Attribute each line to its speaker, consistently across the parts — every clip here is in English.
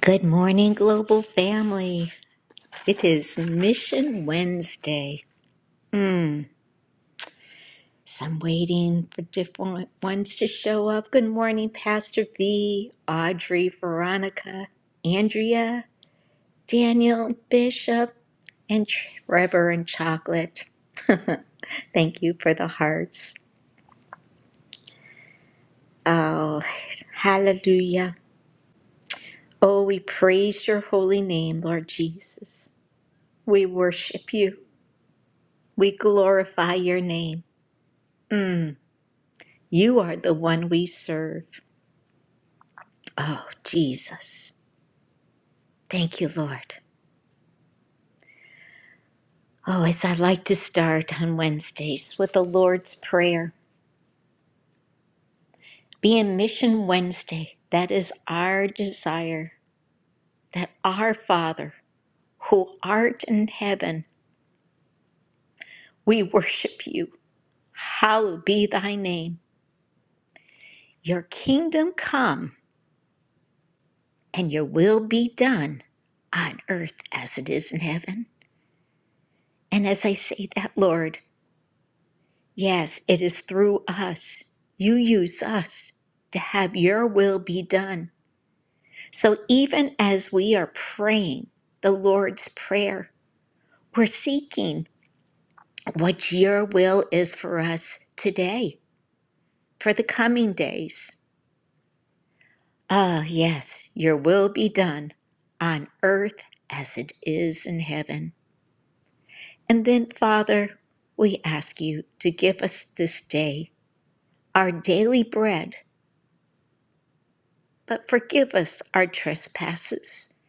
Speaker 1: Good morning, global family. It is Mission Wednesday. Hmm. So I'm waiting for different ones to show up. Good morning, Pastor V, Audrey, Veronica, Andrea, Daniel, Bishop, and Trevor and Chocolate. Thank you for the hearts. Oh, hallelujah. Oh, we praise your holy name, Lord Jesus. We worship you. We glorify your name. You are the one we serve. Oh, Jesus. Thank you, Lord. Oh, as I like to start on Wednesdays with the Lord's Prayer, being Mission Wednesday, that is our desire that our Father, who art in heaven, we worship you. Hallowed be thy name. Your kingdom come, and your will be done on earth as it is in heaven. And as I say that, Lord, Yes, it is through us. You use us to have your will be done. So even as we are praying the Lord's Prayer, we're seeking what your will is for us today, for the coming days. Ah, yes, your will be done on earth as it is in heaven. And then, Father, we ask you to give us this day our daily bread But forgive us our trespasses,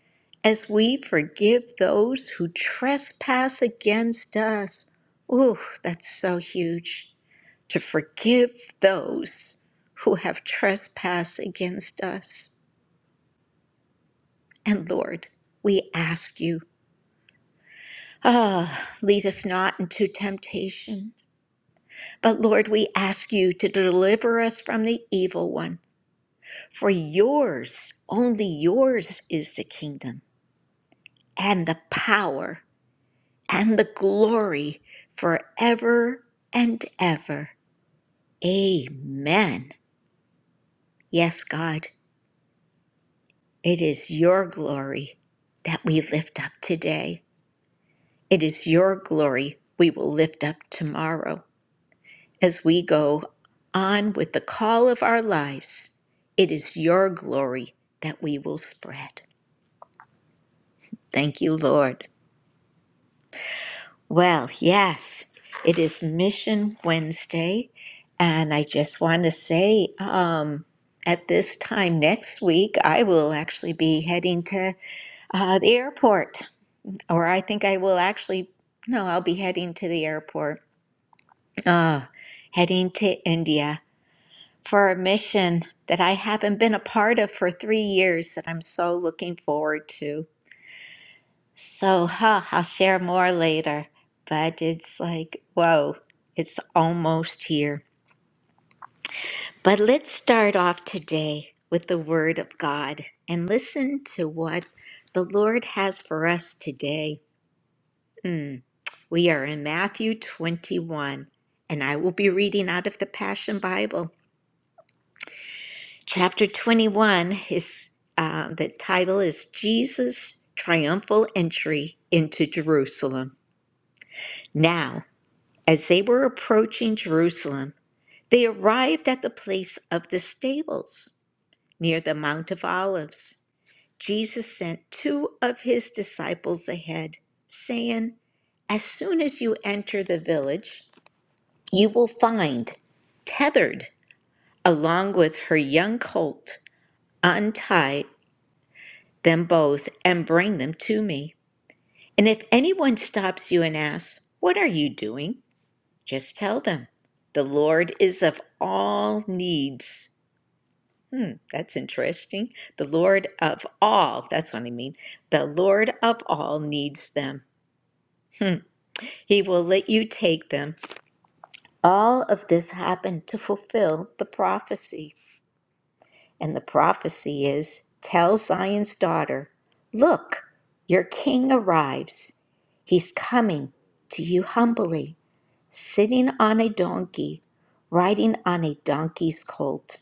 Speaker 1: as we forgive those who trespass against us. Ooh, that's so huge. To forgive those who have trespassed against us. And Lord, we ask you, ah, lead us not into temptation. But Lord, we ask you to deliver us from the evil one. For yours, only yours is the kingdom and the power and the glory forever and ever. Amen. Yes, God, it is your glory that we lift up today. It is your glory we will lift up tomorrow as we go on with the call of our lives. It is your glory that we will spread. Thank you, Lord. Well, yes, it is Mission Wednesday, and I just want to say um, at this time next week, I will actually be heading to uh, the airport, or I think I will actually, no, I'll be heading to the airport, uh, heading to India for a mission that I haven't been a part of for three years that I'm so looking forward to. So, huh, I'll share more later, but it's like, whoa, it's almost here. But let's start off today with the Word of God and listen to what the Lord has for us today. Mm, we are in Matthew 21, and I will be reading out of the Passion Bible. Chapter 21 is uh, the title is Jesus' Triumphal Entry into Jerusalem. Now. As they were approaching Jerusalem, they arrived at the place of the stables near the Mount of Olives. Jesus sent two of his disciples ahead, saying, As soon as you enter the village, you will find tethered along with her young colt. Untie them both and bring them to me. And if anyone stops you and asks, 'What are you doing? Just tell them the Lord is of all needs. Hmm, that's interesting. The Lord of all, that's what I mean. The Lord of all needs them. Hmm. He will let you take them. All of this happened to fulfill the prophecy. And the prophecy is tell Zion's daughter, look, your king arrives. He's coming to you humbly sitting on a donkey, riding on a donkey's colt.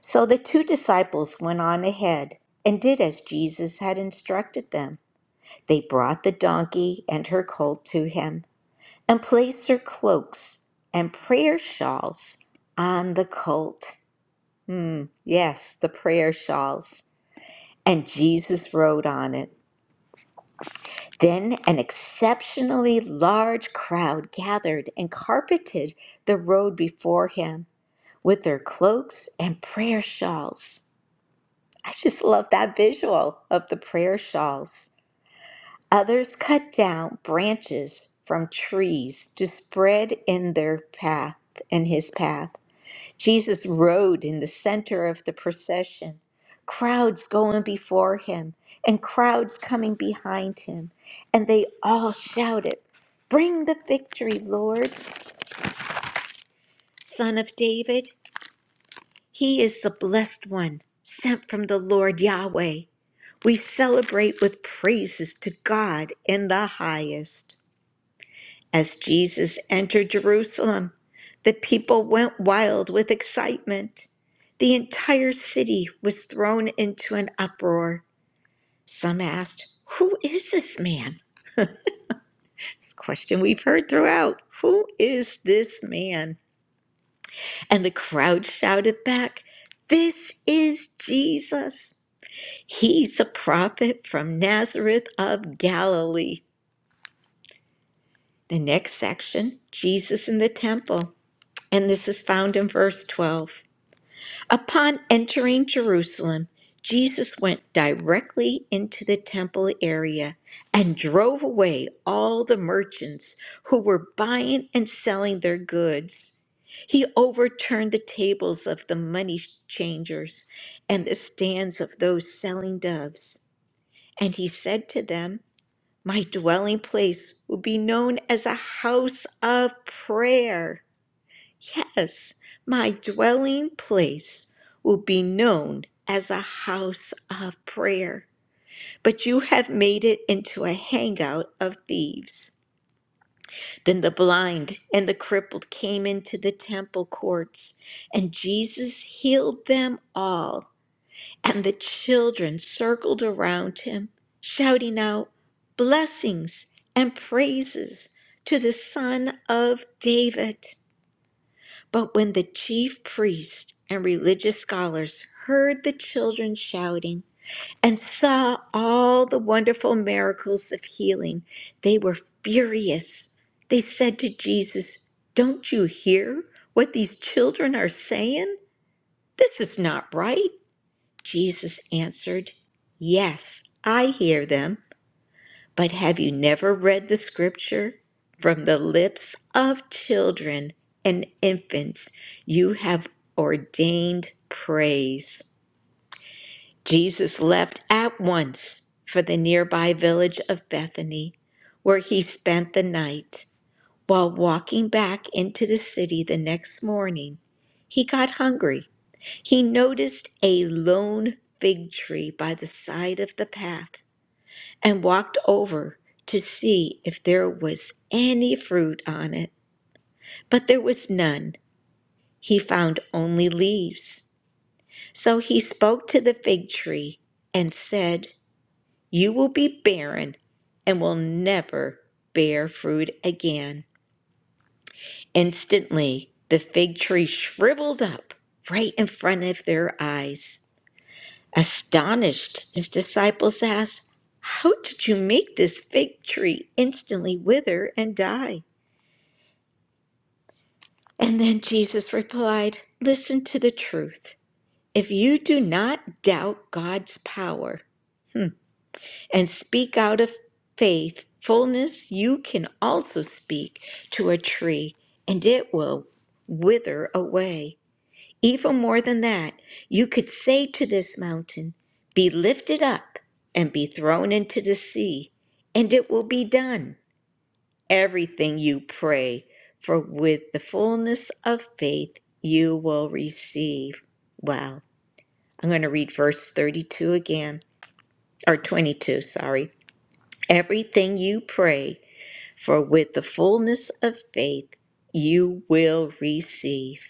Speaker 1: So the two disciples went on ahead and did as Jesus had instructed them. They brought the donkey and her colt to him and placed their cloaks and prayer shawls on the colt. Hmm, yes, the prayer shawls. And Jesus rode on it. Then an exceptionally large crowd gathered and carpeted the road before him with their cloaks and prayer shawls. I just love that visual of the prayer shawls. Others cut down branches from trees to spread in their path, in his path. Jesus rode in the center of the procession, crowds going before him and crowds coming behind him. And they all shouted, Bring the victory, Lord, Son of David. He is the blessed one, sent from the Lord Yahweh. We celebrate with praises to God in the highest. As Jesus entered Jerusalem, the people went wild with excitement. The entire city was thrown into an uproar. Some asked, Who is this man? It's a question we've heard throughout. Who is this man? And the crowd shouted back, This is Jesus He's a prophet from Nazareth of Galilee. The next section, Jesus in the temple, and this is found in verse 12. Upon entering Jerusalem, Jesus went directly into the temple area and drove away all the merchants who were buying and selling their goods. He overturned the tables of the money changers and the stands of those selling doves. And he said to them, My dwelling place will be known as a house of prayer. Yes, my dwelling place will be known as a house of prayer. But you have made it into a hangout of thieves. Then the blind and the crippled came into the temple courts, and Jesus healed them all. And the children circled around him, shouting out blessings and praises to the Son of David. But when the chief priests and religious scholars heard the children shouting and saw all the wonderful miracles of healing, they were furious. They said to Jesus, Don't you hear what these children are saying? This is not right. Jesus answered, Yes, I hear them, but have you never read the scripture? From the lips of children and infants you have ordained praise. Jesus left at once for the nearby village of Bethany, where he spent the night. While walking back into the city the next morning, he got hungry. He noticed a lone fig tree by the side of the path and walked over to see if there was any fruit on it. But there was none. He found only leaves. So he spoke to the fig tree and said, You will be barren and will never bear fruit again. Instantly, the fig tree shriveled up right in front of their eyes. Astonished, his disciples asked, How did you make this fig tree instantly wither and die? And then Jesus replied, Listen to the truth. If you do not doubt God's power hmm, and speak out of faith, fullness, you can also speak to a tree and it will wither away. Even more than that, you could say to this mountain, Be lifted up and be thrown into the sea, and it will be done. Everything you pray, for with the fullness of faith you will receive. Wow. I'm going to read verse 32 again, or 22, sorry. Everything you pray, for with the fullness of faith you will receive.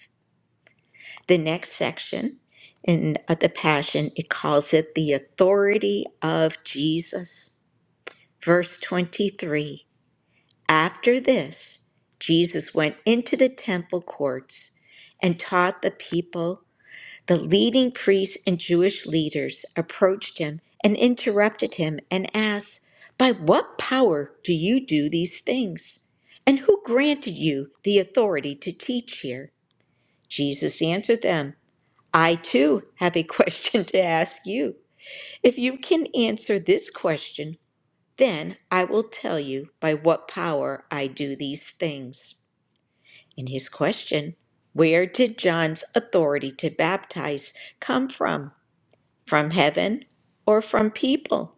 Speaker 1: The next section in uh, the Passion, it calls it the authority of Jesus. Verse 23 After this, Jesus went into the temple courts and taught the people. The leading priests and Jewish leaders approached him and interrupted him and asked, By what power do you do these things? And who granted you the authority to teach here? Jesus answered them. I too have a question to ask you. If you can answer this question, then I will tell you by what power I do these things. In his question Where did John's authority to baptize come from? From heaven or from people?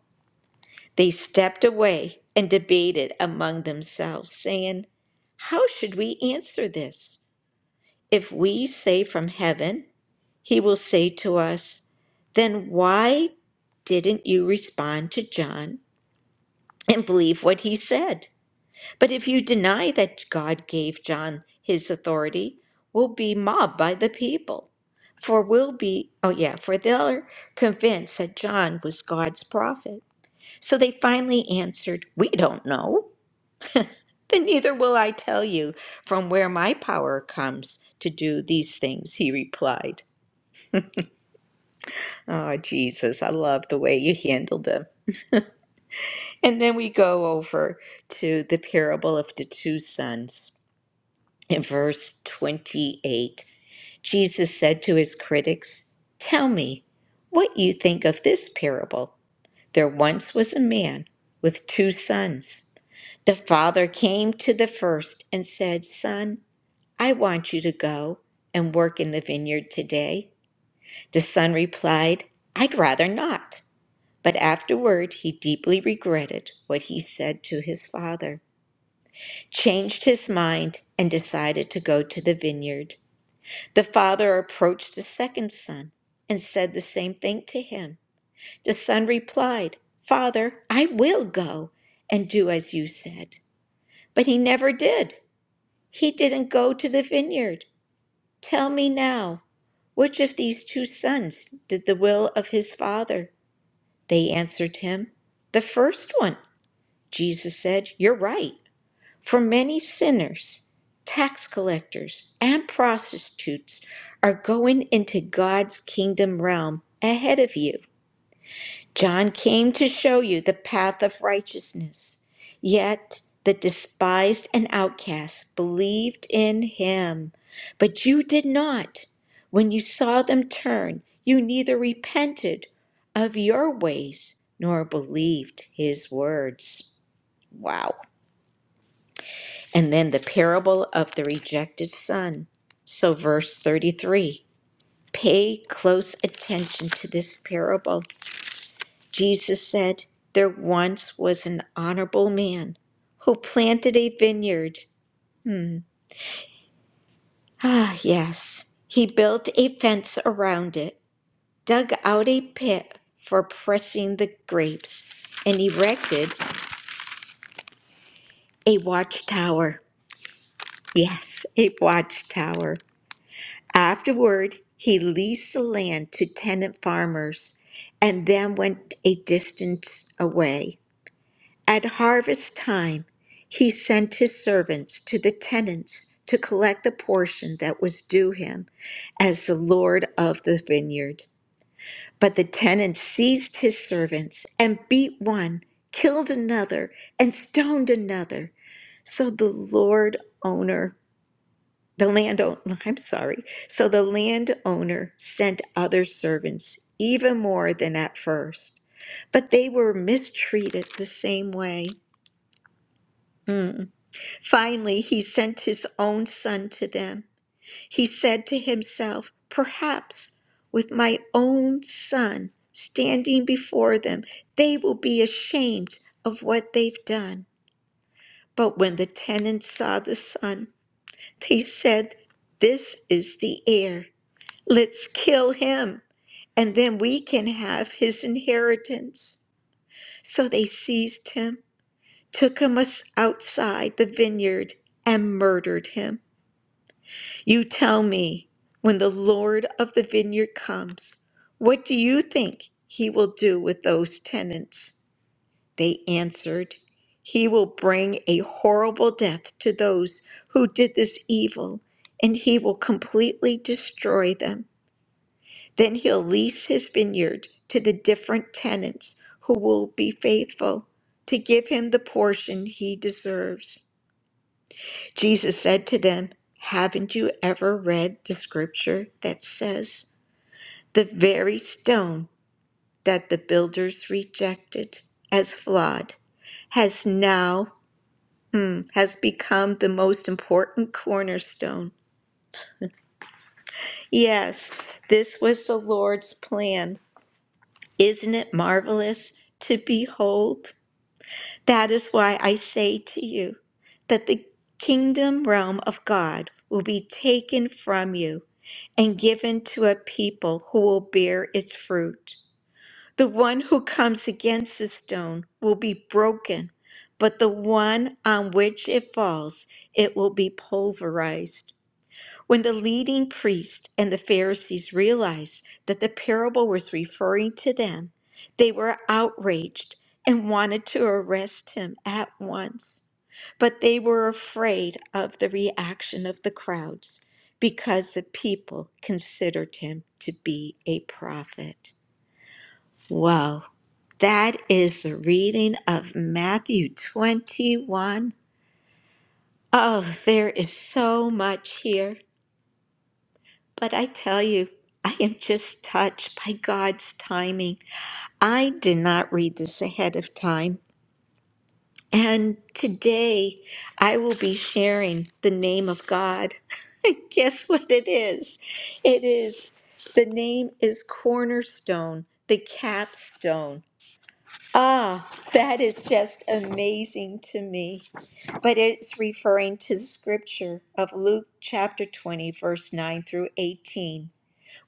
Speaker 1: They stepped away and debated among themselves, saying, How should we answer this? If we say from heaven, He will say to us, Then why didn't you respond to John and believe what he said? But if you deny that God gave John his authority, we'll be mobbed by the people. For we'll be, oh yeah, for they're convinced that John was God's prophet. So they finally answered, We don't know. Then neither will I tell you from where my power comes to do these things, he replied. Oh, Jesus, I love the way you handled them. And then we go over to the parable of the two sons. In verse 28, Jesus said to his critics, Tell me what you think of this parable. There once was a man with two sons. The father came to the first and said, 'Son, I want you to go and work in the vineyard today. The son replied, would rather not. But afterward he deeply regretted what he said to his father, changed his mind, and decided to go to the vineyard. The father approached the second son and said the same thing to him. The son replied, Father, I will go and do as you said. But he never did. He didn't go to the vineyard. Tell me now, which of these two sons did the will of his father? They answered him, The first one. Jesus said, You're right. For many sinners, tax collectors, and prostitutes are going into God's kingdom realm ahead of you. John came to show you the path of righteousness. Yet the despised and outcasts believed in him. But you did not. When you saw them turn, you neither repented of your ways nor believed his words. Wow. And then the parable of the rejected son. So, verse 33 pay close attention to this parable. Jesus said, There once was an honorable man who planted a vineyard. Hmm. Ah, yes. He built a fence around it, dug out a pit for pressing the grapes, and erected a watchtower. Yes, a watchtower Afterward, he leased the land to tenant farmers and then went a distance away. At harvest time, he sent his servants to the tenants to collect the portion that was due him as the Lord of the vineyard. But the tenants seized his servants and beat one, killed another, and stoned another. So the Lord owner the landowner, I'm sorry. So the landowner sent other servants, even more than at first, but they were mistreated the same way. Mm. Finally, he sent his own son to them. He said to himself, Perhaps with my own son standing before them, they will be ashamed of what they've done. But when the tenants saw the son, they said, This is the heir. Let's kill him, and then we can have his inheritance. So they seized him, took him us- outside the vineyard, and murdered him. You tell me, when the Lord of the vineyard comes, what do you think he will do with those tenants? They answered, He will bring a horrible death to those who did this evil, and he will completely destroy them. Then he'll lease his vineyard to the different tenants who will be faithful to give him the portion he deserves. Jesus said to them, Haven't you ever read the scripture that says, The very stone that the builders rejected as flawed has now hmm, has become the most important cornerstone. Yes, this was the Lord's plan Isn't it marvelous to behold? That is why I say to you that the kingdom realm of God will be taken from you and given to a people who will bear its fruit. The one who comes against the stone will be broken, but the one on which it falls, it will be pulverized. When the leading priests and the Pharisees realized that the parable was referring to them, they were outraged and wanted to arrest him at once. But they were afraid of the reaction of the crowds because the people considered him to be a prophet. Wow. That is a reading of Matthew 21. Oh, there is so much here. But I tell you, I am just touched by God's timing. I did not read this ahead of time. And today I will be sharing the name of God. Guess what it is? It is the name is Cornerstone, the capstone. Ah, that is just amazing to me. But it's referring to the scripture of Luke chapter 20, verse 9 through 18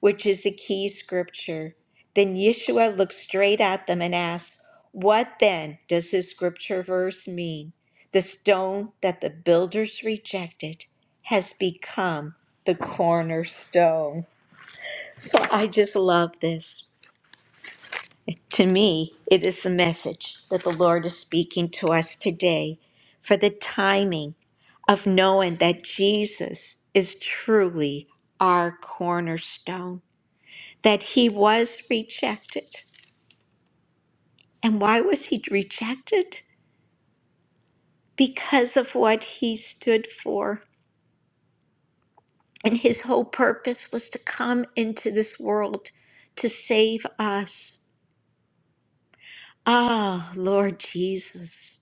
Speaker 1: which is a key scripture. Then Yeshua looked straight at them and asked, What then does this scripture verse mean? The stone that the builders rejected has become the cornerstone. So I just love this. To me, it is the message that the Lord is speaking to us today for the timing of knowing that Jesus is truly our cornerstone that he was rejected. And why was he rejected? Because of what he stood for. And his whole purpose was to come into this world to save us. Ah, Lord Jesus.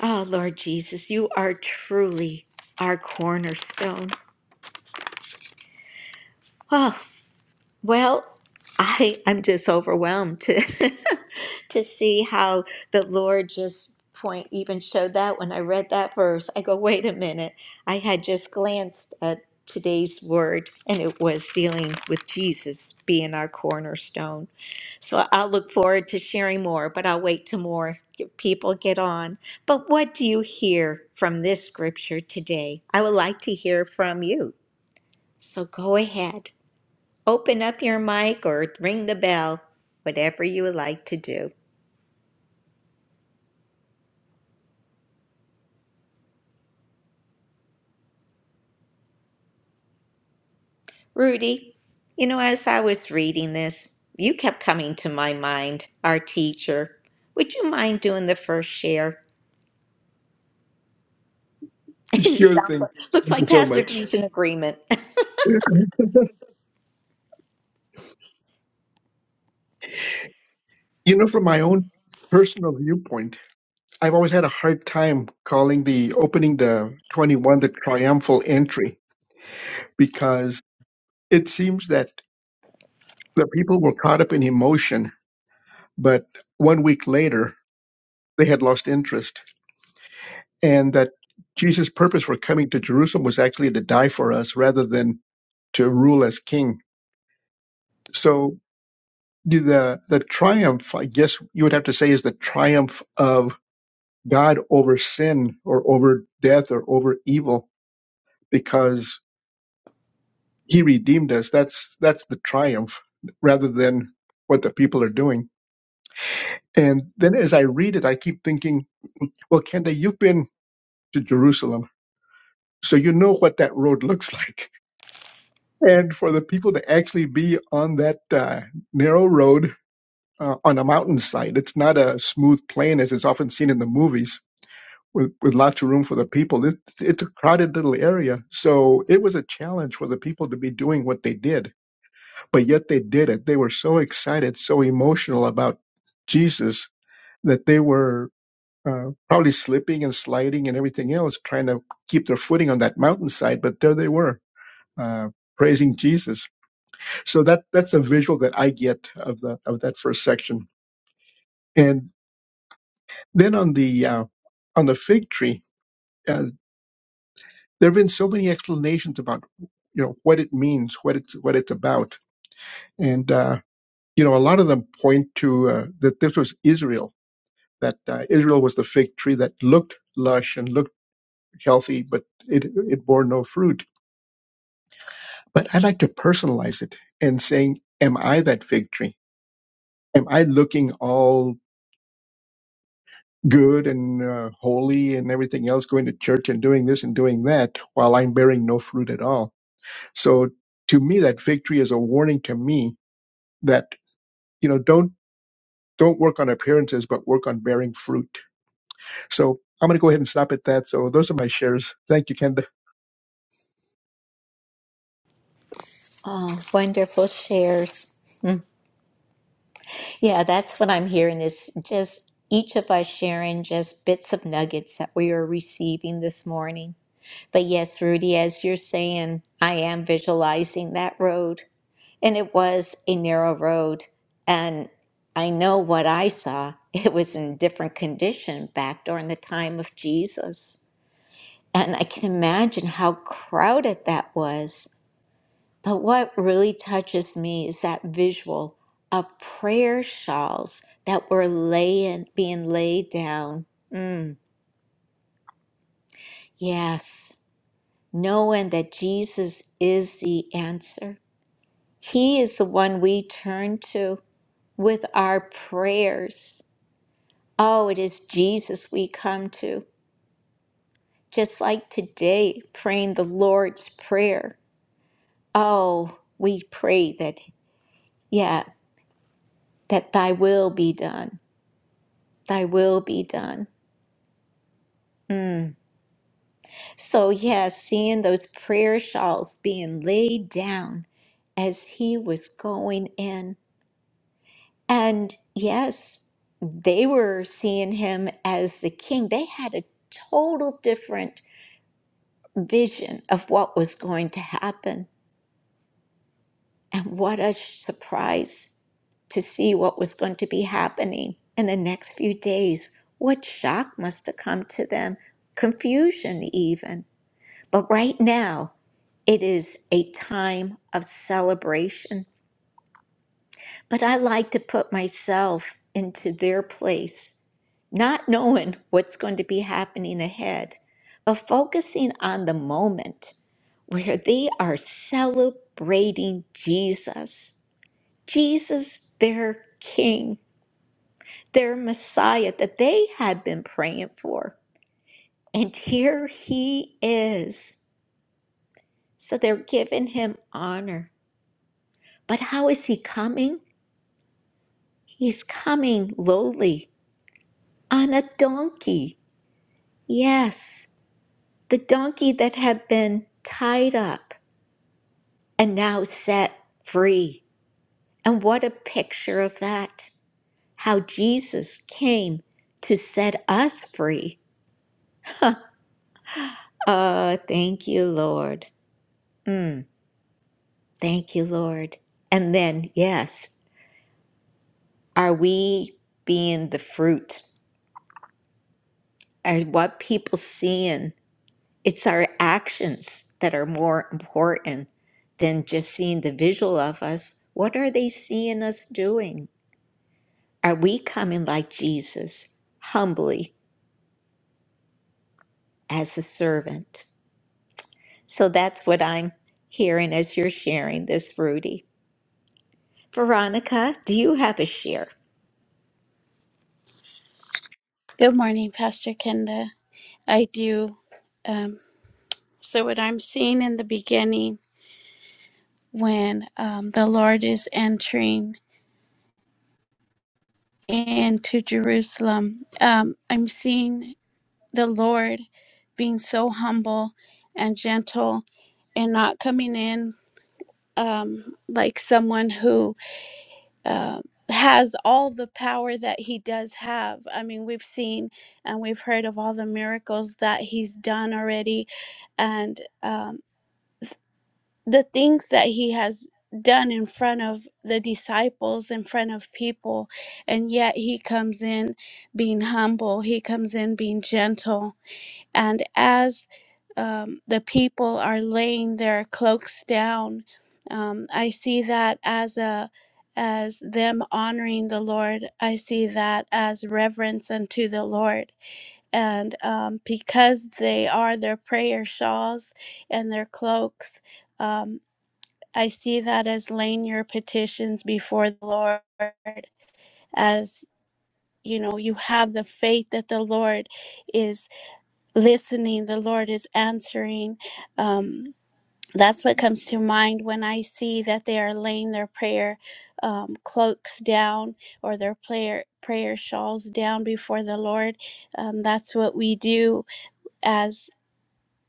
Speaker 1: Ah, Lord Jesus, you are truly our cornerstone. Oh, Well, I I'm just overwhelmed to to see how the Lord just point even showed that when I read that verse. I go, wait a minute. I had just glanced at today's word and it was dealing with Jesus being our cornerstone. So I'll look forward to sharing more, but I'll wait till more people get on. But what do you hear from this scripture today? I would like to hear from you. So go ahead. Open up your mic or ring the bell, whatever you would like to do. Rudy, you know, as I was reading this, you kept coming to my mind, our teacher. Would you mind doing the first share? it
Speaker 2: Sure
Speaker 1: sounds
Speaker 2: thing.
Speaker 1: like, looks
Speaker 2: Thank you
Speaker 1: like
Speaker 2: so
Speaker 1: Pastor
Speaker 2: much.
Speaker 1: B's in agreement.
Speaker 2: You know, from my own personal viewpoint, I've always had a hard time calling the opening the 21 the triumphal entry because it seems that the people were caught up in emotion, but one week later they had lost interest, and that Jesus' purpose for coming to Jerusalem was actually to die for us rather than to rule as king. So the the triumph, I guess you would have to say, is the triumph of God over sin or over death or over evil because he redeemed us. That's that's the triumph rather than what the people are doing. And then as I read it, I keep thinking, well, Kenda, you've been to Jerusalem, so you know what that road looks like. And for the people to actually be on that uh, narrow road uh, on a mountainside, it's not a smooth plain as it's often seen in the movies with, with lots of room for the people. It, it's a crowded little area. So it was a challenge for the people to be doing what they did, but yet they did it. They were so excited, so emotional about Jesus that they were uh, probably slipping and sliding and everything else, trying to keep their footing on that mountainside. But there they were. Uh, praising Jesus. So that that's a visual that I get of the of that first section. And then on the uh, on the fig tree, uh, there have been so many explanations about you know what it means what it's what it's about and uh, you know a lot of them point to uh, that this was israel that uh, israel was the fig tree that looked lush and looked healthy but it it bore no fruit but i like to personalize it and saying am i that fig tree am i looking all good and uh, holy and everything else going to church and doing this and doing that while i'm bearing no fruit at all so to me that fig tree is a warning to me that. you know don't don't work on appearances but work on bearing fruit so i'm going to go ahead and stop at that so those are my shares thank you ken
Speaker 1: Oh, wonderful shares. Hmm. Yeah, that's what I'm hearing is just each of us sharing just bits of nuggets that we are receiving this morning. But yes, Rudy, as you're saying, I am visualizing that road. And it was a narrow road. And I know what I saw. It was in different condition back during the time of Jesus. And I can imagine how crowded that was. But what really touches me is that visual of prayer shawls that were laying, being laid down. Mm, yes, knowing that Jesus is the answer. He is the one we turn to. with our prayers. Oh, it is Jesus we come to, just like today, praying the Lord's Prayer. Oh, we pray that, yeah, that thy will be done, thy will be done. Mm. So, yeah, seeing those prayer shawls being laid down as he was going in. And yes, they were seeing him as the king. They had a total different vision of what was going to happen. And what a surprise to see what was going to be happening in the next few days. What shock must have come to them, confusion, even. But right now, it is a time of celebration But I like to put myself into their place, not knowing what's going to be happening ahead, but focusing on the moment where they are celebrating Jesus, Jesus, their King, their Messiah that they had been praying for. And here he is. So they're giving him honor. But how is he coming? He's coming lowly on a donkey. Yes, the donkey that had been tied up and now set free. And what a picture of that! How Jesus came to set us free. Ah, thank you, Lord. Mm, thank you, Lord. And then, yes, are we being the fruit? Are what people seeing? It's our actions that are more important than just seeing the visual of us. What are they seeing us doing? Are we coming like Jesus, humbly as a servant? So that's what I'm hearing as you're sharing this, Rudy. Veronica, do you have a share?
Speaker 3: Good morning, Pastor Kenda. I do. Um, so, what I'm seeing in the beginning when um, the Lord is entering into Jerusalem, um, I'm seeing the Lord being so humble and gentle and not coming in um, like someone who uh, has all the power that he does have. I mean, we've seen and we've heard of all the miracles that he's done already. And um, the things that he has done in front of the disciples, in front of people, and yet he comes in being humble, he comes in being gentle. And as um, the people are laying their cloaks down, um, I see that as a as them honoring the Lord, I see that as reverence unto the Lord. And um, because they are their prayer shawls and their cloaks, um, I see that as laying your petitions before the Lord, as you know, you have the faith that the Lord is listening, the Lord is answering. Um, that's what comes to mind when I see that they are laying their prayer um, cloaks down or their prayer prayer shawls down before the Lord. Um, that's what we do as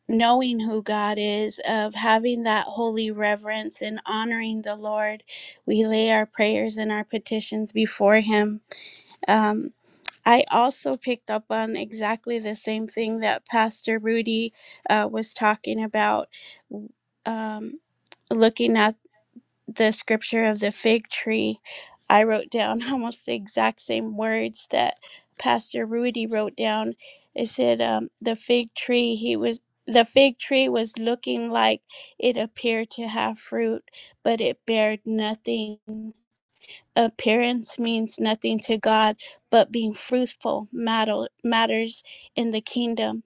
Speaker 3: knowing who God is, of having that holy reverence and honoring the Lord. We lay our prayers and our petitions before Him. Um, I also picked up on exactly the same thing that Pastor Rudy uh, was talking about. Um, looking at the scripture of the fig tree, I wrote down almost the exact same words that Pastor Rudy wrote down. It said, um, "The fig tree, he was the fig tree was looking like it appeared to have fruit, but it bared nothing. Appearance means nothing to God, but being fruitful matter, matters in the kingdom."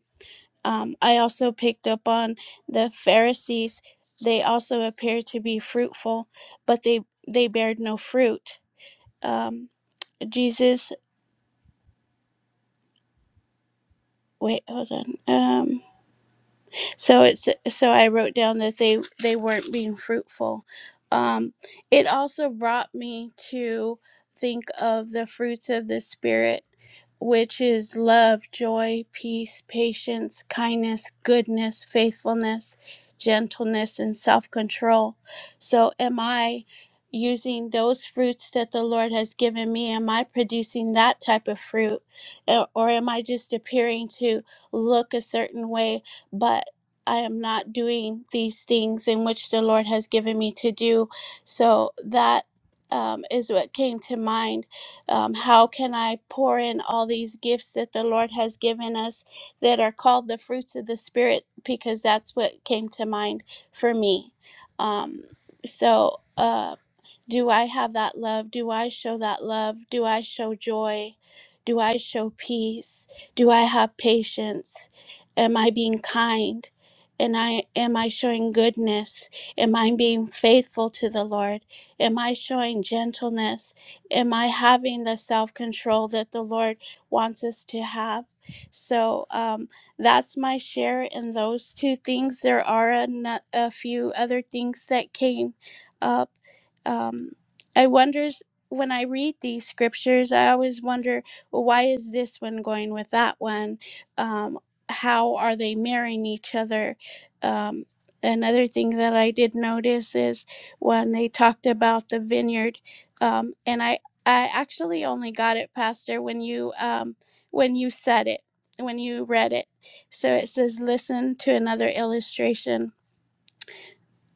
Speaker 3: Um, I also picked up on the Pharisees. They also appeared to be fruitful, but they they bared no fruit. Um, Jesus, wait, hold on. Um, so it's so i wrote down that they they weren't being fruitful um it also brought me to think of the fruits of the spirit which is love joy peace patience kindness goodness faithfulness gentleness and self-control so am i using those fruits that the lord has given me am i producing that type of fruit or or am i just appearing to look a certain way But I am not doing these things in which the Lord has given me to do. So that um, is what came to mind. Um, how can I pour in all these gifts that the Lord has given us that are called the fruits of the Spirit? Because that's what came to mind for me. Um, so. um, do I have that love? Do I show that love? Do I show joy? Do I show peace? Do I have patience? Am I being kind? And I am I showing goodness? Am I being faithful to the Lord? Am I showing gentleness? Am I having the self-control that the Lord wants us to have? So um, that's my share in those two things. There are a, nu- a few other things that came up um, I wonders when I read these scriptures, I always wonder, well, why is this one going with that one? Um, how are they marrying each other? Um, another thing that I did notice is when they talked about the vineyard, um, and I I actually only got it, Pastor, when you um, when you said it, when you read it. So it says, listen to another illustration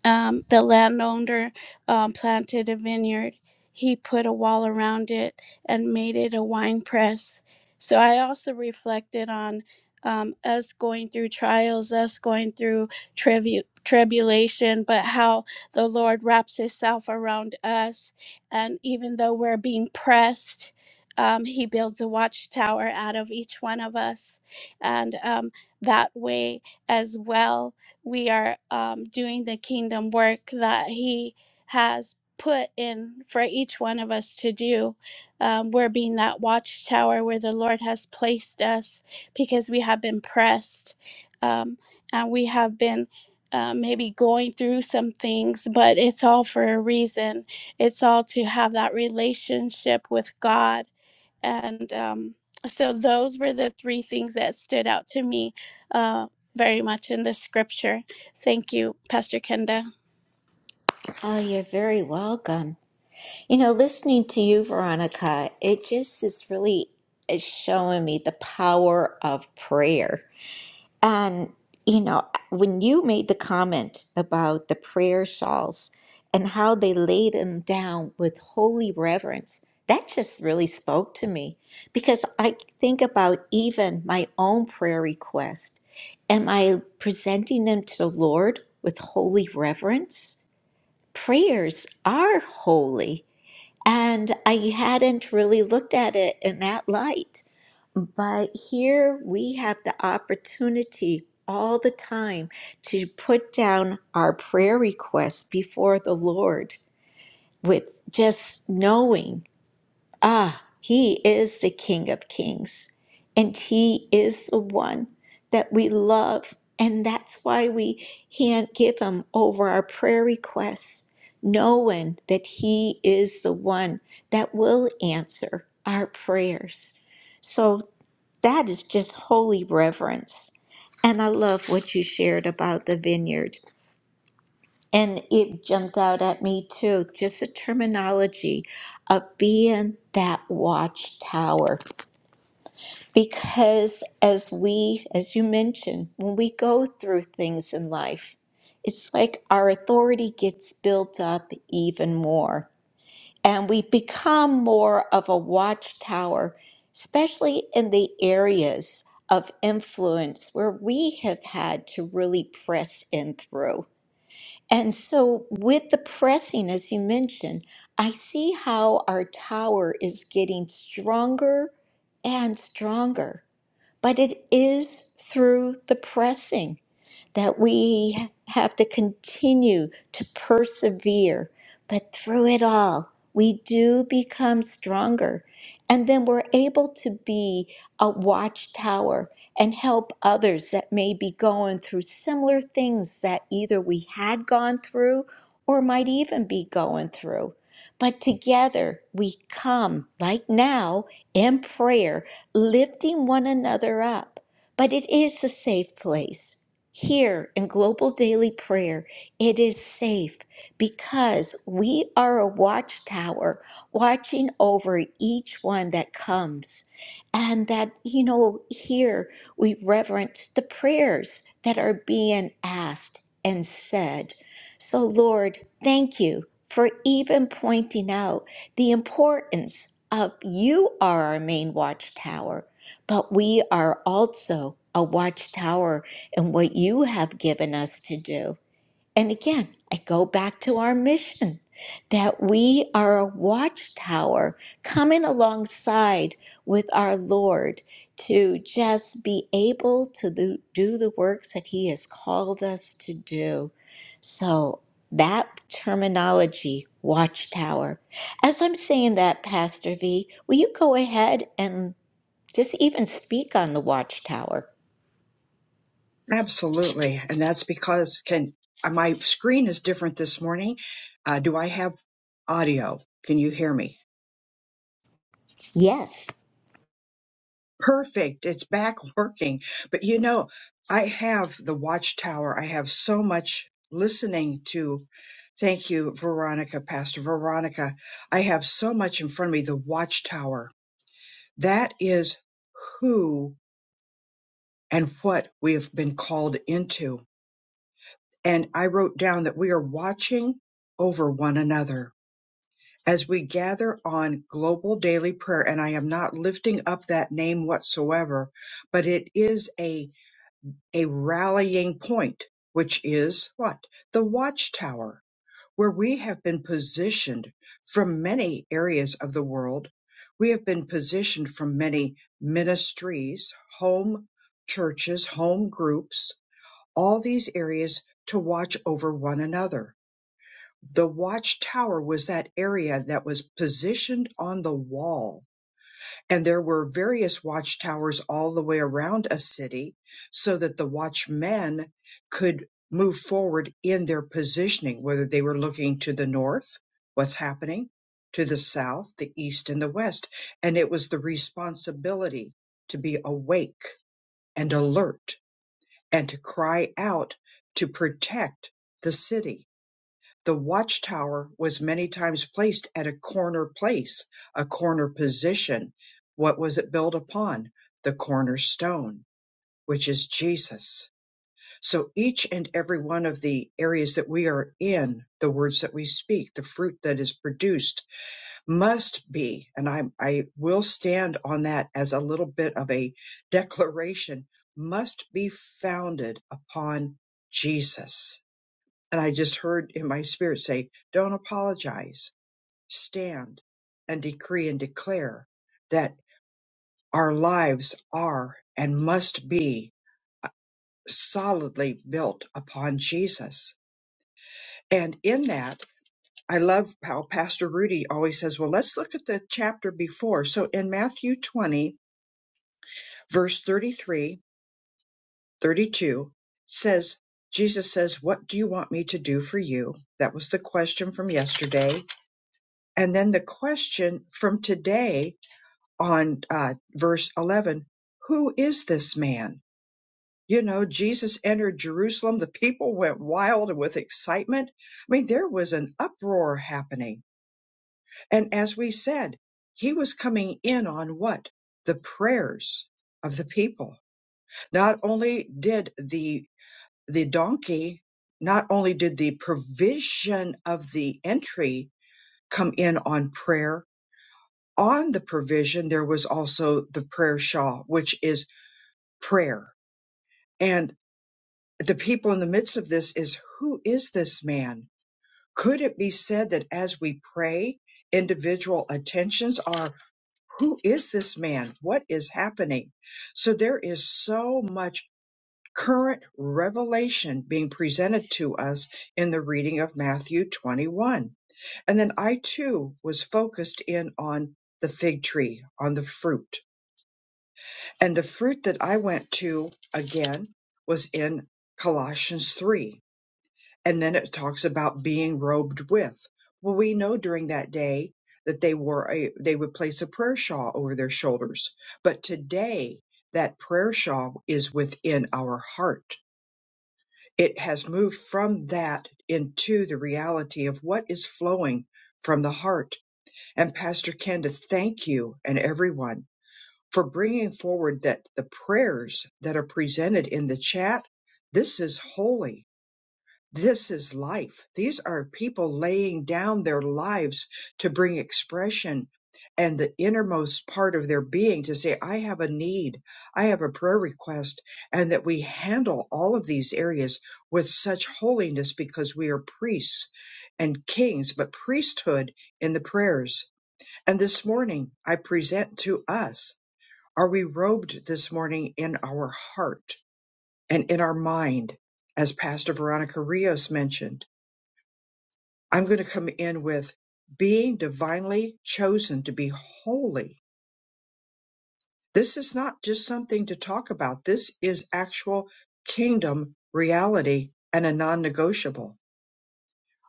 Speaker 3: um, the landowner um, planted a vineyard. He put a wall around it and made it a wine press. So I also reflected on um, us going through trials, us going through tribu- tribulation, but how the Lord wraps Himself around us. And even though we're being pressed, um, He builds a watchtower out of each one of us. And um, that way, as well we are um, doing the kingdom work that He has put in for each one of us to do. Um, we're being that watchtower where the Lord has placed us because we have been pressed um, and we have been. Uh, maybe going through some things, but it's all for a reason. It's all to have that relationship with God and um, so those were the three things that stood out to me uh, very much in the scripture. Thank you, Pastor Kenda.
Speaker 1: Oh, you're very welcome. You know, listening to you, Veronica, it just is really is showing me the power of prayer And, you know, when you made the comment about the prayer shawls and how they laid them down with holy reverence, that just really spoke to me because I think about even my own prayer request. Am I presenting them to the Lord with holy reverence? Prayers are holy. And I hadn't really looked at it in that light. But here we have the opportunity all the time to put down our prayer requests before the Lord with just knowing, ah, He is the King of Kings and He is the one that we love. And that's why we can't give Him over our prayer requests, knowing that He is the one that will answer our prayers. So that is just holy reverence. And I love what you shared about the vineyard. And it jumped out at me too, just the terminology of being that watchtower. Because as we, as you mentioned, when we go through things in life, it's like our authority gets built up even more and we become more of a watchtower, especially in the areas of influence where we have had to really press in through. And so, with the pressing, as you mentioned, I see how our tower is getting stronger and stronger, but it is through the pressing that we have to continue to persevere. But through it all, we do become stronger. And then we're able to be a watchtower and help others that may be going through similar things that either we had gone through or might even be going through. But together we come, like now, in prayer, lifting one another up. But it is a safe place. Here in Global Daily Prayer, it is safe because we are a watchtower watching over each one that comes. And that, you know, here we reverence the prayers that are being asked and said. So, Lord, thank you for even pointing out the importance of you are our main watchtower, but we are also a watchtower and what you have given us to do. And again, I go back to our mission that we are a watchtower coming alongside with our Lord to just be able to do do the works that He has called us to do. So, that terminology, watchtower. As I'm saying that, Pastor V, will you go ahead and just even speak on the watchtower?
Speaker 4: Absolutely. And that's because can uh, my screen is different this morning. Uh, do I have audio? Can you hear me?
Speaker 1: Yes.
Speaker 4: Perfect. It's back working. But you know, I have the watchtower. I have so much listening to. Thank you, Veronica, Pastor Veronica. I have so much in front of me. The watchtower. That is who and what we have been called into. And I wrote down that we are watching over one another as we gather on global daily prayer and i am not lifting up that name whatsoever but it is a a rallying point which is what the watchtower where we have been positioned from many areas of the world we have been positioned from many ministries home churches home groups all these areas to watch over one another the watchtower was that area that was positioned on the wall. And there were various watchtowers all the way around a city so that the watchmen could move forward in their positioning, whether they were looking to the north, what's happening, to the south, the east, and the west. And it was the responsibility to be awake and alert and to cry out to protect the city the watchtower was many times placed at a corner place, a corner position. What was it built upon? The cornerstone, which is Jesus. So each and every one of the areas that we are in, the words that we speak, the fruit that is produced must be, and I, I will stand on that as a little bit of a declaration, must be founded upon Jesus. And I just heard in my spirit say, don't apologize. Stand and decree and declare that our lives are and must be solidly built upon Jesus. And in that, I love how Pastor Rudy always says, well, let's look at the chapter before. So in Matthew 20, verse 33, 32 says, Jesus says, what do you want me to do for you? That was the question from yesterday And then the question from today on uh, verse 11 Who is this man? You know, Jesus entered Jerusalem. The people went wild with excitement. I mean, there was an uproar happening. And as we said, he was coming in on what? The prayers of the people. Not only did the the donkey, not only did the provision of the entry come in on prayer, on the provision, there was also the prayer shawl, which is prayer. And the people in the midst of this is who is this man? Could it be said that as we pray, individual attentions are who is this man? What is happening? So there is so much current revelation being presented to us in the reading of Matthew 21. And then I too was focused in on the fig tree, on the fruit And the fruit that I went to again was in Colossians 3. And then it talks about being robed with. Well, we know during that day that they wore a, they would place a prayer shawl over their shoulders. But today that prayer shawl is within our heart. It has moved from that into the reality of what is flowing from the heart. And Pastor Kenda, thank you and everyone for bringing forward that the prayers that are presented in the chat. This is holy. This is life. These are people laying down their lives to bring expression and the innermost part of their being to say, I have a need. I have a prayer request. And that we handle all of these areas with such holiness because we are priests and kings, but priesthood in the prayers. And this morning I present to us are we robed this morning in our heart and in our mind? As Pastor Veronica Rios mentioned, I'm going to come in with being divinely chosen to be holy. This is not just something to talk about. This is actual kingdom reality and a non negotiable.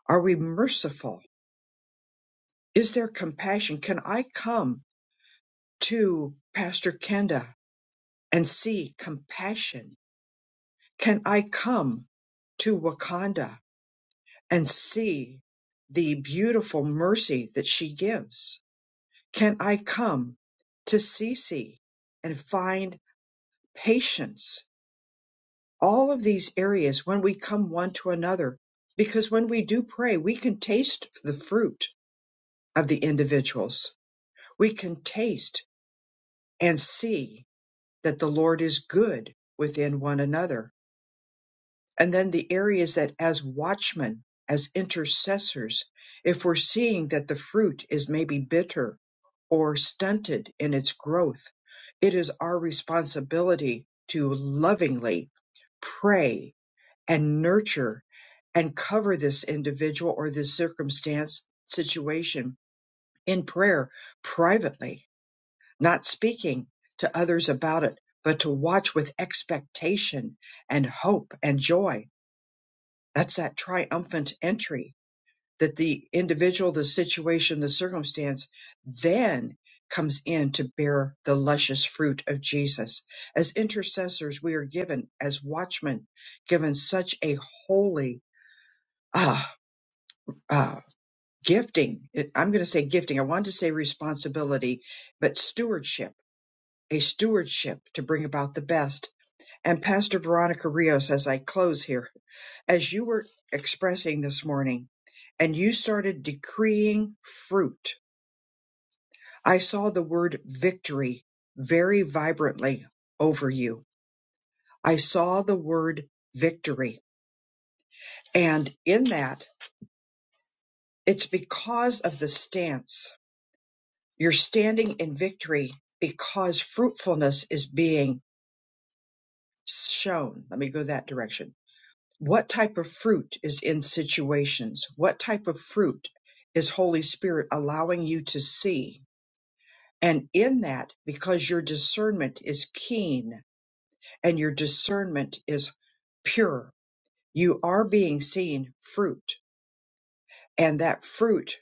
Speaker 4: Are we merciful? Is there compassion? Can I come to Pastor Kenda and see compassion? Can I come to Wakanda and see the beautiful mercy that she gives? Can I come to Cece and find patience? All of these areas when we come one to another, because when we do pray, we can taste the fruit of the individuals. We can taste and see that the Lord is good within one another And then the areas that as watchmen, as intercessors, if we're seeing that the fruit is maybe bitter or stunted in its growth, it is our responsibility to lovingly pray and nurture and cover this individual or this circumstance situation in prayer privately, not speaking to others about it, but to watch with expectation and hope and joy that's that triumphant entry that the individual, the situation, the circumstance then comes in to bear the luscious fruit of Jesus. As intercessors, we are given, as watchmen, given such a holy ah, ah, gifting. It- I'm going to say gifting. I wanted to say responsibility, but stewardship, a stewardship to bring about the best. And Pastor Veronica Rios, as I close here, as you were expressing this morning and you started decreeing fruit, I saw the word victory very vibrantly over you. I saw the word victory. And in that, it's because of the stance. You're standing in victory because fruitfulness is being shown. Let me go that direction. What type of fruit is in situations? What type of fruit is Holy Spirit allowing you to see? And in that, because your discernment is keen and your discernment is pure, you are being seen fruit. And that fruit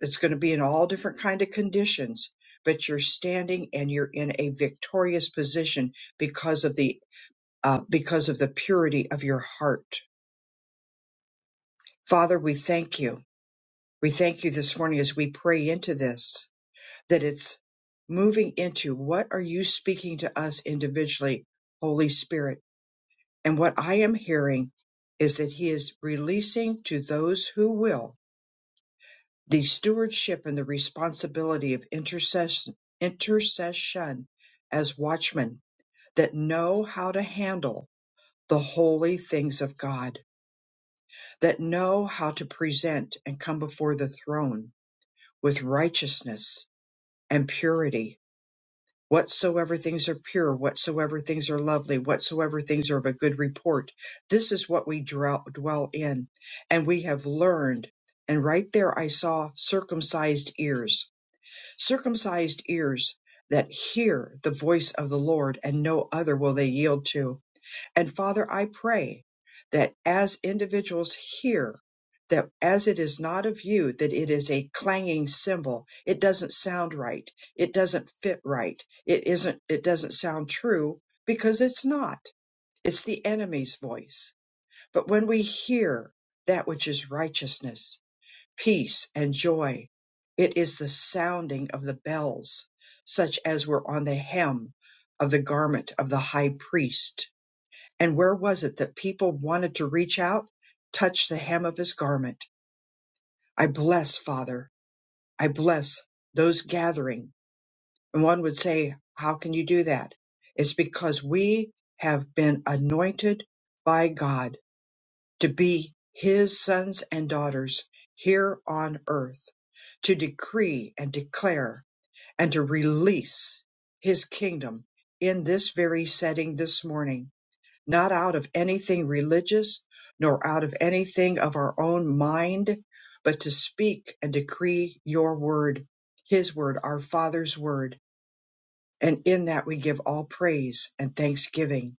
Speaker 4: is going to be in all different kind of conditions, but you're standing and you're in a victorious position because of the uh, because of the purity of your heart. Father, we thank you. We thank you this morning as we pray into this that it's moving into what are you speaking to us individually, Holy Spirit And what I am hearing is that he is releasing to those who will the stewardship and the responsibility of intercession, intercession as watchmen that know how to handle the holy things of God, that know how to present and come before the throne with righteousness and purity whatsoever things are pure, whatsoever things are lovely, whatsoever things are of a good report. This is what we dwell, dwell in. And we have learned. And right there I saw circumcised ears, circumcised ears that hear the voice of the Lord and no other will they yield to and Father, I pray that as individuals hear that as it is not of you, that it is a clanging cymbal. It doesn't sound right. It doesn't fit right. It isn't, it doesn't sound true because it's not. It's the enemy's voice. But when we hear that which is righteousness, peace, and joy, it is the sounding of the bells, such as were on the hem of the garment of the high priest and where was it that people wanted to reach out, touch the hem of his garment? I bless, Father. I bless those gathering. And one would say, How can you do that? It's because we have been anointed by God to be his sons and daughters here on earth, to decree and declare and to release his kingdom in this very setting this morning. not out of anything religious, nor out of anything of our own mind, but to speak and decree your word, his word, our Father's word. And in that we give all praise and thanksgiving.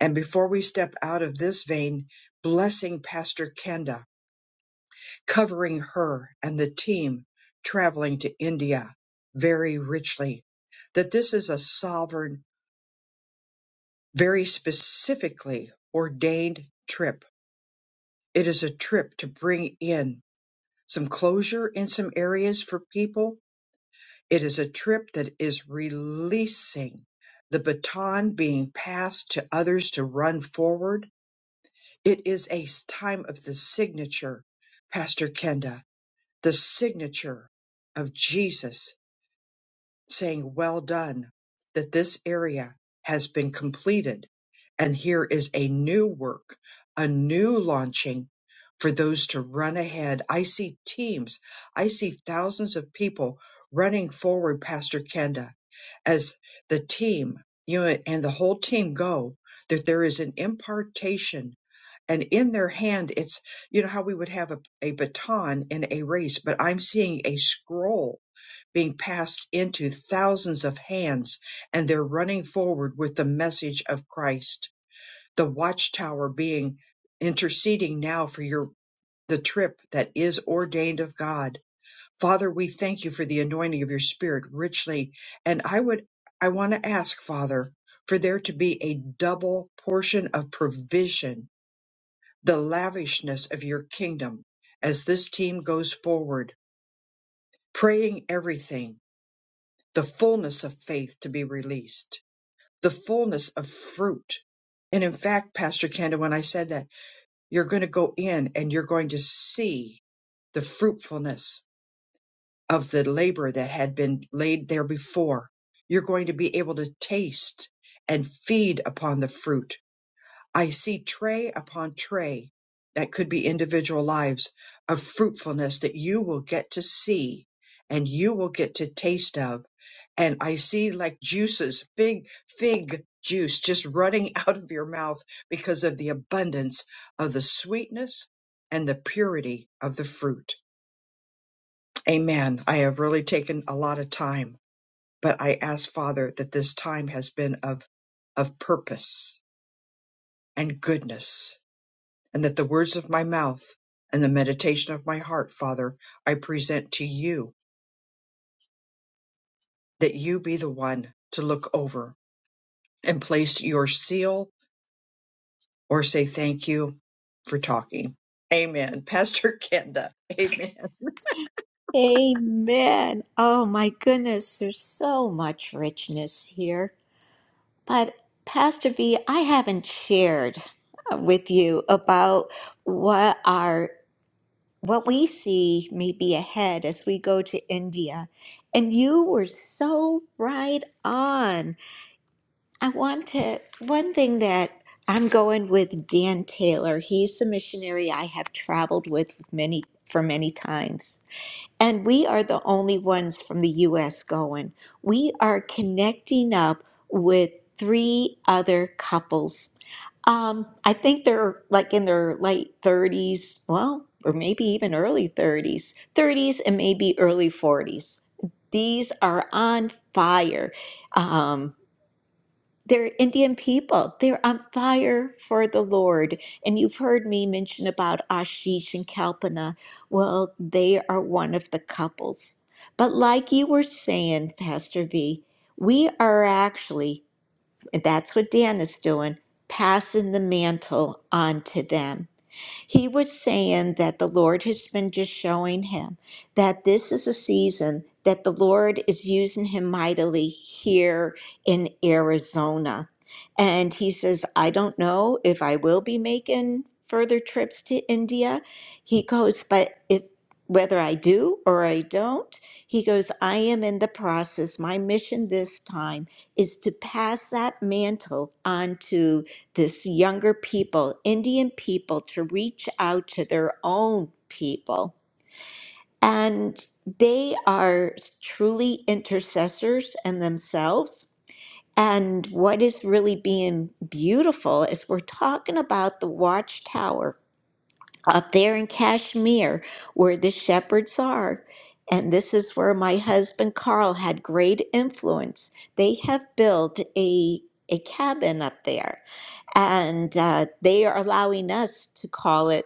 Speaker 4: And before we step out of this vein, blessing Pastor Kenda, covering her and the team traveling to India very richly, that this is a sovereign, very specifically ordained trip It is a trip to bring in some closure in some areas for people. It is a trip that is releasing the baton being passed to others to run forward. It is a time of the signature, Pastor Kenda, the signature of Jesus saying, Well done, that this area has been completed. And here is a new work, a new launching for those to run ahead. I see teams, I see thousands of people running forward, Pastor Kenda, as the team, you know, and the whole team go, that there is an impartation. And in their hand, it's, you know, how we would have a, a baton in a race, but I'm seeing a scroll being passed into thousands of hands, and they're running forward with the message of Christ. The watchtower being interceding now for your the trip that is ordained of God. Father, we thank you for the anointing of your spirit richly. And I would I want to ask, Father, for there to be a double portion of provision, the lavishness of your kingdom as this team goes forward, praying everything the fullness of faith to be released, the fullness of fruit. And in fact, Pastor Kenda, when I said that, you're going to go in and you're going to see the fruitfulness of the labor that had been laid there before. You're going to be able to taste and feed upon the fruit I see tray upon tray that could be individual lives of fruitfulness that you will get to see and you will get to taste of. And I see like juices, fig, fig juice just running out of your mouth because of the abundance of the sweetness and the purity of the fruit. Amen. I have really taken a lot of time, but I ask Father that this time has been of, of purpose and goodness and that the words of my mouth and the meditation of my heart, Father, I present to you, that you be the one to look over and place your seal or say thank you for talking. Amen. Pastor Kenda, amen.
Speaker 1: Amen. Oh my goodness, there's so much richness here. But Pastor V, I haven't shared uh, with you about what our what we see may be ahead as we go to India. And you were so right on. I want to one thing that I'm going with Dan Taylor. He's the missionary I have traveled with many for many times. And we are the only ones from the US going. We are connecting up with three other couples. Um, I think they're like in their late 30s, well, or maybe even early 30s, 30s and maybe early 40s. These are on fire. Um, they're Indian people. They're on fire for the Lord. And you've heard me mention about Ashish and Kalpana. Well, they are one of the couples. But like you were saying, Pastor V, we are actually, and that's what Dan is doing, passing the mantle on to them. He was saying that the Lord has been just showing him that this is a season that the Lord is using him mightily here in Arizona. And he says, I don't know if I will be making further trips to India. He goes, but if whether I do or I don't, he goes, I am in the process. My mission this time is to pass that mantle on to." this younger people, Indian people, to reach out to their own people. And they are truly intercessors and themselves. And what is really being beautiful is we're talking about the watchtower up there in Kashmir where the shepherds are. And this is where my husband Carl had great influence. They have built a, a cabin up there and uh, they are allowing us to call it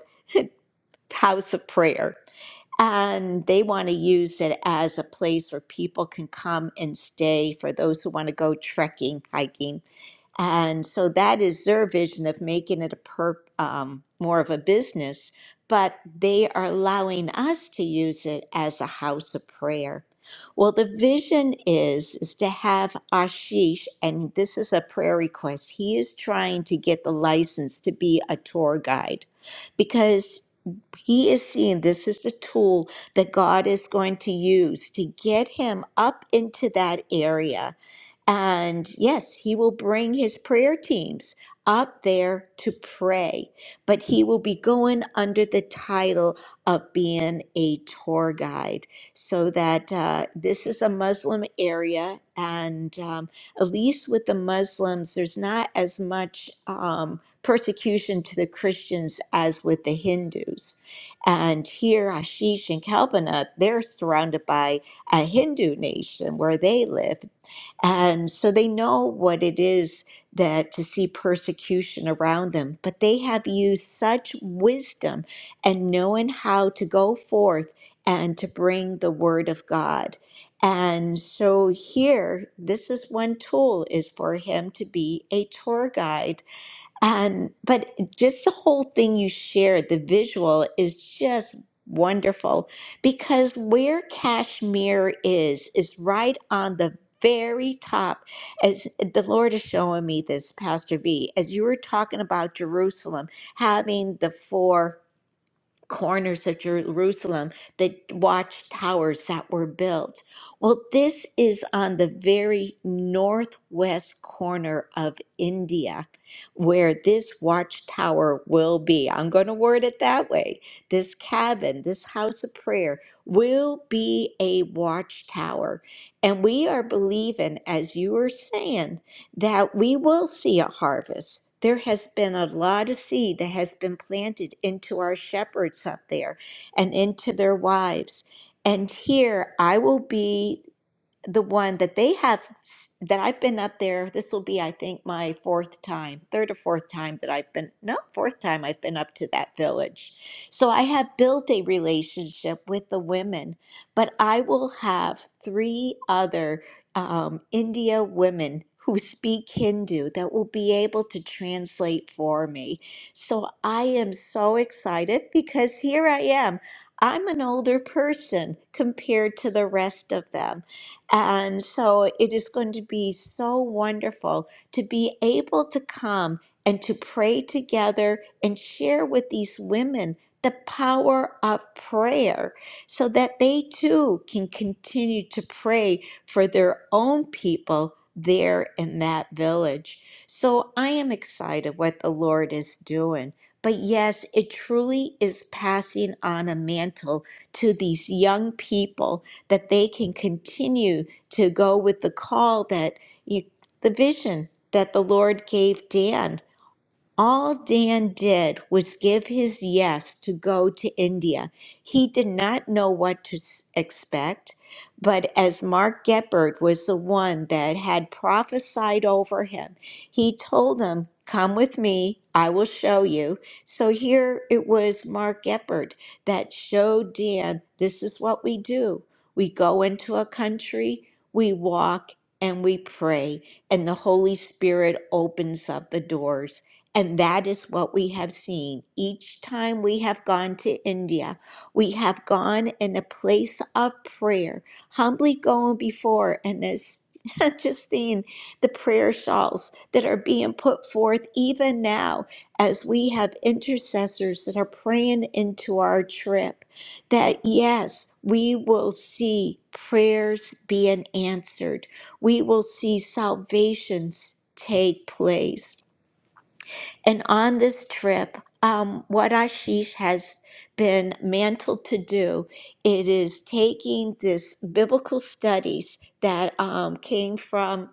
Speaker 1: house of prayer and they want to use it as a place where people can come and stay for those who want to go trekking hiking and so that is their vision of making it a per, um, more of a business, but they are allowing us to use it as a house of prayer. Well, the vision is, is to have Ashish, and this is a prayer request. He is trying to get the license to be a tour guide because he is seeing this is the tool that God is going to use to get him up into that area and yes, he will bring his prayer teams up there to pray, but he will be going under the title of being a tour guide. So that uh, this is a Muslim area, and um, at least with the Muslims, there's not as much um, persecution to the Christians as with the Hindus. And here, Ashish and Kalpana, they're surrounded by a Hindu nation where they live and so they know what it is that to see persecution around them, but they have used such wisdom and knowing how to go forth and to bring the word of God. And so here, this is one tool is for him to be a tour guide and but just the whole thing you shared, the visual is just wonderful because where Kashmir is is right on the very top. As the Lord is showing me this, Pastor V, as you were talking about Jerusalem having the four corners of Jerusalem, the watchtowers that were built. Well, this is on the very northwest corner of India where this watchtower will be. I'm going to word it that way. This cabin, this house of prayer, will be a watchtower. And we are believing, as you are saying, that we will see a harvest. There has been a lot of seed that has been planted into our shepherds up there and into their wives. And here I will be the one that they have s- that I've been up there. This will be, I think, my fourth time, third or fourth time that I've been, no, fourth time I've been up to that village. So I have built a relationship with the women, but I will have three other um, India women who speak Hindu that will be able to translate for me. So I am so excited because here I am. I'm an older person compared to the rest of them and so it is going to be so wonderful to be able to come and to pray together and share with these women the power of prayer so that they too can continue to pray for their own people there in that village. So I am excited what the Lord is doing. But yes, it truly is passing on a mantle to these young people that they can continue to go with the call that you, the vision that the Lord gave Dan all Dan did was give his yes to go to India. He did not know what to s- expect, but as Mark Geppert was the one that had prophesied over him, he told him, Come with me, I will show you. So here it was Mark Geppert that showed Dan this is what we do. We go into a country, we walk, and we pray, and the Holy Spirit opens up the doors. And that is what we have seen each time we have gone to India. We have gone in a place of prayer, humbly going before and as just seeing the prayer shawls that are being put forth even now as we have intercessors that are praying into our trip. That yes, we will see prayers being answered, we will see salvations take place. And on this trip, um, what Ashish has been mantled to do, it is taking this biblical studies that um, came from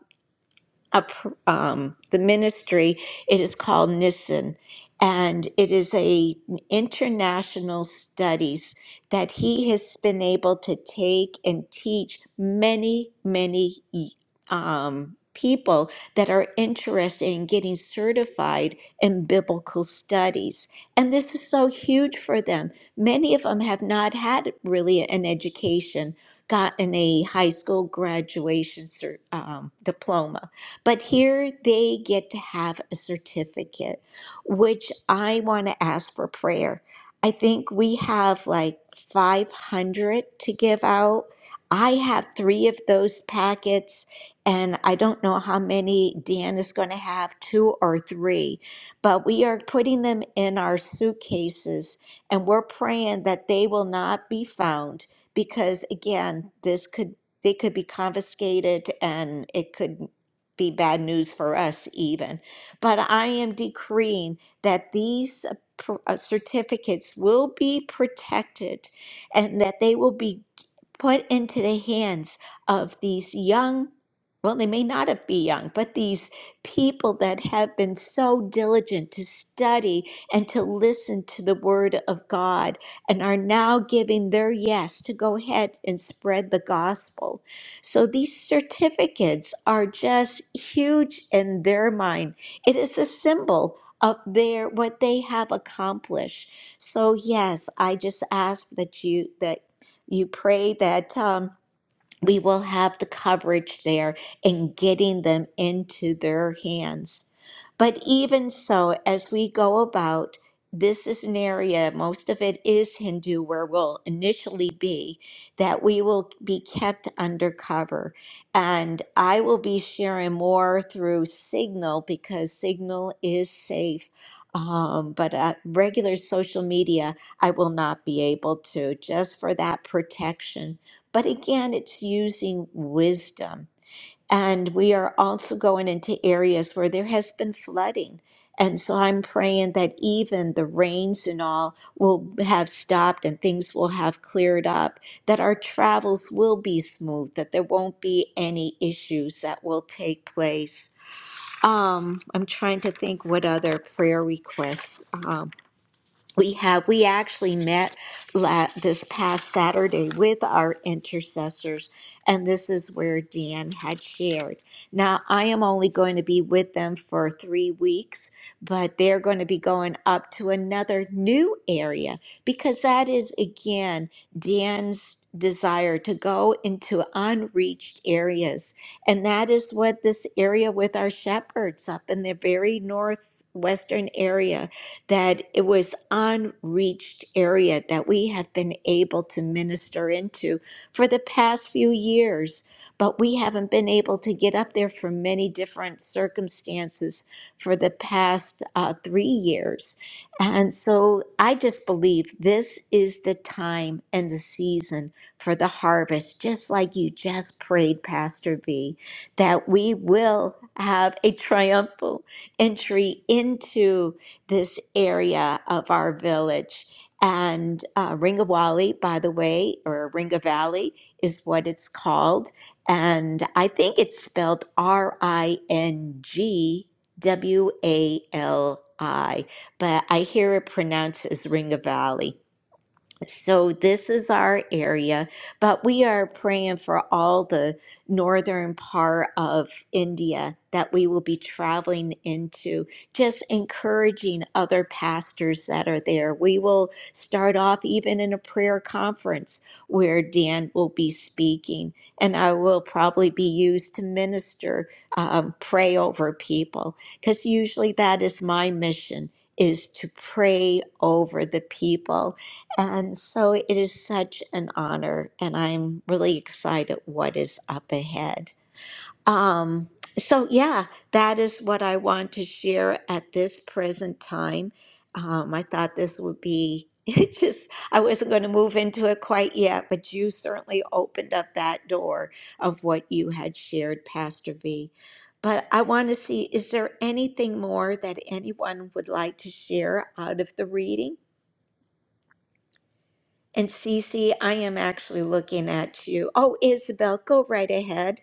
Speaker 1: a pr- um, the ministry. It is called Nissen, and it is a international studies that he has been able to take and teach many, many um, people that are interested in getting certified in biblical studies. And this is so huge for them. Many of them have not had really an education, gotten a high school graduation cer- um, diploma. But here they get to have a certificate, which I want to ask for prayer. I think we have like 500 to give out. I have three of those packets, and I don't know how many Dan is going to have two or three, but we are putting them in our suitcases and we're praying that they will not be found because, again, this could they could be confiscated and it could be bad news for us, even. But I am decreeing that these uh, pr- uh, certificates will be protected and that they will be put into the hands of these young, well, they may not have be young, but these people that have been so diligent to study and to listen to the word of God and are now giving their yes to go ahead and spread the gospel. So these certificates are just huge in their mind. It is a symbol of their what they have accomplished. So yes, I just ask that you that you pray that um, we will have the coverage there in getting them into their hands. But even so, as we go about, this is an area, most of it is Hindu, where we'll initially be, that we will be kept under cover, And I will be sharing more through Signal because Signal is safe. Um, but uh, regular social media, I will not be able to, just for that protection. But again, it's using wisdom. And we are also going into areas where there has been flooding. And so I'm praying that even the rains and all will have stopped and things will have cleared up, that our travels will be smooth, that there won't be any issues that will take place. Um, I'm trying to think what other prayer requests. um, we have we actually met la- this past saturday with our intercessors and this is where deanne had shared now i am only going to be with them for three weeks but they're going to be going up to another new area because that is again dan's desire to go into unreached areas and that is what this area with our shepherds up in the very northwestern area that it was unreached area that we have been able to minister into for the past few years but we haven't been able to get up there for many different circumstances for the past uh, three years and so i just believe this is the time and the season for the harvest just like you just prayed pastor v that we will have a triumphal entry into this area of our village. And uh, Ringawali, by the way, or Ringa Valley is what it's called. And I think it's spelled R I N G W A L I, but I hear it pronounced as Ringa Valley. So this is our area, but we are praying for all the northern part of India that we will be traveling into, just encouraging other pastors that are there. We will start off even in a prayer conference where Dan will be speaking, and I will probably be used to minister, um, pray over people, because usually that is my mission is to pray over the people and so it is such an honor, and I'm really excited what is up ahead. Um, so, yeah, that is what I want to share at this present time. Um, I thought this would be it just, I wasn't going to move into it quite yet, but you certainly opened up that door of what you had shared, Pastor V. But I want to see, is there anything more that anyone would like to share out of the reading? And Cece, I am actually looking at you. Oh, Isabel, go right ahead.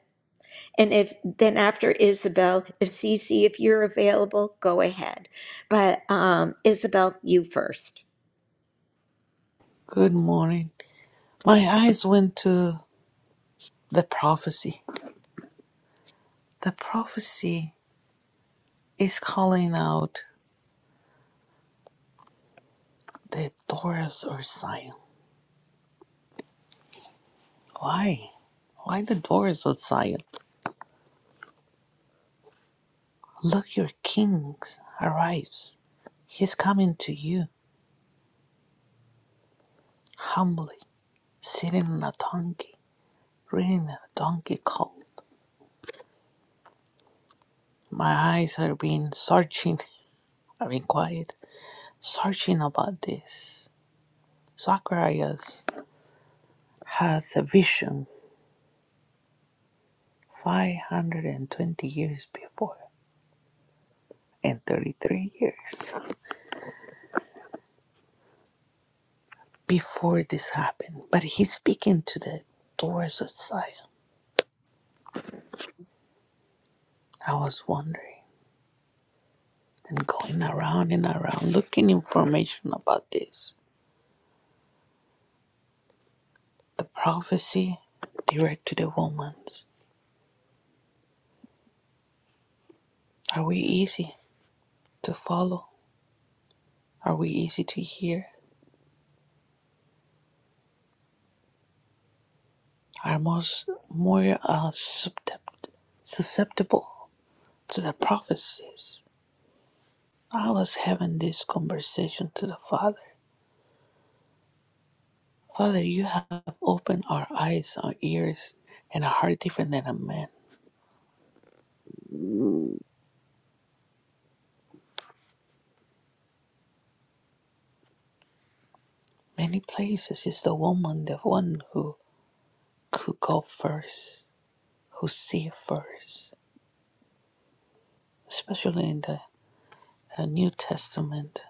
Speaker 1: And if then after Isabel, if Cece, if you're available, go ahead. But um, Isabel, you first.
Speaker 5: Good morning. My eyes went to the prophecy. The prophecy is calling out the doors of Zion. Why? Why the doors of Zion? Look, your king arrives. He's coming to you humbly, sitting on a donkey, riding a donkey colt. My eyes have been searching, I've been quiet, searching about this. Zacharias had a vision 520 years before and 33 years before this happened. But he's speaking to the doors of Zion. I was wondering and going around and around looking information about this. The prophecy direct to the woman. Are we easy to follow? Are we easy to hear? Are most more uh, susceptible susceptible to the prophecies? I was having this conversation to the Father Father, you have opened our eyes, our ears, and a heart different than a man. Many places is the woman, the one who could go first, who see first, especially in the uh, New Testament,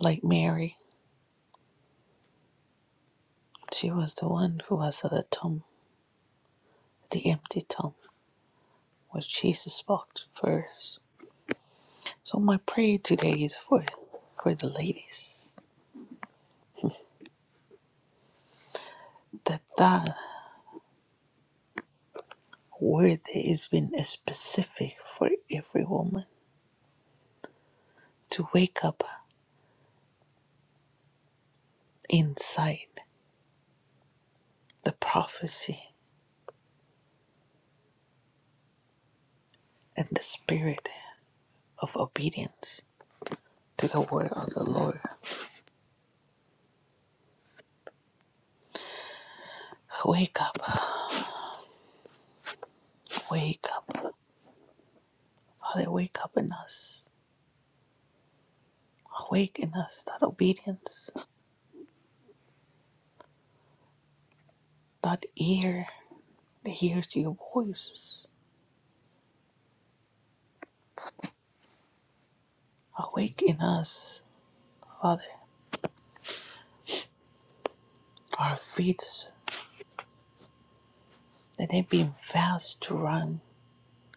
Speaker 5: like Mary. She was the one who was at the tomb, the empty tomb, where Jesus walked first. So my prayer today is for for the ladies that that word is been specific for every woman to wake up inside the prophecy and the spirit of obedience to the word of the Lord. Wake up, wake up. Father, wake up in us. Awaken us that obedience, that ear that hears your voices. Awaken us, Father, our feet that they being fast to run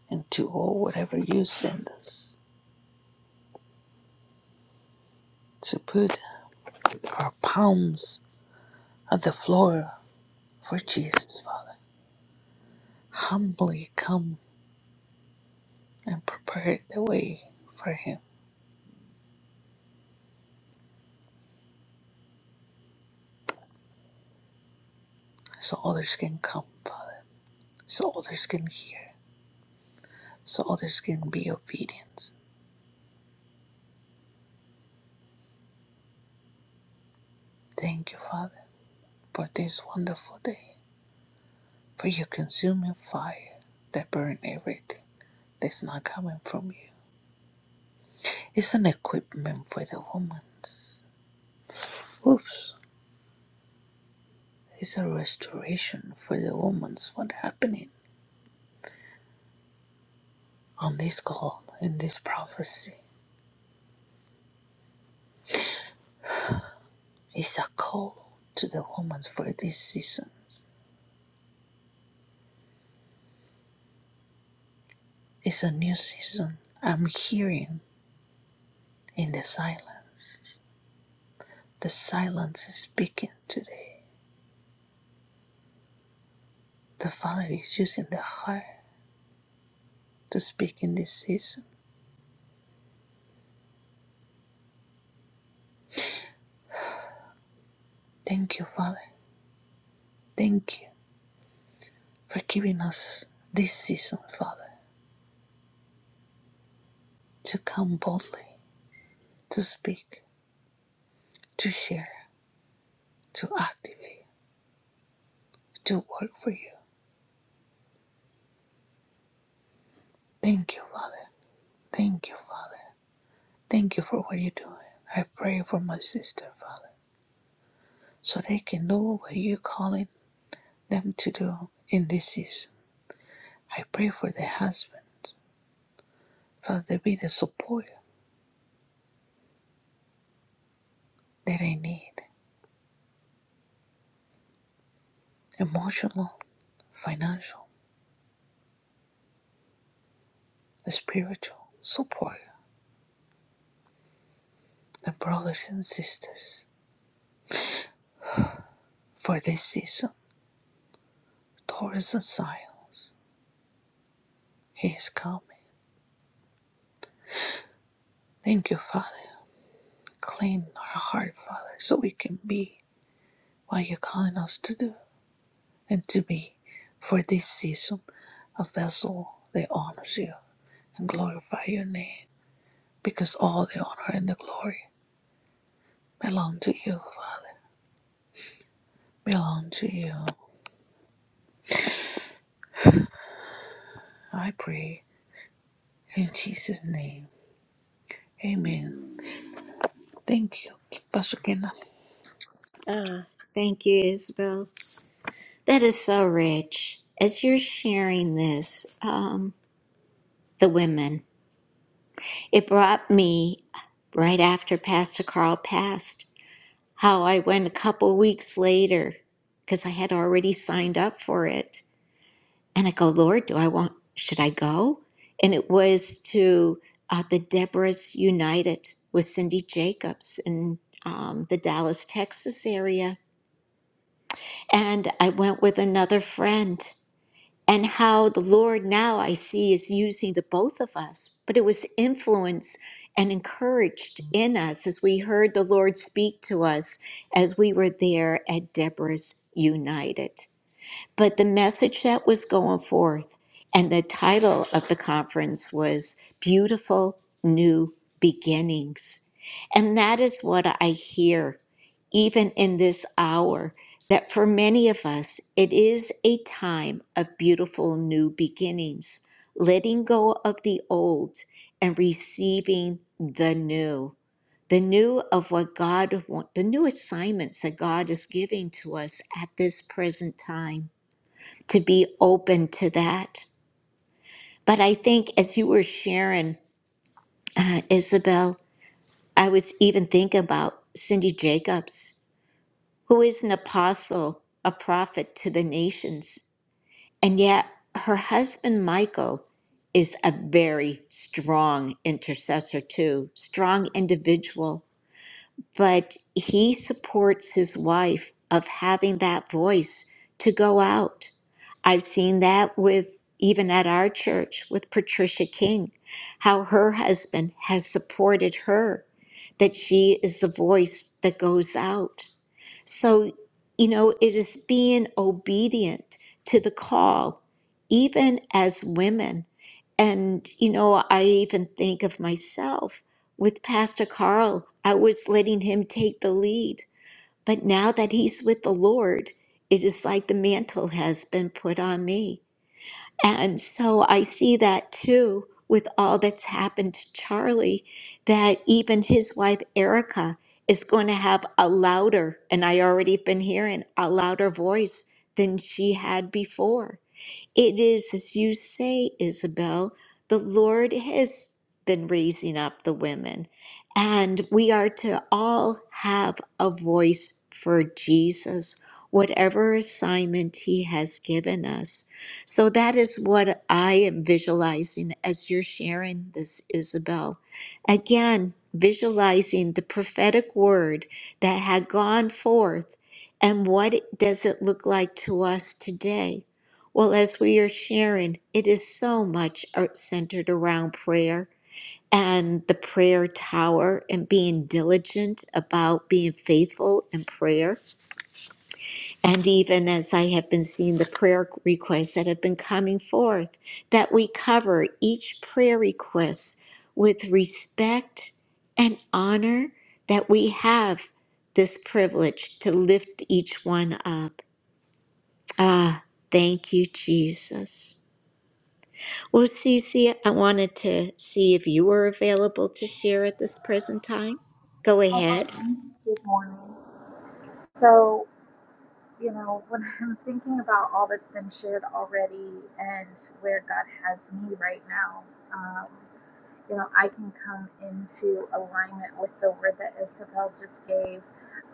Speaker 5: and to all whatever you send us. To put our palms on the floor for Jesus, Father. humbly come and prepare the way for him so others can come, Father, so others can hear, so others can be obedient. Thank you, Father, for this wonderful day, for your consuming fire that burn everything that's not coming from you. It's an equipment for the woman's. Oops, it's a restoration for the woman's what happening on this call in this prophecy. It's a call to the woman's for these seasons It's a new season. I'm hearing in the silence. The silence is speaking today. The Father is using the heart to speak in this season. Thank you, Father. Thank you for giving us this season, Father, to come boldly, to speak, to share, to activate, to work for you. Thank you, Father. Thank you, Father. Thank you for what you're doing. I pray for my sister, Father, so they can know what you're calling them to do in this season. I pray for the husbands, Father, they be the support that they need emotional, financial, spiritual support. The brothers and sisters for this season, Taurus and Science, He is coming. Thank you, Father. Clean our heart, Father, so we can be what you're calling us to do and to be for this season a vessel that honors you and glorify your name. because all the honor and the glory belong to you, Father, belong to you. I pray in Jesus' name. Amen. Thank you, Pastor Kenda.
Speaker 1: Thank you, Isabel. That is so rich. As you're sharing this, um, the women, it brought me right after Pastor Carl passed, how I went a couple weeks later because I had already signed up for it And I go, Lord, do I want, should I go? And it was to uh, the Deborah's United with Cindy Jacobs in um, the Dallas, Texas area. And I went with another friend. And how the Lord now I see is using the both of us, but it was influenced and encouraged in us as we heard the Lord speak to us as we were there at Deborah's United. But the message that was going forth and the title of the conference was Beautiful New Beginnings. And that is what I hear even in this hour, that for many of us, it is a time of beautiful new beginnings, letting go of the old and receiving the new. The new of what God wants, the new assignments that God is giving to us at this present time to be open to that. But I think as you were sharing, uh, Isabel, I was even thinking about Cindy Jacobs, who is an apostle, a prophet to the nations. And yet her husband, Michael, is a very strong intercessor, too, strong individual. but he supports his wife of having that voice to go out. I've seen that with even at our church with Patricia King, how her husband has supported her, that she is the voice that goes out. So, you know, it is being obedient to the call, even as women. And, you know, I even think of myself with Pastor Carl, I was letting him take the lead. But now that he's with the Lord, it is like the mantle has been put on me. And so I see that too with all that's happened to Charlie, that even his wife Erica is going to have a louder, and I already been hearing a louder voice than she had before. It is as you say, Isabel, the Lord has been raising up the women, and we are to all have a voice for Jesus, whatever assignment He has given us. So that is what I am visualizing as you're sharing this, Isabel. Again, visualizing the prophetic word that had gone forth, and what does it look like to us today? Well, as we are sharing, it is so much ar- centered around prayer and the prayer tower and being diligent about being faithful in prayer. And even as I have been seeing the prayer requests that have been coming forth, that we cover each prayer request with respect and honor that we have this privilege to lift each one up. Ah, thank you, Jesus. Well, Cece, I wanted to see if you were available to share at this present time. Go
Speaker 6: Hi,
Speaker 1: ahead.
Speaker 6: Glenn. Good morning. So, you know, when I'm thinking about all that's been shared already and where God has me right now, um, you know, I can come into alignment with the word that Isabel just gave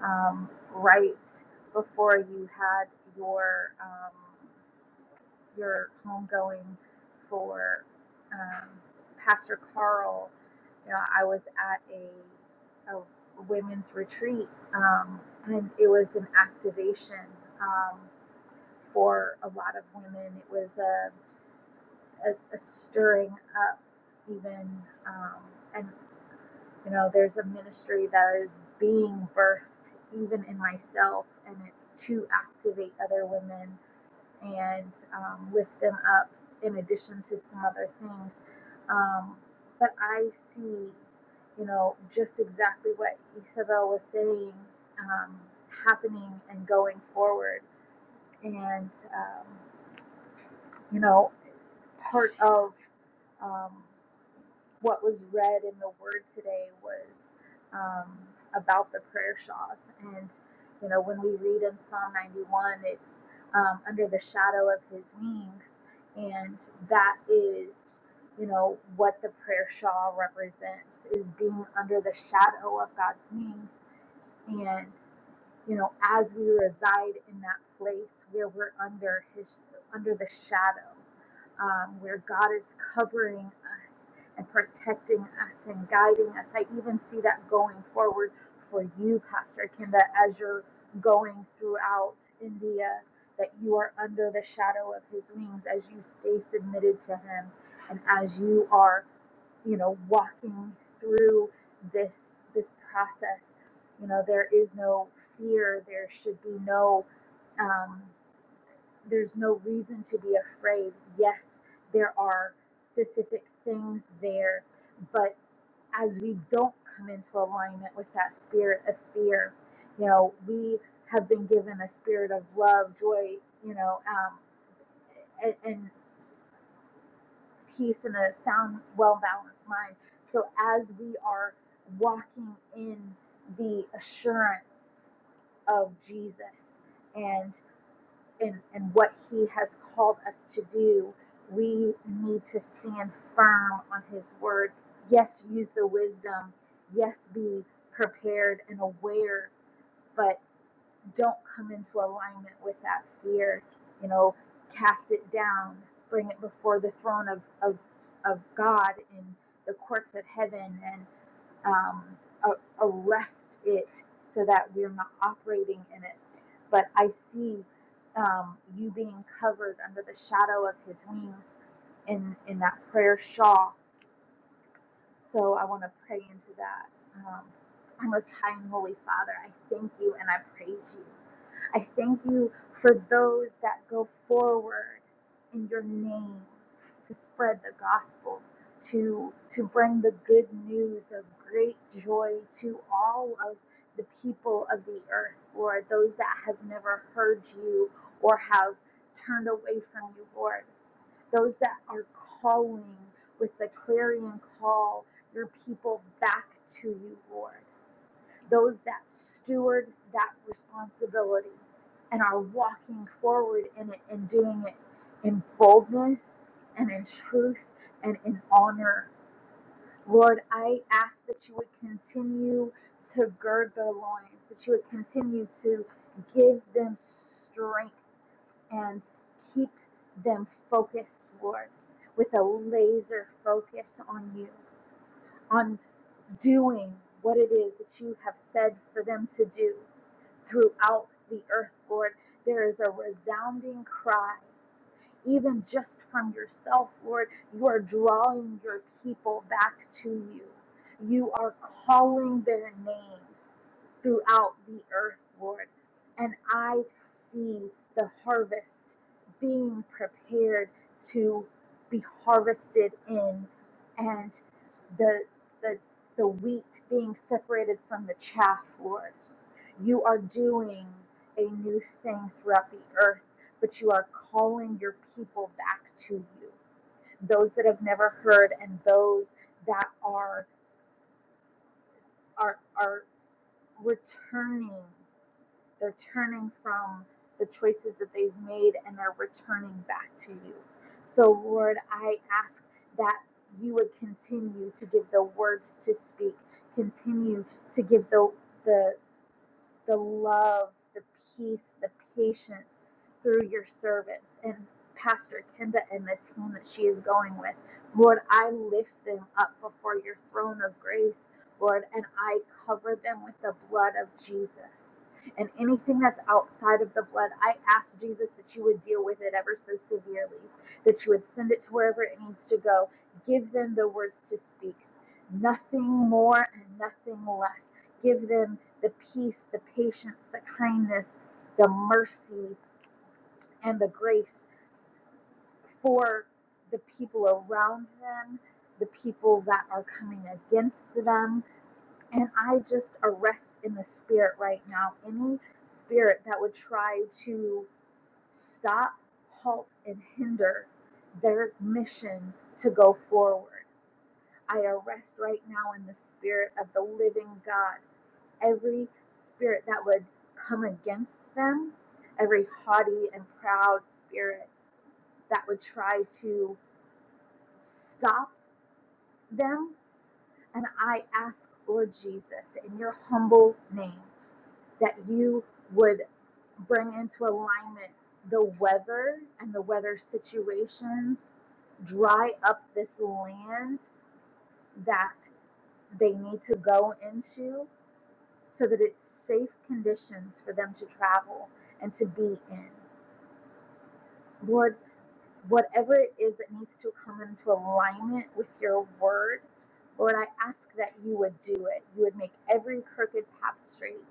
Speaker 6: um, right before you had your. Um, your homegoing for um, Pastor Carl. You know, I was at a, a women's retreat, um, and it was an activation um, for a lot of women. It was a, a, a stirring up, even, um, and you know, there's a ministry that is being birthed even in myself, and it's to activate other women and um, lift them up in addition to some other things. Um, but I see, you know, just exactly what Isabel was saying um, happening and going forward. And, um, you know, part of um, what was read in the Word today was um, about the prayer shawls. And, you know, when we read in Psalm 91, it's um, under the shadow of his wings. And that is, you know, what the prayer shawl represents is being under the shadow of God's wings you know, as we reside in that place where we're under His, under the shadow, um, where God is covering us and protecting us and guiding us. I even see that going forward for you, Pastor Kim, that as you're going throughout India, that you are under the shadow of His wings as you stay submitted to Him and as you are you know, walking through this this process. You know, there is no fear. There should be no. Um, there's no reason to be afraid. Yes, there are specific things there, but as we don't come into alignment with that spirit of fear, you know, we have been given a spirit of love, joy, you know, um, and, and peace and a sound, well balanced mind. So as we are walking in the assurance of Jesus and and, and what he has called us to do, we need to stand firm on his word. Yes, use the wisdom. Yes, be prepared and aware, But don't come into alignment with that fear. You know, cast it down, bring it before the throne of of, of God in the courts of heaven, and um, a- arrest it so that we're not operating in it. But I see um, you being covered under the shadow of His wings in in that prayer shawl. So I want to pray into that. Um, our most high and holy Father, I thank you and I praise you. I thank you for those that go forward in your name to spread the gospel, to, to bring the good news of great joy to all of the people of the earth, Lord, those that have never heard you or have turned away from you, Lord, those that are calling with the clarion call your people back to you, Lord those that steward that responsibility and are walking forward in it and doing it in boldness and in truth and in honor. Lord, I ask that you would continue to gird their loins, that you would continue to give them strength and keep them focused, Lord, with a laser focus on you, on doing what it is that you have said for them to do throughout the earth, Lord. There is a resounding cry even just from yourself, Lord. You are drawing your people back to you. You are calling their names throughout the earth, Lord. And I see the harvest being prepared to be harvested in and the the the wheat being separated from the chaff, Lord. You are doing a new thing throughout the earth but you are calling your people back to you. Those that have never heard and those that are are are returning. They're turning from the choices that they've made and they're returning back to you. So Lord, I ask that you would continue to give the words to speak, continue to give the the the love, the peace, the patience through your servants and Pastor Kenda and the team that she is going with. Lord, I lift them up before your throne of grace, Lord, and I cover them with the blood of Jesus. And anything that's outside of the blood, I ask Jesus that you would deal with it ever so severely, that you would send it to wherever it needs to go. Give them the words to speak, nothing more and nothing less. Give them the peace, the patience, the kindness, the mercy, and the grace for the people around them, the people that are coming against them. And I just arrest in the spirit right now any spirit that would try to stop, halt, and hinder their mission to go forward. I arrest right now in the spirit of the living God every spirit that would come against them, every haughty and proud spirit that would try to stop them. And I ask, Lord Jesus, in your humble name, that you would bring into alignment the weather and the weather situations, dry up this land that they need to go into, so that it's safe conditions for them to travel and to be in. Lord, whatever it is that needs to come into alignment with your word, Lord, I ask that you would do it. You would make every crooked path straight.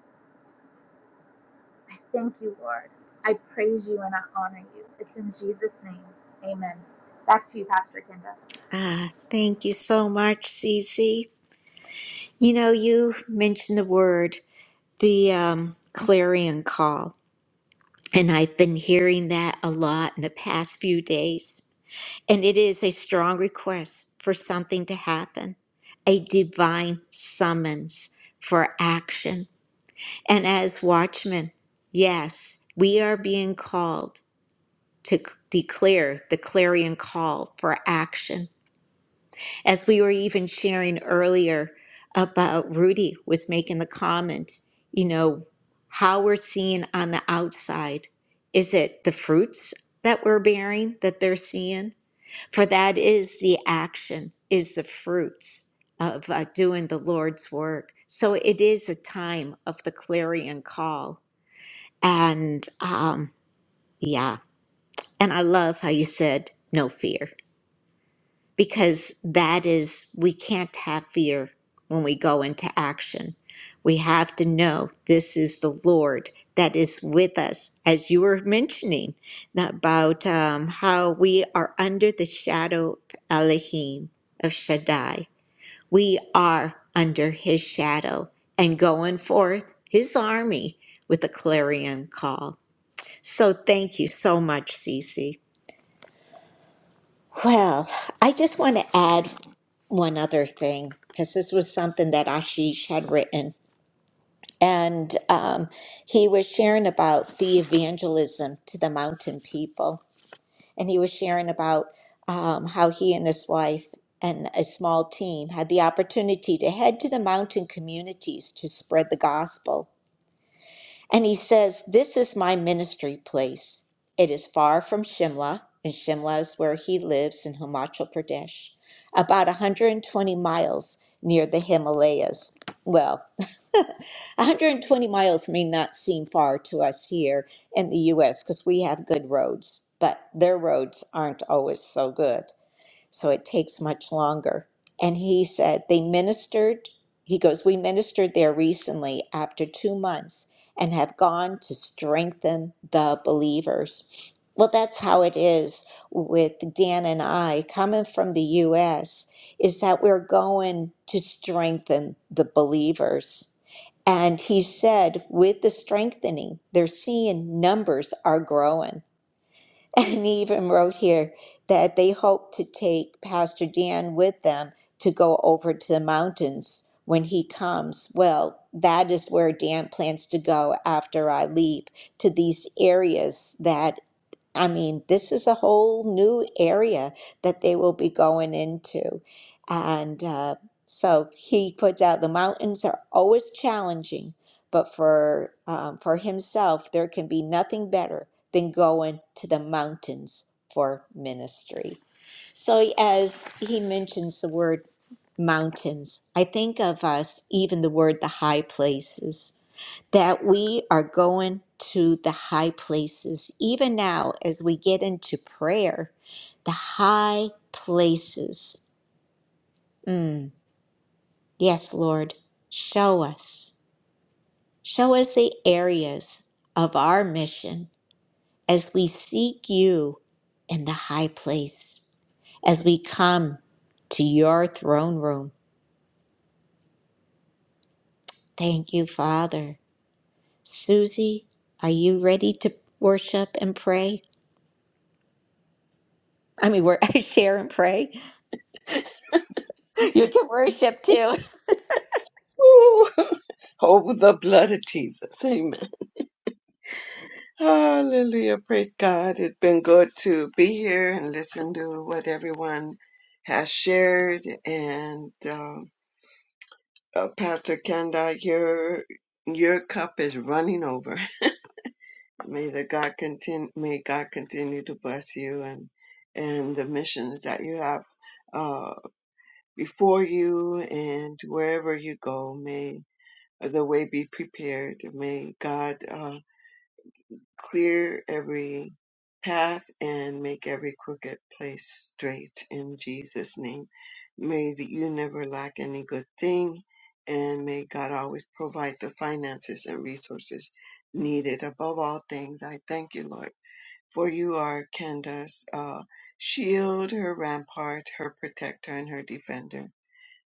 Speaker 6: I thank you, Lord. I praise you and I honor you. It's in Jesus' name. Amen. Back to you, Pastor Kenda.
Speaker 1: Ah, thank you so much, Cece. You know, you mentioned the word, the um, clarion call, and I've been hearing that a lot in the past few days. And it is a strong request for something to happen, a divine summons for action. And as watchmen, yes, we are being called to declare the clarion call for action. As we were even sharing earlier about Rudy was making the comment, you know, how we're seeing on the outside. Is it the fruits that we're bearing that they're seeing? For that is the action, is the fruits of uh, doing the Lord's work. So it is a time of the clarion call. And um, yeah, and I love how you said, no fear. because that is, we can't have fear when we go into action. We have to know this is the Lord that is with us, as you were mentioning about um, how we are under the shadow of Elohim, of Shaddai. We are under his shadow and going forth his army with a clarion call. So thank you so much, Cece. Well, I just want to add one other thing because this was something that Ashish had written. And um, he was sharing about the evangelism to the mountain people. And he was sharing about um, how he and his wife and a small team had the opportunity to head to the mountain communities to spread the gospel. And he says, This is my ministry place. It is far from Shimla, and Shimla is where he lives in Himachal Pradesh, about 120 miles near the Himalayas. Well, 120 miles may not seem far to us here in the US because we have good roads, but their roads aren't always so good so it takes much longer. And he said they ministered, he goes, We ministered there recently after two months and have gone to strengthen the believers. Well, that's how it is with Dan and I coming from the U.S., is that we're going to strengthen the believers. And he said, with the strengthening, they're seeing numbers are growing. And he even wrote here that they hope to take Pastor Dan with them to go over to the mountains when he comes. Well, that is where Dan plans to go after I leave to these areas that I mean, this is a whole new area that they will be going into. And uh, so he puts out the mountains are always challenging, but for um, for himself, there can be nothing better than going to the mountains for ministry. So as he mentions the word mountains, I think of us even the word the high places that we are going to the high places. Even now, as we get into prayer, the high places. Mm, yes, Lord, show us. Show us the areas of our mission as we seek you in the high place, as we come to your throne room. Thank you, Father. Susie, are you ready to worship and pray? I mean, we're, share and pray. You can worship too.
Speaker 7: Ooh, over the blood of Jesus. Amen. Hallelujah. Praise God. It's been good to be here and listen to what everyone has shared. And um, uh, Pastor Kenda, your your cup is running over. May the God continue. May God continue to bless you and and the missions that you have uh, before you and wherever you go. May the way be prepared. May God. Uh, clear every path and make every crooked place straight in Jesus' name. May that you never lack any good thing, and may God always provide the finances and resources needed. Above all things, I thank you, Lord, for you are Candace's uh, shield, her rampart, her protector, and her defender.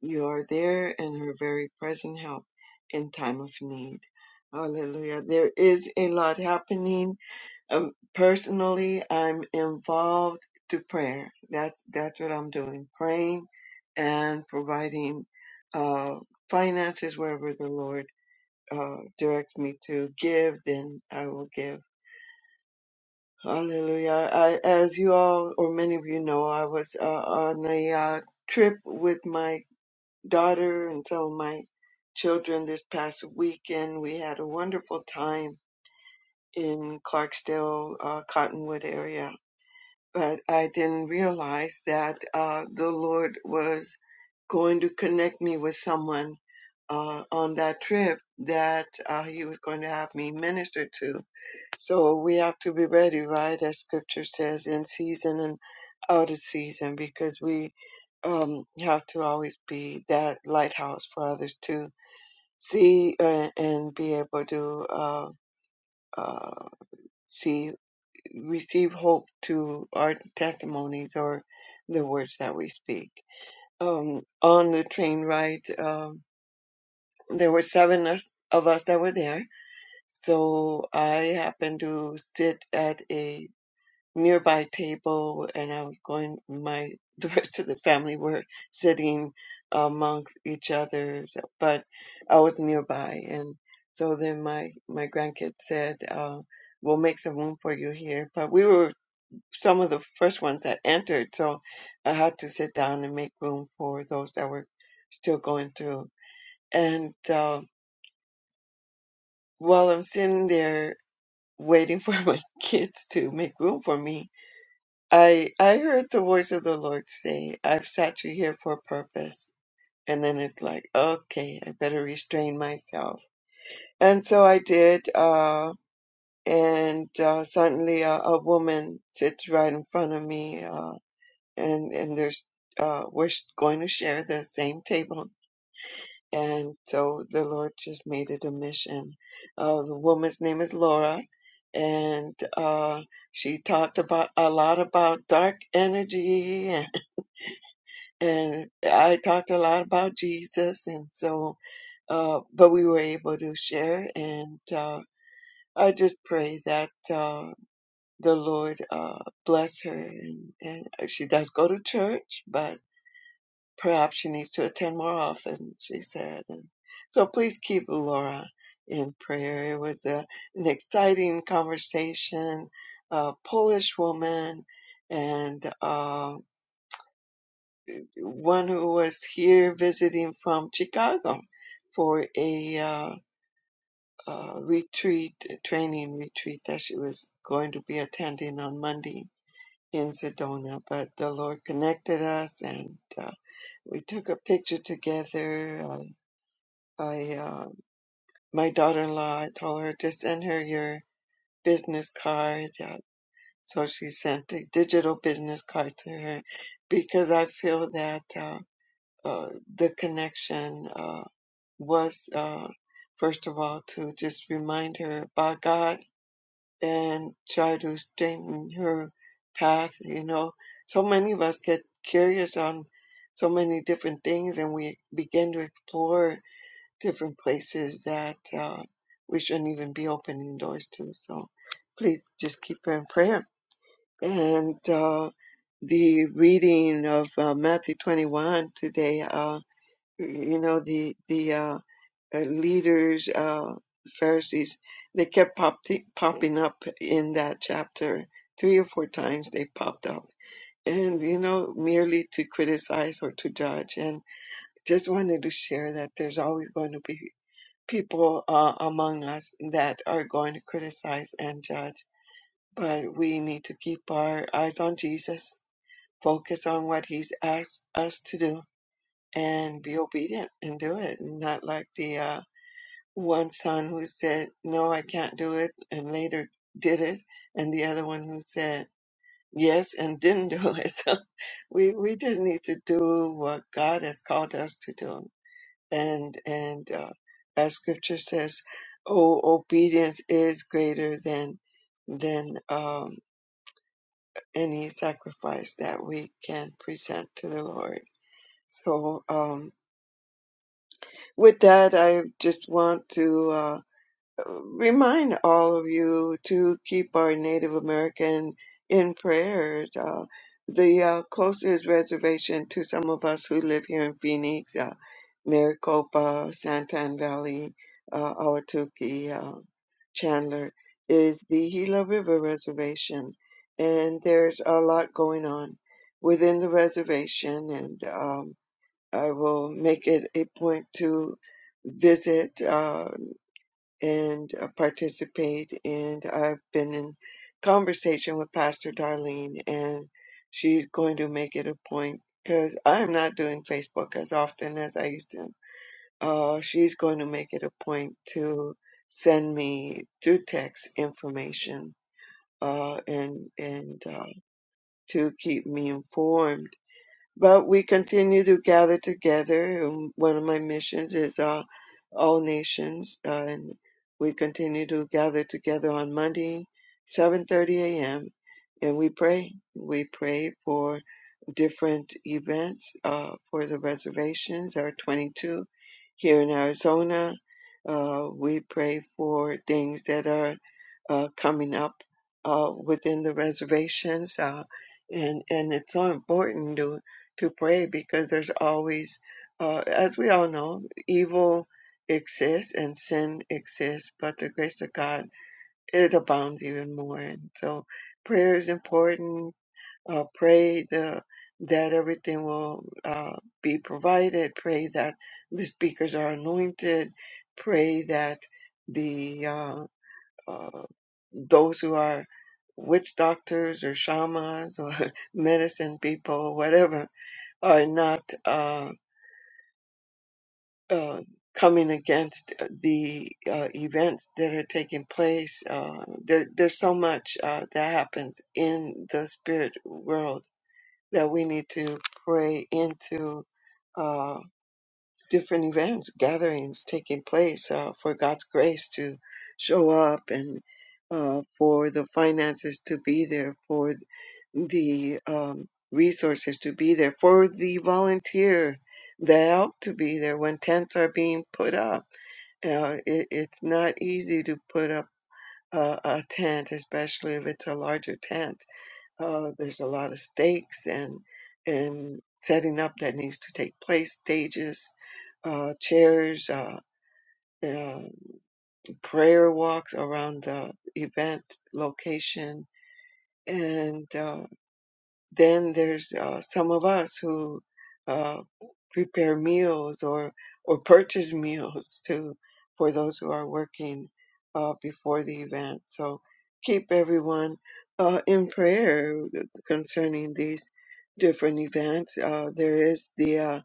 Speaker 7: You are there and her very present help in time of need. Hallelujah. There is a lot happening um, personally, I'm involved to prayer. That's that's what I'm doing, praying and providing uh, finances wherever the Lord uh, directs me to give. Then I will give. Hallelujah! I, as you all or many of you know, I was uh, on a uh, trip with my daughter and some of my children this past weekend. We had a wonderful time in Clarksdale, uh, Cottonwood area but I didn't realize that uh, the Lord was going to connect me with someone uh, on that trip that uh, He was going to have me minister to. So we have to be ready, right? As Scripture says, in season and out of season, because we um, have to always be that lighthouse for others to see uh, and be able to uh, uh, see receive hope to our testimonies or the words that we speak. Um, on the train ride, um, there were seven us, of us that were there. So I happened to sit at a nearby table and I was going, my, the rest of the family were sitting amongst each other, but I was nearby. And so then my, my grandkids said, uh, we'll make some room for you here. But we were some of the first ones that entered. So I had to sit down and make room for those that were still going through. And uh, while I'm sitting there waiting for my kids to make room for me, I I heard the voice of the Lord say, "I've sat you here for a purpose." And then it's like, okay, I better restrain myself. And so I did. Uh, and uh, suddenly, a, a woman sits right in front of me. Uh, and and there's uh we're sh- going to share the same table and so the lord just made it a mission uh the woman's name is laura and uh she talked about a lot about dark energy and, and i talked a lot about jesus and so uh but we were able to share and uh I just pray that uh, the Lord uh, bless her, and, and she does go to church, but Perhaps she needs to attend more often, she said. And so please keep Laura in prayer. It was a, an exciting conversation. A Polish woman and uh, one who was here visiting from Chicago for a uh, uh, retreat, a training retreat that she was going to be attending on Monday in Sedona. But the Lord connected us and uh, we took a picture together. Uh, I uh, my daughter-in-law I told her to send her your business card. Yeah. So she sent a digital business card to her because I feel that uh, uh, the connection uh, was uh, first of all to just remind her about God and try to straighten her path. You know, so many of us get curious on so many different things and we begin to explore different places that uh, we shouldn't even be opening doors to. So please just keep her in prayer. And uh, the reading of uh, Matthew 21 today, uh, you know, the the uh, uh, leaders, uh, Pharisees, they kept pop- popping up in that chapter. Three or four times they popped up. And, you know, merely to criticize or to judge. And just wanted to share that there's always going to be people uh, among us that are going to criticize and judge, but we need to keep our eyes on Jesus, focus on what He's asked us to do, and be obedient and do it. And not like the uh, one son who said, No, I can't do it, and later did it, and the other one who said, Yes, and didn't do it. So we, we just need to do what God has called us to do and and uh, as scripture says oh obedience is greater than than um, any sacrifice that we can present to the lord so um, with that i just want to uh, remind all of you to keep our Native American in prayer. Uh, the uh, closest reservation to some of us who live here in Phoenix, uh, Maricopa, Santan Valley, uh, Ahwatukee, uh, Chandler, is the Gila River Reservation. And there's a lot going on within the reservation, and um, I will make it a point to visit. Uh, and uh, participate. And I've been in conversation with Pastor Darlene, and she's going to make it a point because I'm not doing Facebook as often as I used to. Uh, she's going to make it a point to send me to text information uh, and and uh, to keep me informed but we continue to gather together. Um, One of my missions is uh, all nations, uh, and we continue to gather together on Monday, 7:30 a.m. and we pray. We pray for different events uh, for the reservations. There are 22 here in Arizona. Uh, we pray for things that are uh, coming up uh, within the reservations. Uh, and, and it's so important. to to pray because there's always, uh, as we all know, evil exists and sin exists, but the grace of God, it abounds even more. And so prayer is important. Uh, pray the, that everything will uh, be provided. Pray that the speakers are anointed. Pray that the uh, uh, those who are witch doctors or shamans or medicine people, whatever, are not. uh, uh, coming against uh, the uh, events that are taking place. Uh, there, there's so much uh, that happens in the spirit world that we need to pray into uh, different events, gatherings taking place uh, for God's grace to show up and uh, for the finances to be there, for the um, resources to be there, for the volunteer that help to be there when tents are being put up uh, it, it's not easy to put up a, a tent, especially if it's a larger tent. Uh, there's a lot of stakes and and setting up that needs to take place, stages, uh, chairs, uh, uh, prayer walks around the event location, and uh, Then there's uh, some of us who uh, prepare meals or or purchase meals to for those who are working uh, before the event. So keep everyone uh, in prayer concerning these different events. Uh, there is the uh,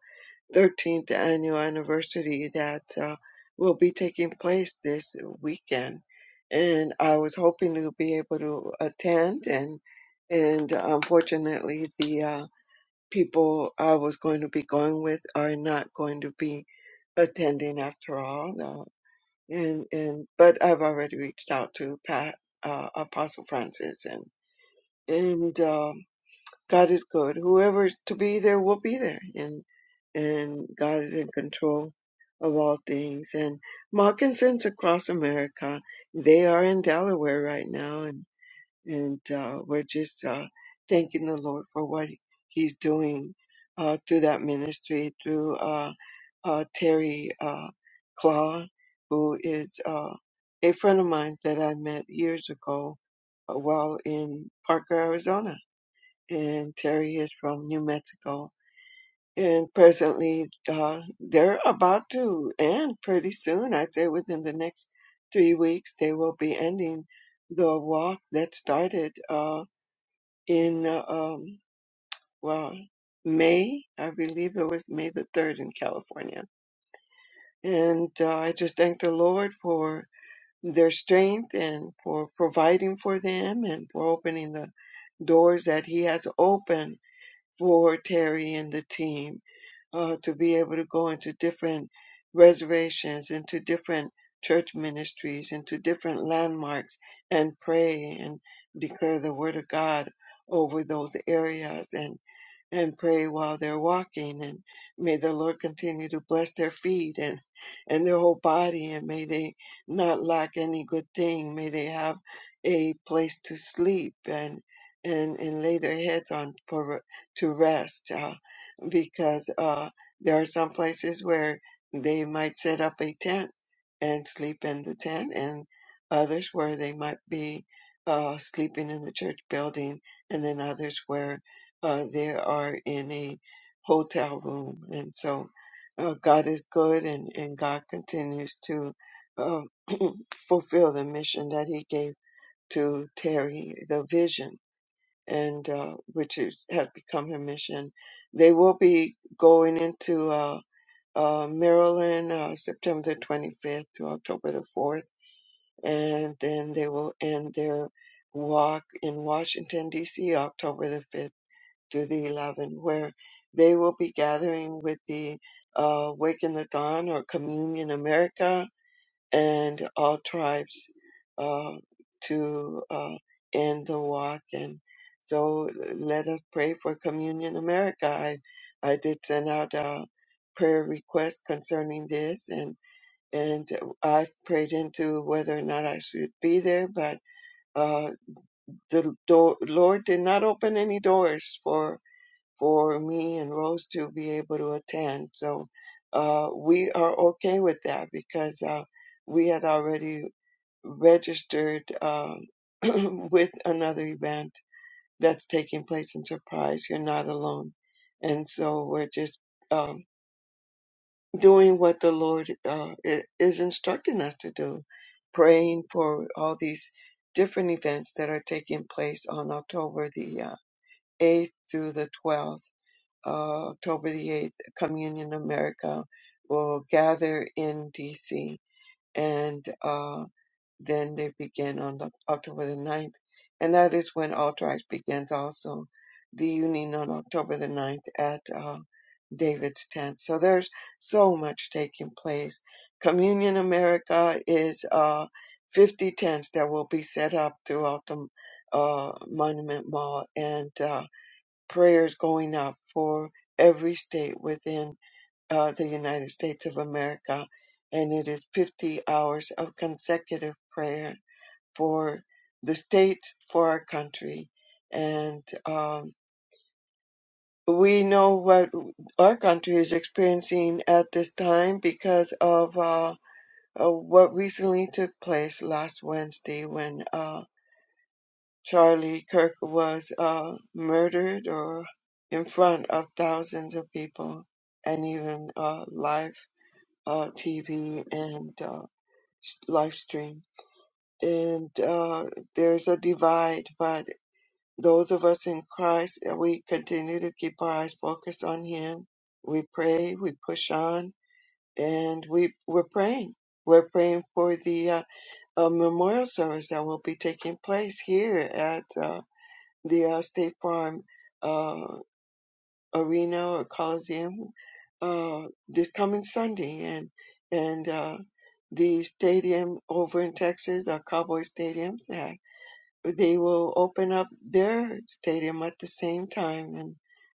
Speaker 7: 13th annual anniversary that uh, will be taking place this weekend. And I was hoping to be able to attend, and and unfortunately, the uh, people I was going to be going with are not going to be attending after all. Uh, and and but I've already reached out to Pat uh, Apostle Francis and and uh, God is good. Whoever's to be there will be there, and and God is in control of all things. And Moccasins across America, they are in Delaware right now, and and uh, we're just uh, thanking the Lord for what He's doing uh, through that ministry, through uh, uh, Terry uh, Claw, who is uh, a friend of mine that I met years ago uh, while in Parker, Arizona and Terry is from New Mexico. And presently, uh, they're about to end pretty soon. I'd say within the next three weeks, they will be ending the walk that started uh, in uh, um, well May, I believe it was May the third in California. And uh, I just thank the Lord for their strength and for providing for them and for opening the doors that He has opened for Terry and the team uh, to be able to go into different reservations, into different church ministries, into different landmarks, and pray and declare the word of God over those areas. and and pray while they're walking and may the lord continue to bless their feet and and their whole body and may they not lack any good thing may they have a place to sleep and and and lay their heads on for to rest uh, because uh there are some places where they might set up a tent and sleep in the tent and others where they might be uh, sleeping in the church building and then others where uh, they are in a hotel room. And so uh, God is good and, and God continues to uh, fulfill the mission that He gave to Terry, the vision, and uh, which is, has become her mission. They will be going into uh, uh, Maryland uh, September the 25th to October the 4th, and then they will end their walk in Washington, D.C. October the 5th to the Lovin, where they will be gathering with the uh, Wake in the Dawn or Communion America and all tribes uh, to uh, end the walk. And so let us pray for Communion America. I, I did send out a prayer request concerning this and and I prayed into whether or not I should be there, but uh, the door, Lord did not open any doors for for me and Rose to be able to attend. So uh, we are okay with that because uh, we had already registered um, with another event that's taking place in Surprise. You're not alone. And so we're just um, doing what the Lord uh, i- is instructing us to do, praying for all these different events that are taking place on October the uh, 8th through the 12th uh, October the 8th, Communion America will gather in DC and uh, then they begin on the, October the ninth, And that is when All Tribes begins also the union on October the ninth at uh, David's tent. So there's so much taking place. Communion America is uh, 50 tents that will be set up throughout the uh, Monument Mall and uh, prayers going up for every state within uh, the United States of America. And it is 50 hours of consecutive prayer for the states, for our country. And um, we know what our country is experiencing at this time because of uh, uh, what recently took place last Wednesday when. uh, Charlie Kirk was uh, murdered or in front of thousands of people and even uh, live uh, TV and uh, s- live stream. And uh, there's a divide, but those of us in Christ, uh, we continue to keep our eyes focused on Him. We pray, we push on, and we, we're praying. We're praying for the uh, uh, memorial service that will be taking place here at. uh, the uh, State Farm uh, Arena or Coliseum uh, this coming Sunday, and and uh, the stadium over in Texas, uh, Cowboy Stadium, uh, they will open up their stadium at the same time and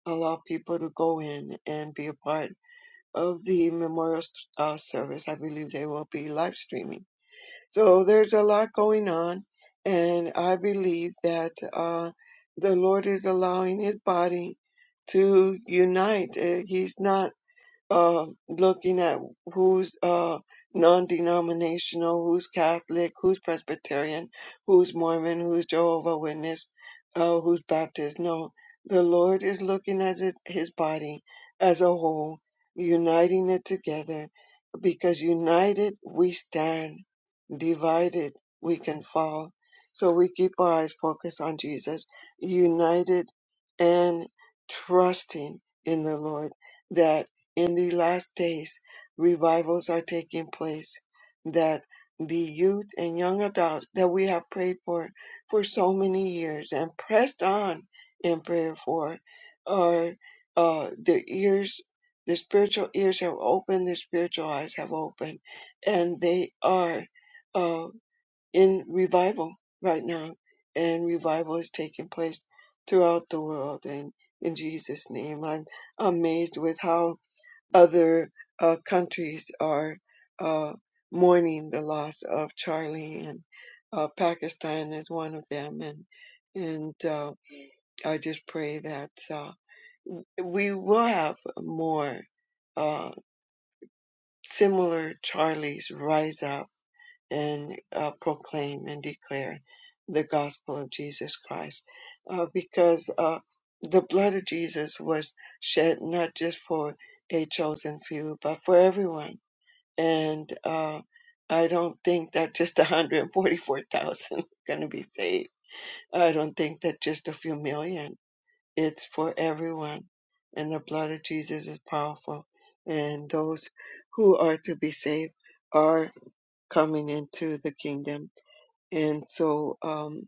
Speaker 7: allow people to go in and be a part of the memorial uh, service. I believe they will be live streaming so there's a lot going on, and I believe that uh, the Lord is allowing His body to unite. Uh, He's not uh, looking at who's uh, non-denominational, who's Catholic, who's Presbyterian, who's Mormon, who's Jehovah Witness, uh, who's Baptist. No, the Lord is looking at it, His body as a whole, uniting it together, because united we stand, divided we can fall. So we keep our eyes focused on Jesus, united and trusting in the Lord that. In the last days, revivals are taking place that the youth and young adults that we have prayed for for so many years and pressed on in prayer for are uh, the ears, the spiritual ears have opened, the spiritual eyes have opened, and they are uh, in revival right now. And revival is taking place throughout the world. And in Jesus' name, I'm amazed with how other uh, countries are uh, mourning the loss of Charlie, and uh, Pakistan is one of them. And and uh, I just pray that uh, we will have more uh, similar Charlies rise up and uh, proclaim and declare the gospel of Jesus Christ, uh, because uh, the blood of Jesus was shed not just for a chosen few, but for everyone and uh, I don't think that just 144,000 are going to be saved. I don't think that just a few million. It's for everyone, and the blood of Jesus is powerful. And those who are to be saved are coming into the kingdom. And so, um,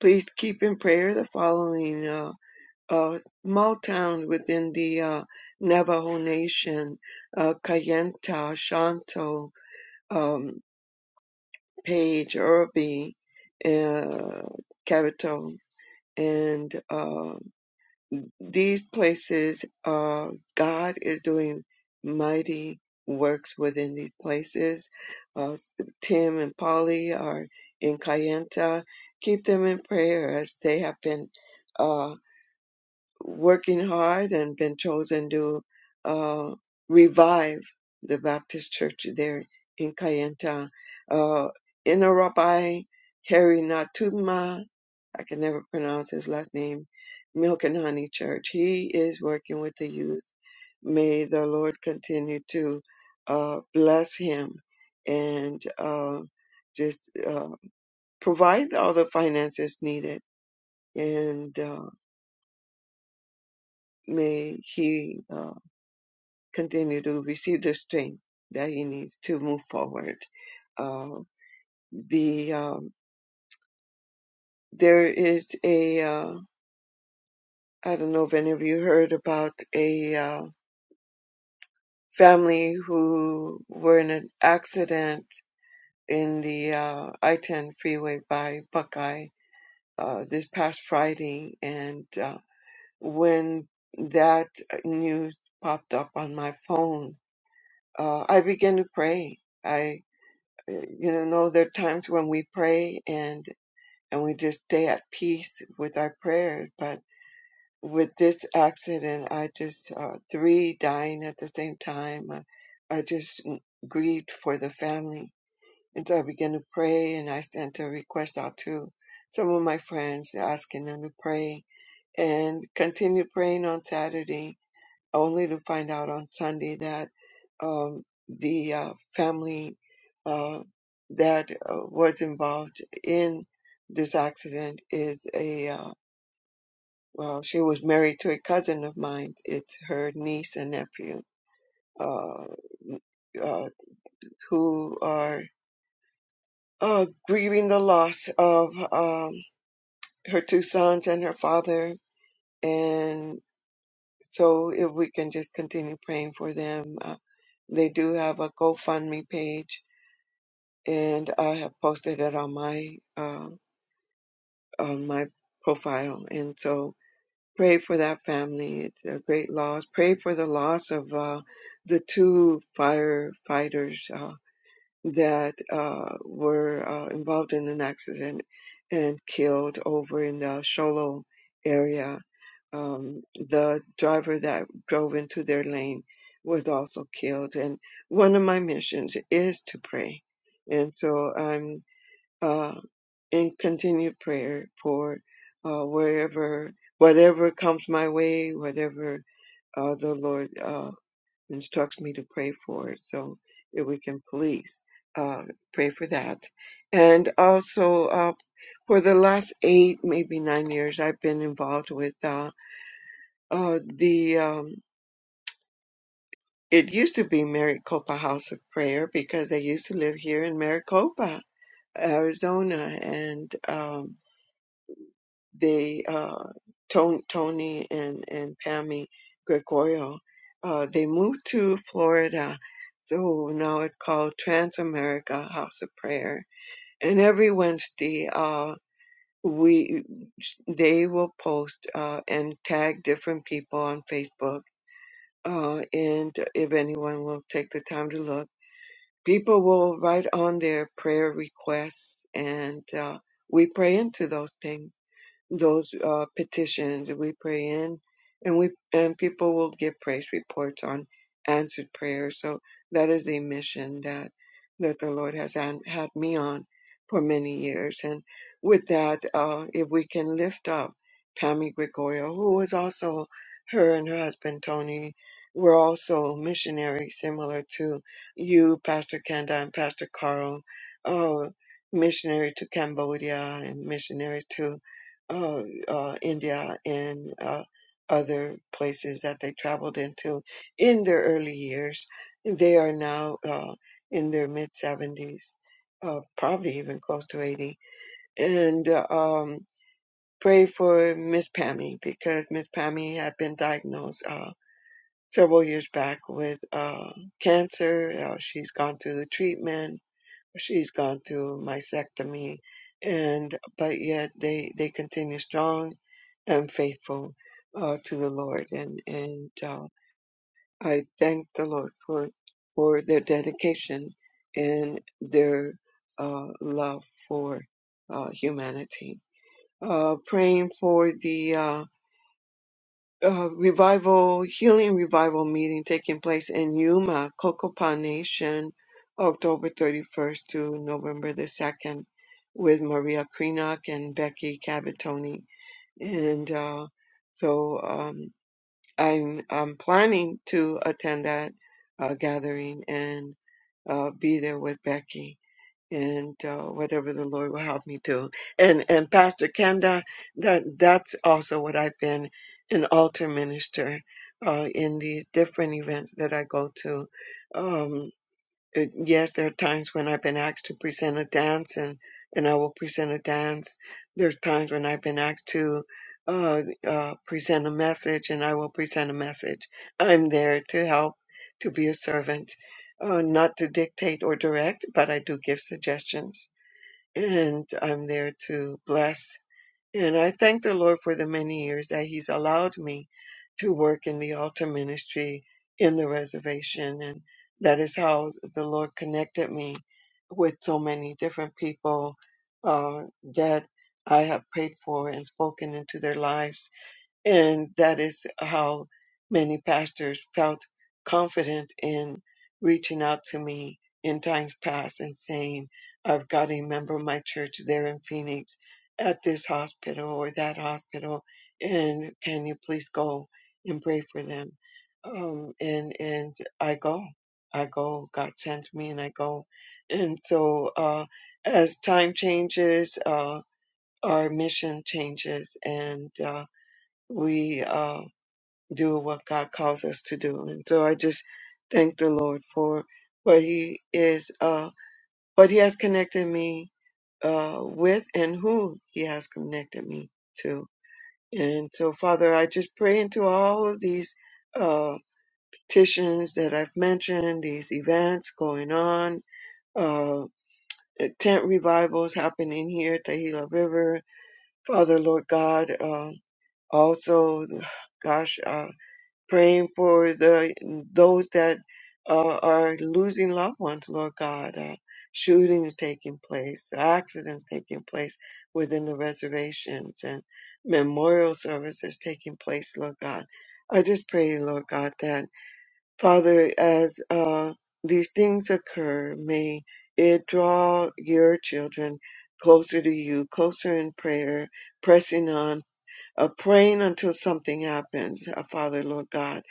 Speaker 7: please keep in prayer the following uh, uh, small towns within the uh, Navajo Nation: uh, Kayenta, Shanto. Um, Paige Irby, uh, Cavito, and uh, these places, uh, God is doing mighty works within these places. Uh, Tim and Polly are in Kayenta. Keep them in prayer as they have been. uh, working hard and been chosen to uh, revive the Baptist church there in Kayenta. Uh, Ina Rabbi Harry Natuma, I can never pronounce his last name, Milk and Honey Church. He is working with the youth. May the Lord continue to uh, bless him and uh, just uh, provide all the finances needed. And uh, may he uh, continue to receive the strength that he needs to move forward. Uh, the um, there is a uh, I don't know if any of you heard about a uh, family who were in an accident in the uh, I-10 freeway by Buckeye uh, this past Friday, and uh, when that news popped up on my phone, uh, I began to pray. I you know there are times when we pray and and we just stay at peace with our prayers but with this accident i just uh, three dying at the same time I, I just grieved for the family and so i began to pray and i sent a request out to some of my friends asking them to pray and continued praying on saturday only to find out on Sunday that um, the uh, family uh, that uh, was involved in this accident is a uh, well, she was married to a cousin of mine. It's her niece and nephew uh, uh, who are uh, grieving the loss of um, her two sons and her father. And so, if we can just continue praying for them, uh, they do have a GoFundMe page and I have posted it on my uh, on my profile. And so pray for that family. It's a great loss. Pray for the loss of uh, the two firefighters uh, that uh, were uh, involved in an accident and killed over in the Sholo area. Um, the driver that drove into their lane was also killed. And one of my missions is to pray. And so I'm uh, in continued prayer for uh, wherever, whatever comes my way, whatever uh, the Lord uh, instructs me to pray for. So if we can please uh, pray for that. And also uh, for the last eight, maybe nine years, I've been involved with uh, uh, the. Um, it used to be Maricopa House of Prayer because I used to live here in Maricopa, Arizona, and um, they uh, Ton- Tony and and Pammy Gregorio uh, they moved to Florida, so now it's called Transamerica House of Prayer. And every Wednesday, uh, we they will post uh, and tag different people on Facebook. Uh, and if anyone will take the time to look, people will write on their prayer requests, and uh, we pray into those things those uh, petitions that we pray in, and we and people will give praise reports on answered prayers. So that is a mission that that the Lord has an, had me on for many years. And with that, uh, if we can lift up Pammy Gregorio, who is also her and her husband Tony were also missionaries, similar to you, Pastor Kenda and Pastor Carl. Uh, missionary to Cambodia and missionary to uh, uh, India and uh, other places that they traveled into in their early years. They are now uh, in their mid 70s, uh, probably even close to 80. And uh, um, pray for Miss Pammy because Miss Pammy had been diagnosed uh, several years back with uh, cancer. Uh, she's gone through the treatment she's gone through mastectomy and but yet they they continue strong and faithful uh, to the lord and and uh, i thank the lord for for their dedication and their uh, love for uh, humanity uh, praying for the uh, uh, revival, healing revival meeting taking place in Yuma, Cocopa Nation, October 31st to November the 2nd, with Maria Krenak and Becky Cavatoni. And uh, so um, I'm, I'm planning to attend that uh, gathering and uh, be there with Becky and uh, whatever the Lord will help me to. And and Pastor Kenda, that that's also what I've been an altar minister uh, in these different events that I go to. Um, uh, yes, there are times when I've been asked to present a dance, and and I will present a dance. There's times when I've been asked to uh, uh, present a message, and I will present a message. I'm there to help, to be a servant, uh, not to dictate or direct, but I do give suggestions, and I'm there to bless and I thank the Lord for the many years that He's allowed me to work in the altar ministry in the reservation. And that is how the Lord connected me with so many different people uh, that I have prayed for and spoken into their lives and that is how many pastors felt confident in reaching out to me in times past and saying, I've got a member of my church there in Phoenix at this hospital or that hospital, and can you please go and pray for them? Um, and, and I go, I go, God sends me and I go. And so, uh, as time changes, uh, our mission changes and. uh, we uh, do what God calls us to do. And so I just thank the Lord for what He is, uh, what He has connected me uh, with, and who He has connected me to. And so, Father, I just pray into all of these uh, petitions that I've mentioned, these events going on. Uh, tent revivals happening here at the Gila River. Father, Lord God, uh, also, gosh, uh, praying for the those that uh, are losing loved ones, Lord God. Uh, shootings taking place, accidents taking place within the reservations, and memorial services taking place, Lord God. I just pray, Lord God, that Father, as uh, these things occur, may it draw your children closer to you, closer in prayer, pressing on of praying until something happens, uh, Father, Lord God.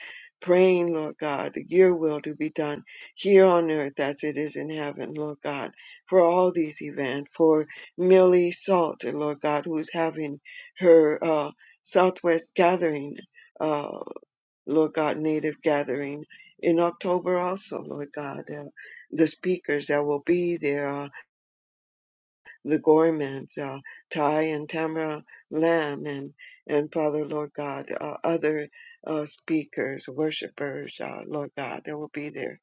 Speaker 7: Praying, Lord God, your will to be done here on earth as it is in heaven, Lord God, for all these events, for Millie Salt, Lord God, who's having her uh, Southwest gathering, uh, Lord God, Native gathering in October also, Lord God. Uh, the speakers that will be there, uh, the Gormans, uh, Ty and Tamara Lamb, and, and Father, Lord God, uh, other uh, speakers, worshipers, uh, Lord God, that will be there.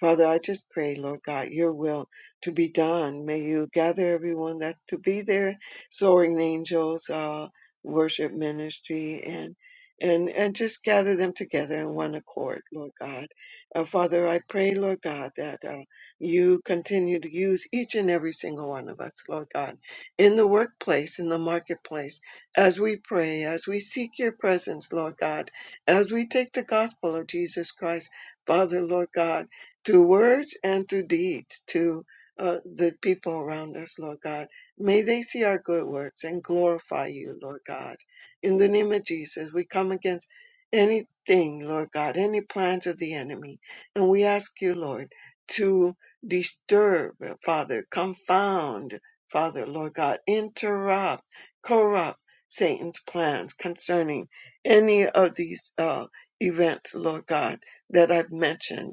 Speaker 7: Father, I just pray, Lord God, your will to be done. May you gather everyone that's to be there, soaring angels, uh, worship ministry, and and and just gather them together in one accord, Lord God. Uh, Father, I pray, Lord God, that. uh, you continue to use each and every single one of us, Lord God, in the workplace, in the marketplace, as we pray, as we seek your presence, Lord God, as we take the gospel of Jesus Christ, Father, Lord God, to words and to deeds, to uh, the people around us, Lord God. May they see our good works and glorify you, Lord God. In the name of Jesus, we come against anything, Lord God, any plans of the enemy. And we ask you, Lord, to disturb, Father, confound, Father, Lord God, interrupt, corrupt Satan's plans concerning any of these uh, events, Lord God, that I've mentioned.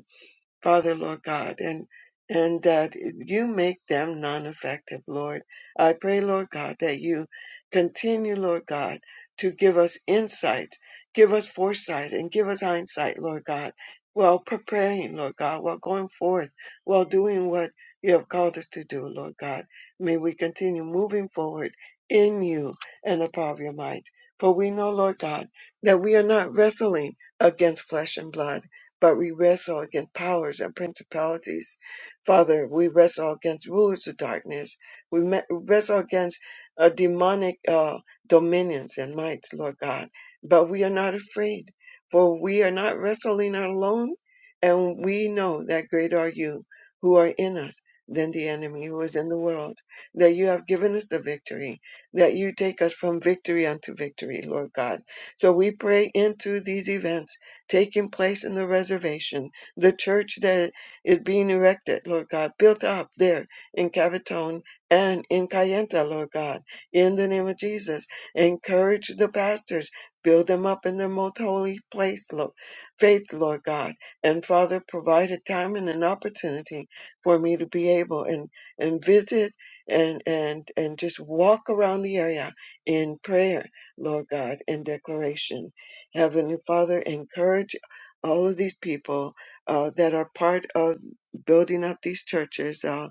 Speaker 7: Father, Lord God, and and that you make them non-effective, Lord. I pray, Lord God, that you continue, Lord God, to give us insight, give us foresight, and give us hindsight, Lord God, while preparing, Lord God, while going forth, while doing what you have called us to do, Lord God. May we continue moving forward in you and the power of your might. For we know, Lord God, that we are not wrestling against flesh and blood but we wrestle against powers and principalities. Father, we wrestle against rulers of darkness. We me- wrestle against uh, demonic uh, dominions and mights, Lord God. But we are not afraid, for we are not wrestling alone, and we know that great are you who are in us than the enemy who is in the world, that you have given us the victory, that you take us from victory unto victory, Lord God. So we pray into these events taking place in the reservation, the church that is being erected, Lord God, built up there in Cavatone and in Cayenta, Lord God, in the name of Jesus. Encourage the pastors, build them up in their most holy place, Lord, faith, Lord God. And Father, provide a time and an opportunity for me to be able and, and visit and, and, and just walk around the area in prayer, Lord God, in declaration. Heavenly Father, encourage all of these people uh, that are part of building up these churches uh,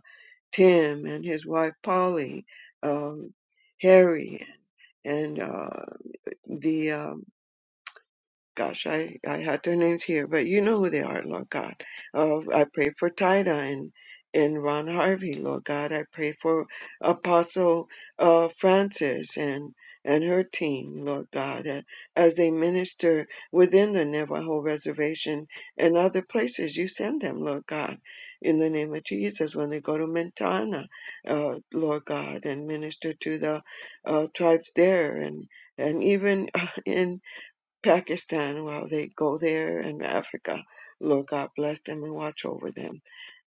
Speaker 7: Tim and his wife Polly, um, Harry, and uh, the um, gosh, I, I had their names here, but you know who they are, Lord God. Uh, I pray for Tida and, and Ron Harvey, Lord God. I pray for Apostle uh, Francis and, and her team, Lord God, uh, as they minister within the Navajo reservation and other places. You send them, Lord God. In the name of Jesus, when they go to Montana, uh, Lord God, and minister to the uh, tribes there, and and even in Pakistan while they go there and Africa. Lord God bless them and watch over them.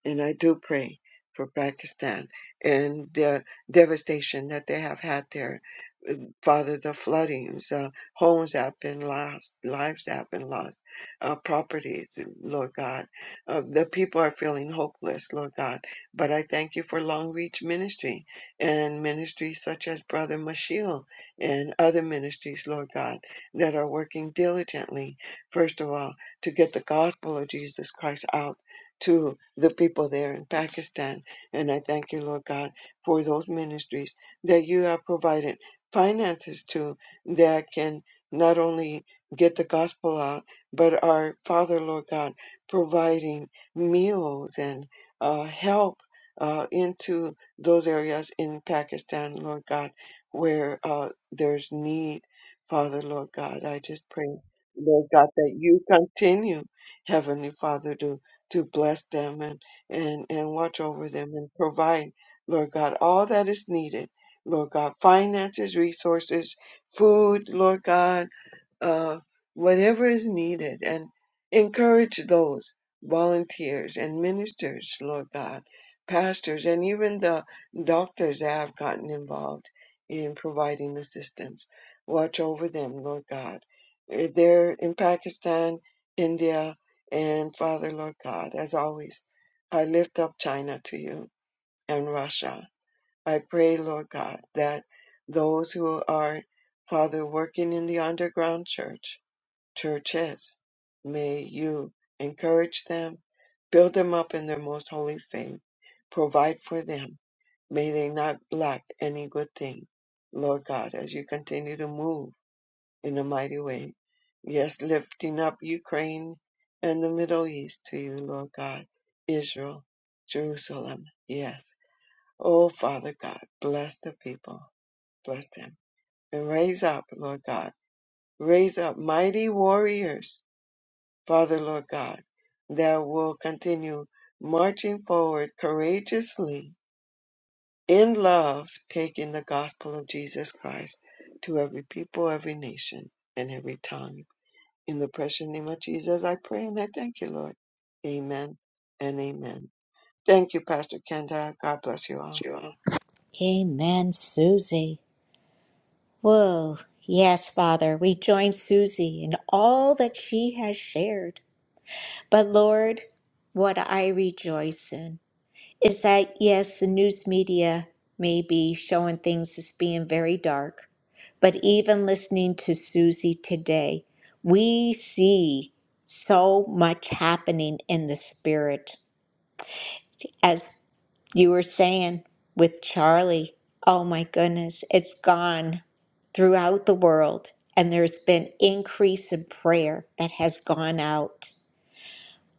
Speaker 7: And I do pray for Pakistan and the devastation that they have had there Father, the floodings, uh, homes that have been lost, lives that have been lost, uh, properties, Lord God. Uh, the people are feeling hopeless, Lord God. But I thank you for Long Reach Ministry and ministries such as Brother Mashiel and other ministries, Lord God, that are working diligently, first of all, to get the gospel of Jesus Christ out to the people there in Pakistan. And I thank you, Lord God, for those ministries that you have provided finances to that can not only get the gospel out, but our Father, Lord God, providing meals and uh, help uh, into those areas in Pakistan, Lord God, where uh, there's need, Father, Lord God. I just pray, Lord God, that you continue, Heavenly Father, to to bless them and, and, and watch over them and provide, Lord God, all that is needed Lord God, finances, resources, food, Lord God, uh, whatever is needed, and encourage those volunteers and ministers, Lord God, pastors, and even the doctors that have gotten involved in providing assistance. Watch over them, Lord God. Uh, They're in Pakistan, India, and Father, Lord God, as always, I lift up China to you and Russia. I pray, Lord God, that those who are, Father, working in the underground church, churches, may you encourage them, build them up in their most holy faith, provide for them. May they not lack any good thing, Lord God, as you continue to move in a mighty way. Yes, lifting up Ukraine and the Middle East to you, Lord God, Israel, Jerusalem. Yes Oh, Father God, bless the people, bless them, and raise up, Lord God, raise up mighty warriors, Father, Lord God, that will continue marching forward courageously in love, taking the gospel of Jesus Christ to every people, every nation, and every tongue. In the precious name of Jesus, I pray and I thank you, Lord. Amen and amen. Thank you, Pastor Kenda. God bless you all.
Speaker 1: Jewel. Amen, Susie. Whoa. Yes, Father, we join Susie in all that she has shared. But Lord, what I rejoice in is that, yes, the news media may be showing things as being very dark, but even listening to Susie today, we see so much happening in the spirit. as you were saying with Charlie, oh my goodness, it's gone throughout the world. And there's been increase in prayer that has gone out.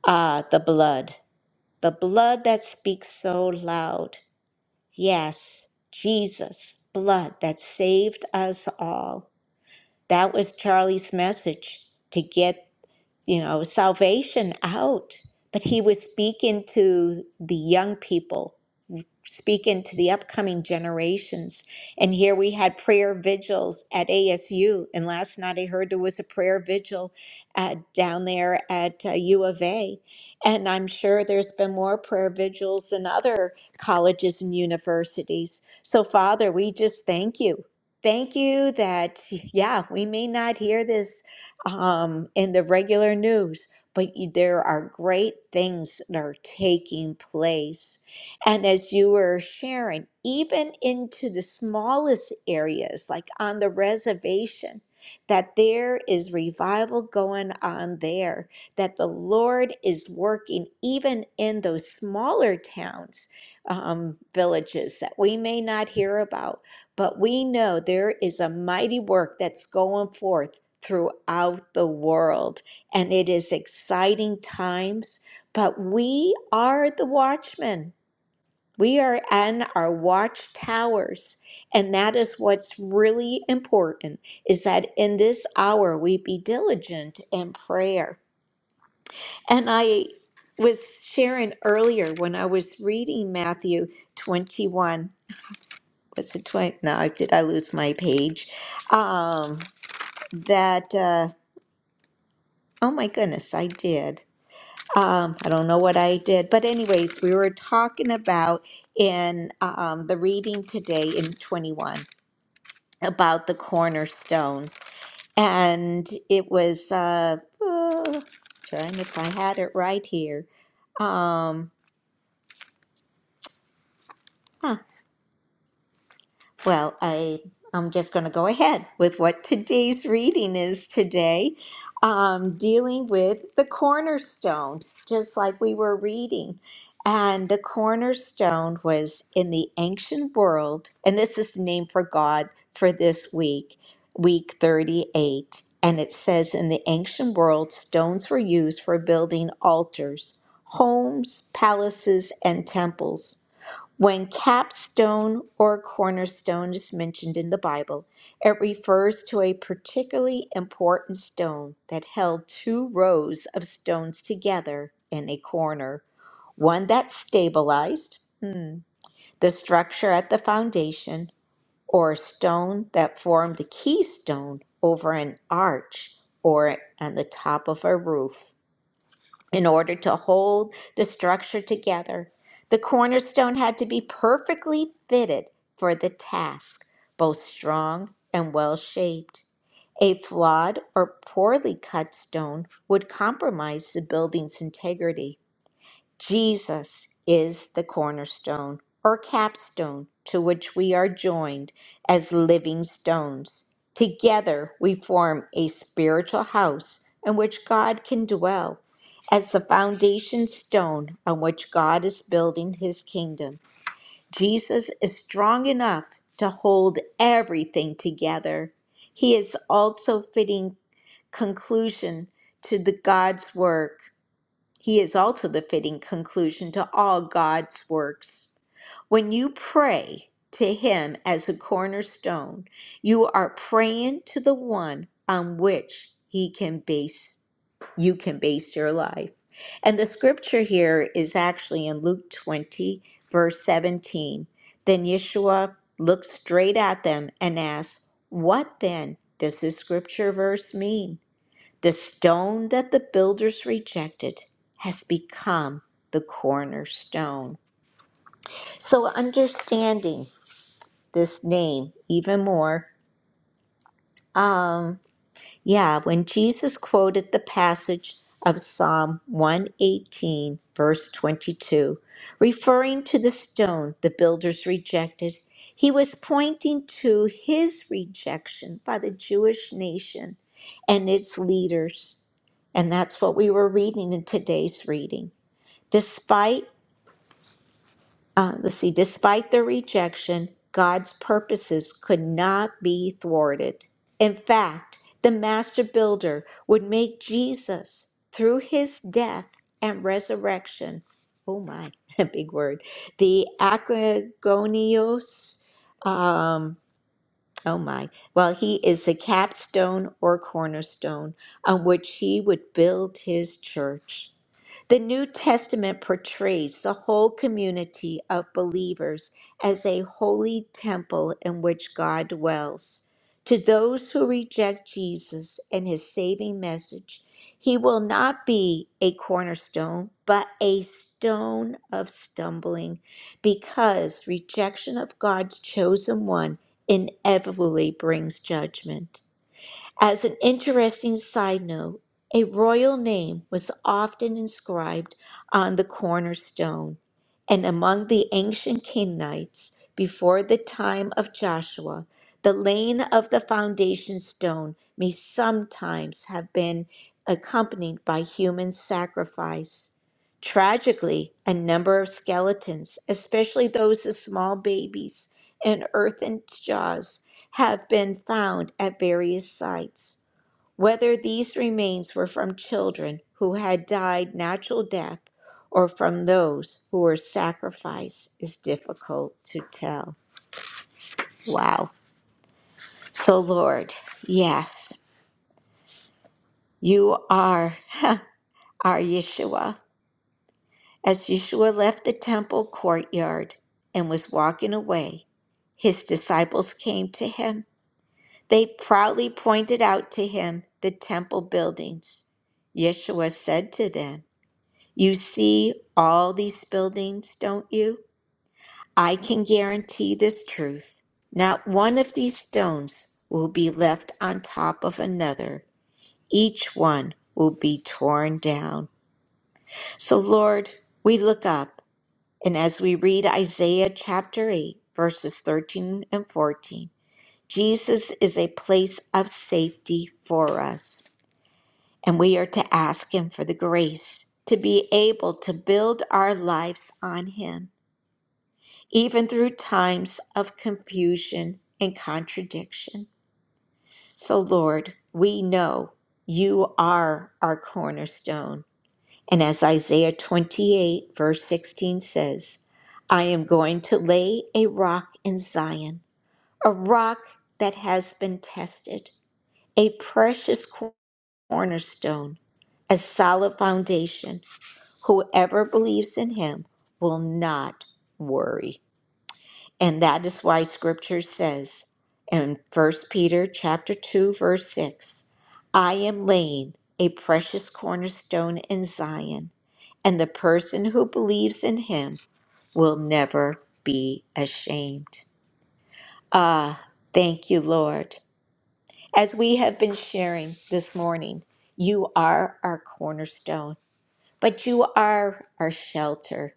Speaker 1: Ah, the blood, the blood that speaks so loud. Yes, Jesus, blood that saved us all. That was Charlie's message to get, you know, salvation out. But he was speaking to the young people speak into the upcoming generations. And here we had prayer vigils at ASU. And last night I heard there was a prayer vigil uh, down there at uh, U of A. And I'm sure there's been more prayer vigils in other colleges and universities. So, Father, we just thank you. Thank you that, yeah, we may not hear this um, in the regular news, but you, there are great things that are taking place. And as you were sharing, even into the smallest areas, like on the reservation, that there is revival going on there, that the Lord is working even in those smaller towns, um, villages that we may not hear about, but we know there is a mighty work that's going forth throughout the world. And it is exciting times, but we are the watchmen. We are on our watchtowers, and that is what's really important is that in this hour we be diligent in prayer. And I was sharing earlier when I was reading Matthew 21 was it 20 no did I lose my page um that uh oh my goodness I did um I don't know what I did but anyways we were talking about in um the reading today in 21 about the cornerstone. And it was uh, uh, trying if I had it right here. Um, huh, Well, I I'm just going to go ahead with what today's reading is today, um, dealing with the cornerstone, just like we were reading. And the cornerstone was in the ancient world, and this is the name for God for this week, week 38. And it says, In the ancient world, stones were used for building altars, homes, palaces, and temples. When capstone or cornerstone is mentioned in the Bible, it refers to a particularly important stone that held two rows of stones together in a corner, one that stabilized hmm, the structure at the foundation, or a stone that formed the keystone over an arch or on the top of a roof in order to hold the structure together. The cornerstone had to be perfectly fitted for the task, both strong and well shaped. A flawed or poorly cut stone would compromise the building's integrity. Jesus is the cornerstone or capstone to which we are joined as living stones. Together we form a spiritual house in which God can dwell as the foundation stone on which God is building his kingdom. Jesus is strong enough to hold everything together. He is also fitting conclusion to the God's work. He is also the fitting conclusion to all God's works. When you pray to Him as a cornerstone, you are praying to the one on which He can base you can base your life. And the scripture here is actually in Luke 20, verse 17. Then Yeshua looked straight at them and asked, What then does this scripture verse mean? The stone that the builders rejected has become the cornerstone. So understanding this name even more. Um, yeah, when Jesus quoted the passage of Psalm 118, verse 22, referring to the stone the builders rejected, he was pointing to his rejection by the Jewish nation and its leaders. And that's what we were reading in today's reading. Despite, uh, let's see, despite their rejection, God's purposes could not be thwarted. In fact, the master builder would make Jesus, through his death and resurrection, oh my, a big word, the acrogonios, um, oh my, well, he is the capstone or cornerstone on which he would build his church. The New Testament portrays the whole community of believers as a holy temple in which God dwells. To those who reject Jesus and his saving message, he will not be a cornerstone, but a stone of stumbling, because rejection of God's chosen one inevitably brings judgment. As an interesting side note, a royal name was often inscribed on the cornerstone, and among the ancient Kenites, before the time of Joshua, the laying of the foundation stone may sometimes have been accompanied by human sacrifice. Tragically, a number of skeletons, especially those of small babies and earthen jaws, have been found at various sites, whether these remains were from children who had died natural death or from those who were sacrificed is difficult to tell. Wow. So, Lord, yes, you are our Yeshua. As Yeshua left the temple courtyard and was walking away, his disciples came to him. They proudly pointed out to him the temple buildings. Yeshua said to them, You see all these buildings, don't you? I can guarantee this truth. Not one of these stones will be left on top of another. Each one will be torn down. So, Lord, we look up, and as we read Isaiah chapter 8, verses 13 and 14, Jesus is a place of safety for us. And we are to ask Him for the grace to be able to build our lives on Him, even through times of confusion and contradiction. So, Lord, we know you are our cornerstone. And as Isaiah 28, verse 16 says, I am going to lay a rock in Zion, a rock that has been tested, a precious cornerstone, a solid foundation Whoever believes in him will not worry. And that is why scripture says in First Peter chapter 2 verse 6, I am laying a precious cornerstone in Zion, and the person who believes in him will never be ashamed. Ah, thank you, Lord. As we have been sharing this morning, you are our cornerstone, but you are our shelter.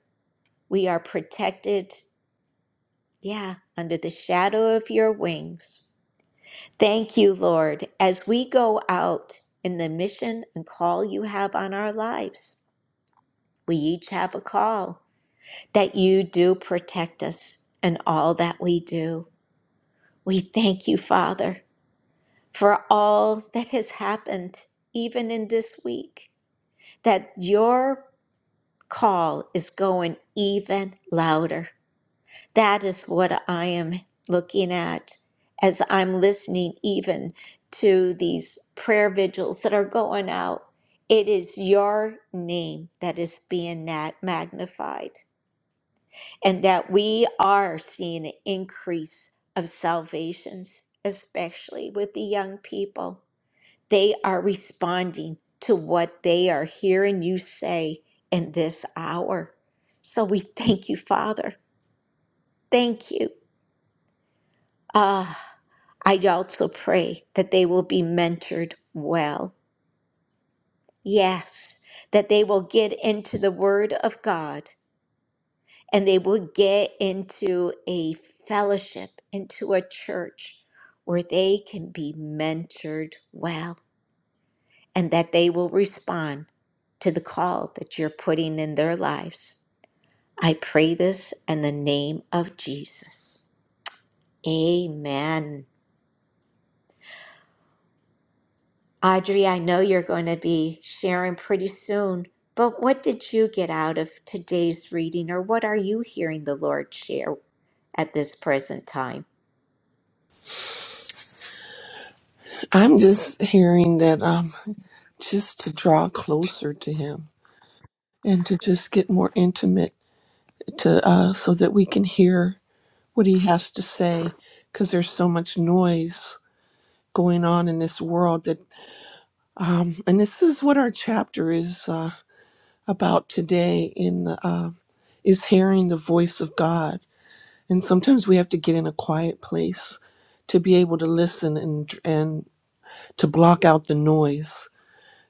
Speaker 1: We are protected, yeah, under the shadow of your wings. Thank you, Lord, as we go out in the mission and call you have on our lives. We each have a call that you do protect us in all that we do. We thank you, Father, for all that has happened, even in this week, that your call is going even louder. That is what I am looking at as I'm listening even to these prayer vigils that are going out. It is your name that is being nat- magnified, and that we are seeing an increase of salvations, especially with the young people. They are responding to what they are hearing you say in this hour. So we thank you, Father. Thank you. Ah. I also pray that they will be mentored well. Yes, that they will get into the Word of God and they will get into a fellowship, into a church where they can be mentored well and that they will respond to the call that you're putting in their lives. I pray this in the name of Jesus. Amen. Audrey, I know you're going to be sharing pretty soon, but what did you get out of today's reading, or what are you hearing the Lord share at this present time?
Speaker 8: I'm just hearing that um just to draw closer to him and to just get more intimate to uh so that we can hear what he has to say cuz there's so much noise going on in this world that um and this is what our chapter is uh about today in uh, is hearing the voice of God and sometimes we have to get in a quiet place to be able to listen and and to block out the noise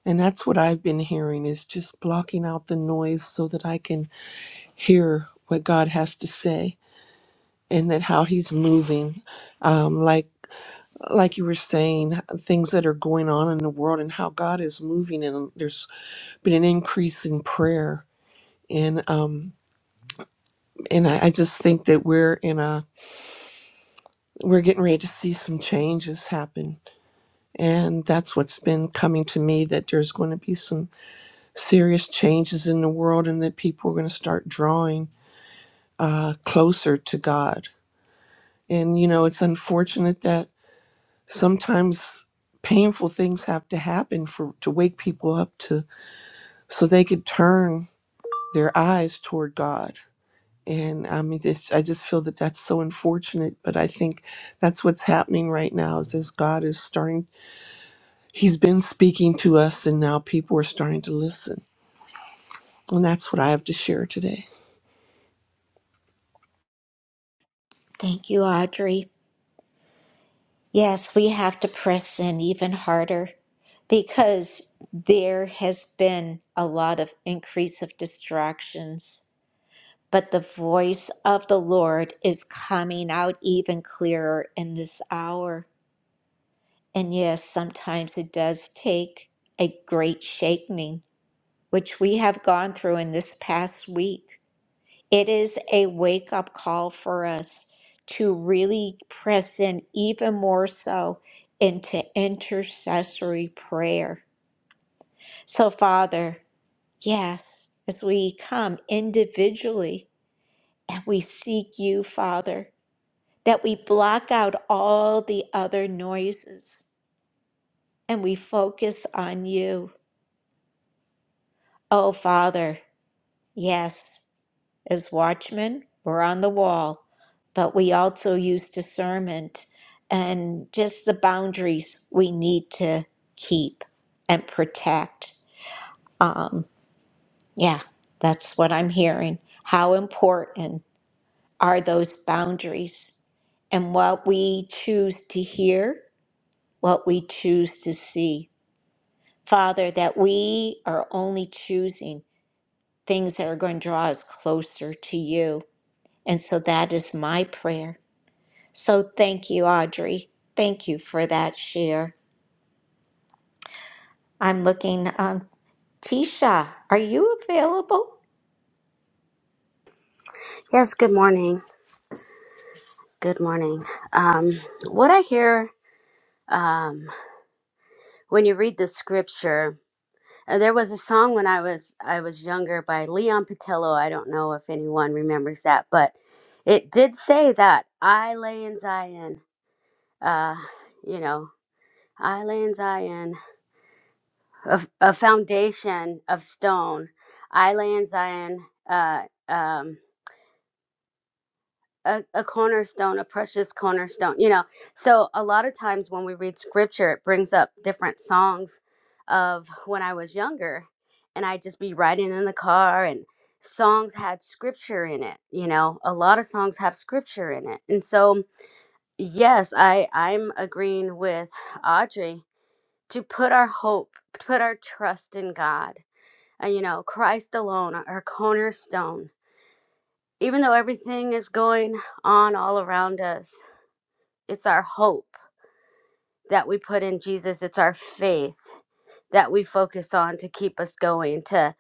Speaker 8: And that's what I've been hearing is just blocking out the noise so that I can hear what God has to say and that how he's moving. Um, like like you were saying, uh, things that are going on in the world and how God is moving and there's been an increase in prayer. And um and I, I just think that we're in a we're getting ready to see some changes happen. And that's what's been coming to me that there's going to be some serious changes in the world and that people are going to start drawing uh, closer to God. And, you know, it's unfortunate that sometimes painful things have to happen for to wake people up to so they could turn their eyes toward God. And I mean, this, I just feel that that's so unfortunate, but I think that's what's happening right now is as God is starting, He's been speaking to us, and now people are starting to listen. And that's what I have to share today.
Speaker 1: Thank you, Audrey. Yes, we have to press in even harder because there has been a lot of increase of distractions, but the voice of the Lord is coming out even clearer in this hour. And yes, sometimes it does take a great shaking, which we have gone through in this past week. It is a wake up call for us to really press in even more so into intercessory prayer. So, Father, yes, as we come individually and we seek you, Father, that we block out all the other noises and we focus on you Oh, Father, yes. As watchmen, we're on the wall, but we also use discernment and just the boundaries we need to keep and protect. Um, yeah, that's what I'm hearing. How important are those boundaries and what we choose to hear, what we choose to see? Father, that we are only choosing. things that are going to draw us closer to you. And so that is my prayer. So thank you, Audrey. Thank you for that share. I'm looking, um, Tisha, are you available?
Speaker 9: Yes, good morning. Good morning. Um, what I hear um, when you read the scripture, uh, there was a song when I was I was younger by Leon Patillo. I don't know if anyone remembers that, but it did say that I lay in Zion. Uh, you know, I lay in Zion, a, a foundation of stone. I lay in Zion. Uh, um, a, a cornerstone, a precious cornerstone, you know. So a lot of times when we read scripture, it brings up different songs of when I was younger and I'd just be riding in the car and songs had scripture in it, you know. A lot of songs have scripture in it. And so yes, I I'm agreeing with Audrey to put our hope, put our trust in God. And you know, Christ alone, our cornerstone. Even though everything is going on all around us it's our hope that we put in Jesus. It's our faith that we focus on to keep us going, to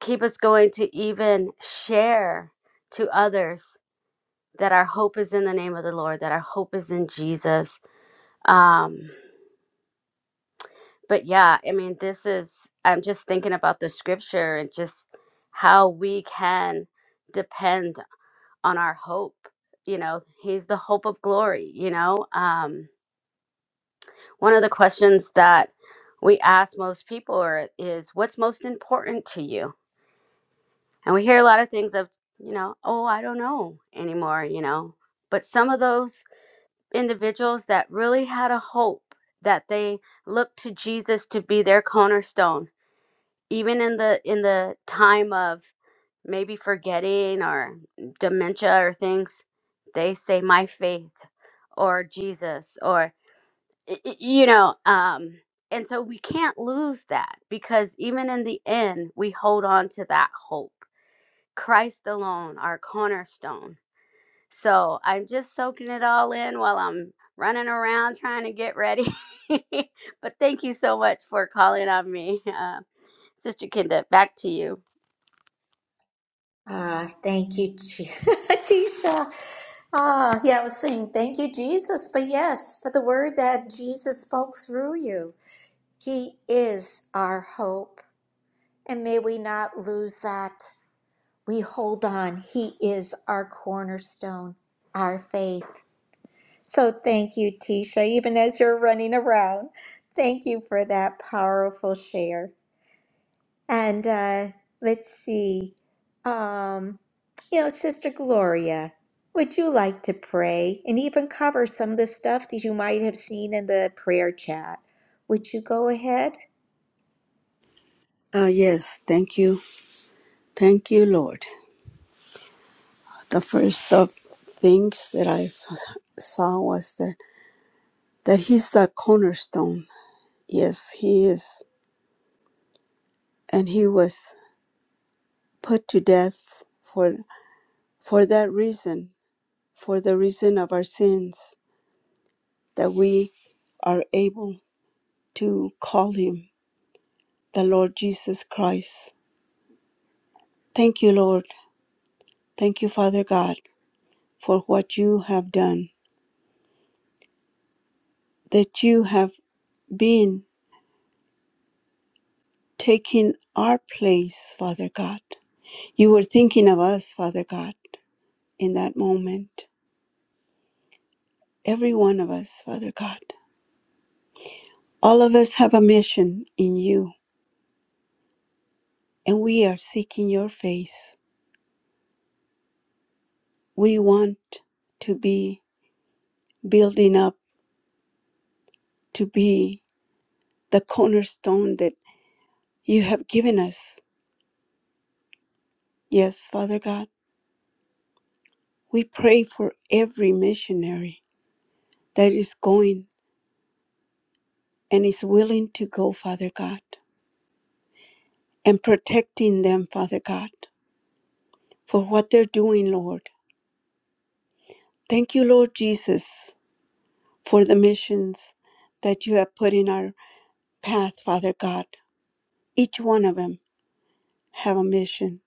Speaker 9: keep us going to even share to others that our hope is in the name of the Lord, that our hope is in Jesus. Um, but yeah, I mean, this is, I'm just thinking about the scripture and just how we can depend on our hope. You know, He's the hope of glory, you know? Um, One of the questions that we ask most people are, is what's most important to you? And we hear a lot of things of, you know, oh, I don't know anymore, you know. But some of those individuals that really had a hope that they looked to Jesus to be their cornerstone, even in the in the time of maybe forgetting or dementia or things, they say my faith or Jesus, or y- y- you know um and so we can't lose that because even in the end we hold on to that hope christ alone our cornerstone so i'm just soaking it all in while i'm running around trying to get ready but thank you so much for calling on me uh, sister kinda back to you
Speaker 1: Ah, thank you, Je- Tisha. Ah, yeah, I was saying thank you, Jesus, but yes, for the word that Jesus spoke through you. He is our hope, and may we not lose that. we hold on. He is our cornerstone, our faith. So thank you, Tisha, even as you're running around. Thank you for that powerful share. And uh, let's see. Um, you know, Sister Gloria, would you like to pray and even cover some of the stuff that you might have seen in the prayer chat? Would you go ahead?
Speaker 3: Ah, yes, thank you. Thank you, Lord. The first of things that I f- saw was that, that He's the cornerstone. Yes, He is. And He was put to death for, for that reason, for the reason of our sins, that we are able to call Him the Lord Jesus Christ. Thank you, Lord. Thank you, Father God, for what you have done, that you have been taking our place, Father God. You were thinking of us, Father God, in that moment. Every one of us, Father God. All of us have a mission in you, and we are seeking your face. We want to be building up, to be the cornerstone that you have given us. Yes, Father God. We pray for every missionary that is going and is willing to go, Father God, and protecting them, Father God, for what they're doing, Lord. Thank you, Lord Jesus, for the missions that you have put in our path, Father God. Each one of them have a mission.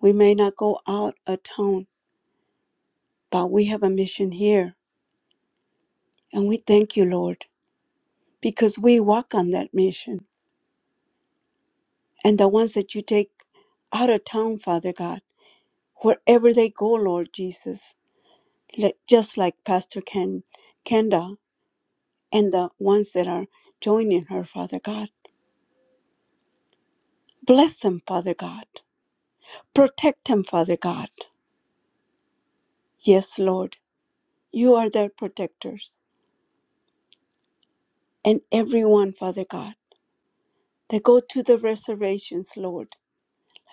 Speaker 3: We may not go out a town, but we have a mission here. And we thank you, Lord, because we walk on that mission. And the ones that you take out of town, Father God, wherever they go, Lord Jesus, let, just like Pastor Ken, Kenda and the ones that are joining her, Father God. Bless them, Father God. Protect them, Father God. Yes, Lord, you are their protectors. And everyone, Father God, that go to the reservations, Lord,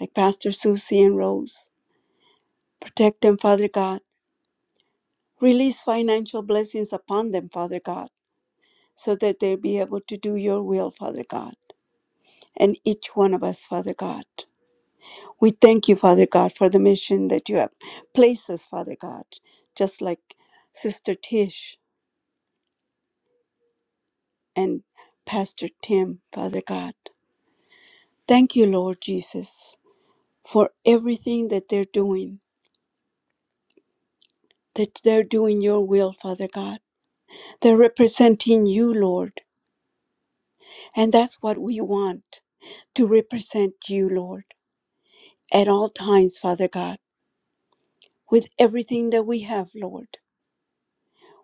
Speaker 3: like Pastor Susie and Rose. Protect them, Father God. Release financial blessings upon them, Father God, so that they'll be able to do your will, Father God and each one of us, Father God. We thank you, Father God, for the mission that you have placed us, Father God, just like Sister Tish and Pastor Tim, Father God. Thank you, Lord Jesus, for everything that they're doing, that they're doing your will, Father God. They're representing you, Lord, and that's what we want to represent you, Lord, at all times, Father God, with everything that we have, Lord.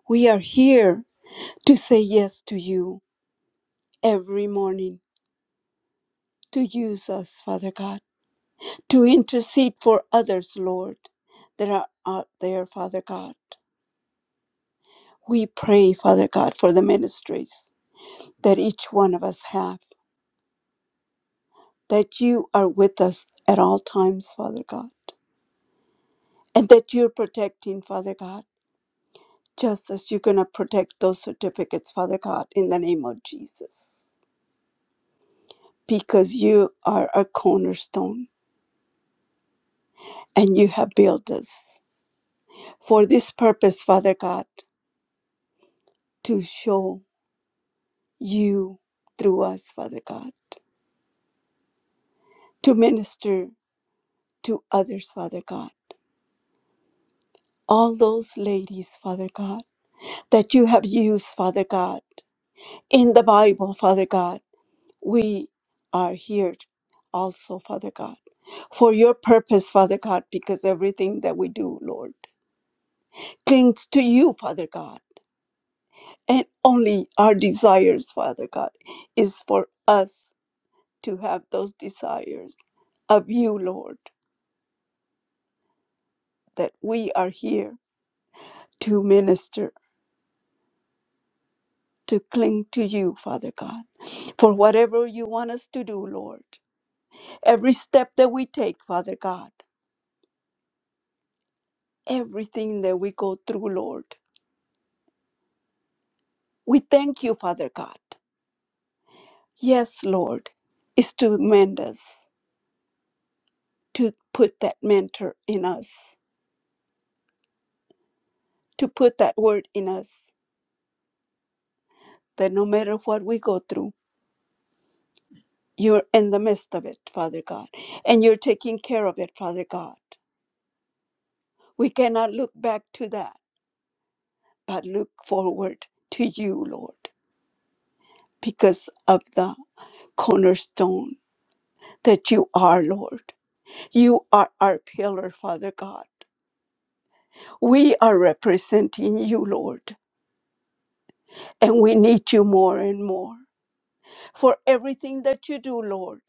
Speaker 3: We are here to say yes to you every morning, to use us, Father God, to intercede for others, Lord, that are out there, Father God. We pray, Father God, for the ministries that each one of us have, that you are with us at all times, Father God, and that you're protecting, Father God, just as you're going to protect those certificates, Father God, in the name of Jesus, because you are a cornerstone and you have built us. for this purpose, Father God, to show you through us, Father God, to minister to others, Father God. All those ladies, Father God, that you have used, Father God, in the Bible, Father God, we are here also, Father God, for your purpose, Father God, because everything that we do, Lord, clings to you, Father God, and only our desires, Father God, is for us to have those desires of you, Lord, that we are here to minister, to cling to you, Father God, for whatever you want us to do, Lord. Every step that we take, Father God, everything that we go through, Lord, we thank you, Father God. Yes, Lord, is to mend us, to put that mentor in us, to put that word in us, that no matter what we go through, You're in the midst of it, Father God, and you're taking care of it, Father God. We cannot look back to that, but look forward to you, Lord, because of the cornerstone that you are, Lord. You are our pillar, Father God. We are representing you, Lord, and we need you more and more for everything that you do, Lord,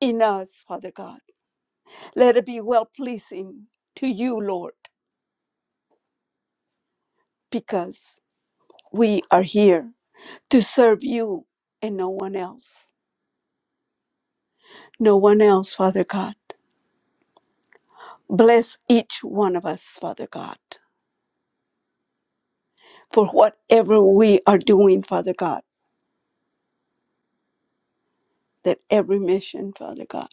Speaker 3: in us, Father God. Let it be well pleasing to you, Lord, because We are here to serve you and no one else. No one else, Father God. Bless each one of us, Father God, for whatever we are doing, Father God, that every mission, Father God,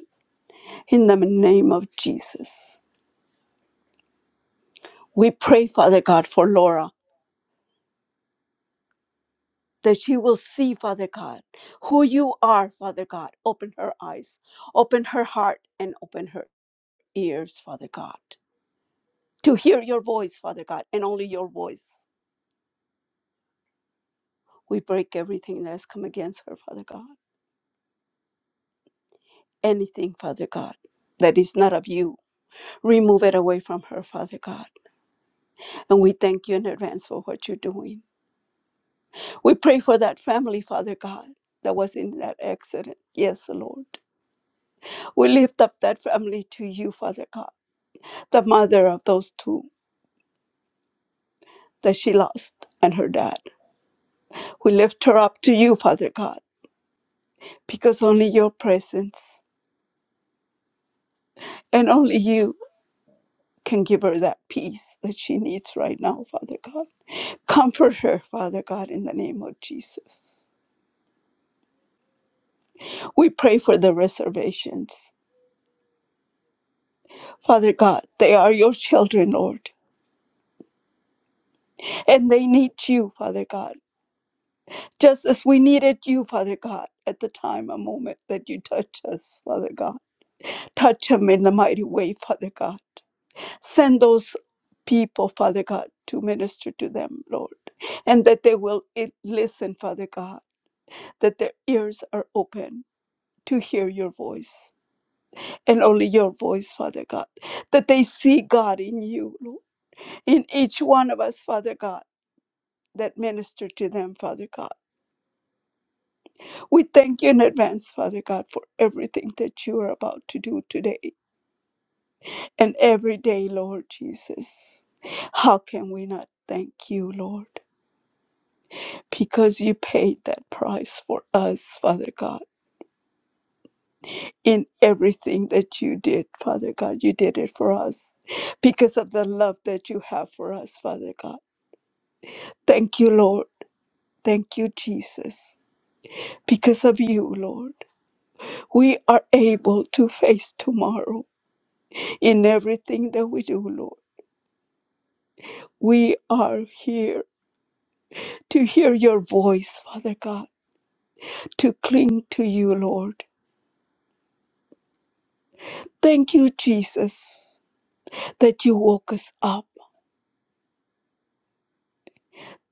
Speaker 3: in the name of Jesus. We pray, Father God, for Laura, that she will see, Father God, who you are, Father God. Open her eyes, open her heart, and open her ears, Father God, to hear your voice, Father God, and only your voice. We break everything that has come against her, Father God. Anything, Father God, that is not of you, remove it away from her, Father God. And we thank you in advance for what you're doing. We pray for that family, Father God, that was in that accident. Yes, Lord. We lift up that family to you, Father God, the mother of those two that she lost and her dad. We lift her up to you, Father God, because only your presence and only you can give her that peace that she needs right now, Father God. Comfort her, Father God, in the name of Jesus. We pray for the reservations. Father God, they are your children, Lord, and they need you, Father God, just as we needed you, Father God, at the time, a moment that you touch us, Father God. Touch them in the mighty way, Father God. Send those people, Father God, to minister to them, Lord, and that they will eh, listen, Father God that their ears are open to hear your voice and only your voice, Father God. That they see God in you, Lord, in each one of us, Father God, that minister to them, Father God. We thank you in advance, Father God, for everything that you are about to do today and every day, Lord Jesus. How can we not thank you, Lord? Because you paid that price for us, Father God in everything that you did, Father God. You did it for us because of the love that you have for us, Father God. Thank you, Lord. Thank you, Jesus. Because of you, Lord, we are able to face tomorrow in everything that we do, Lord. We are here to hear your voice, Father God, to cling to you, Lord. Thank you, Jesus, that you woke us up.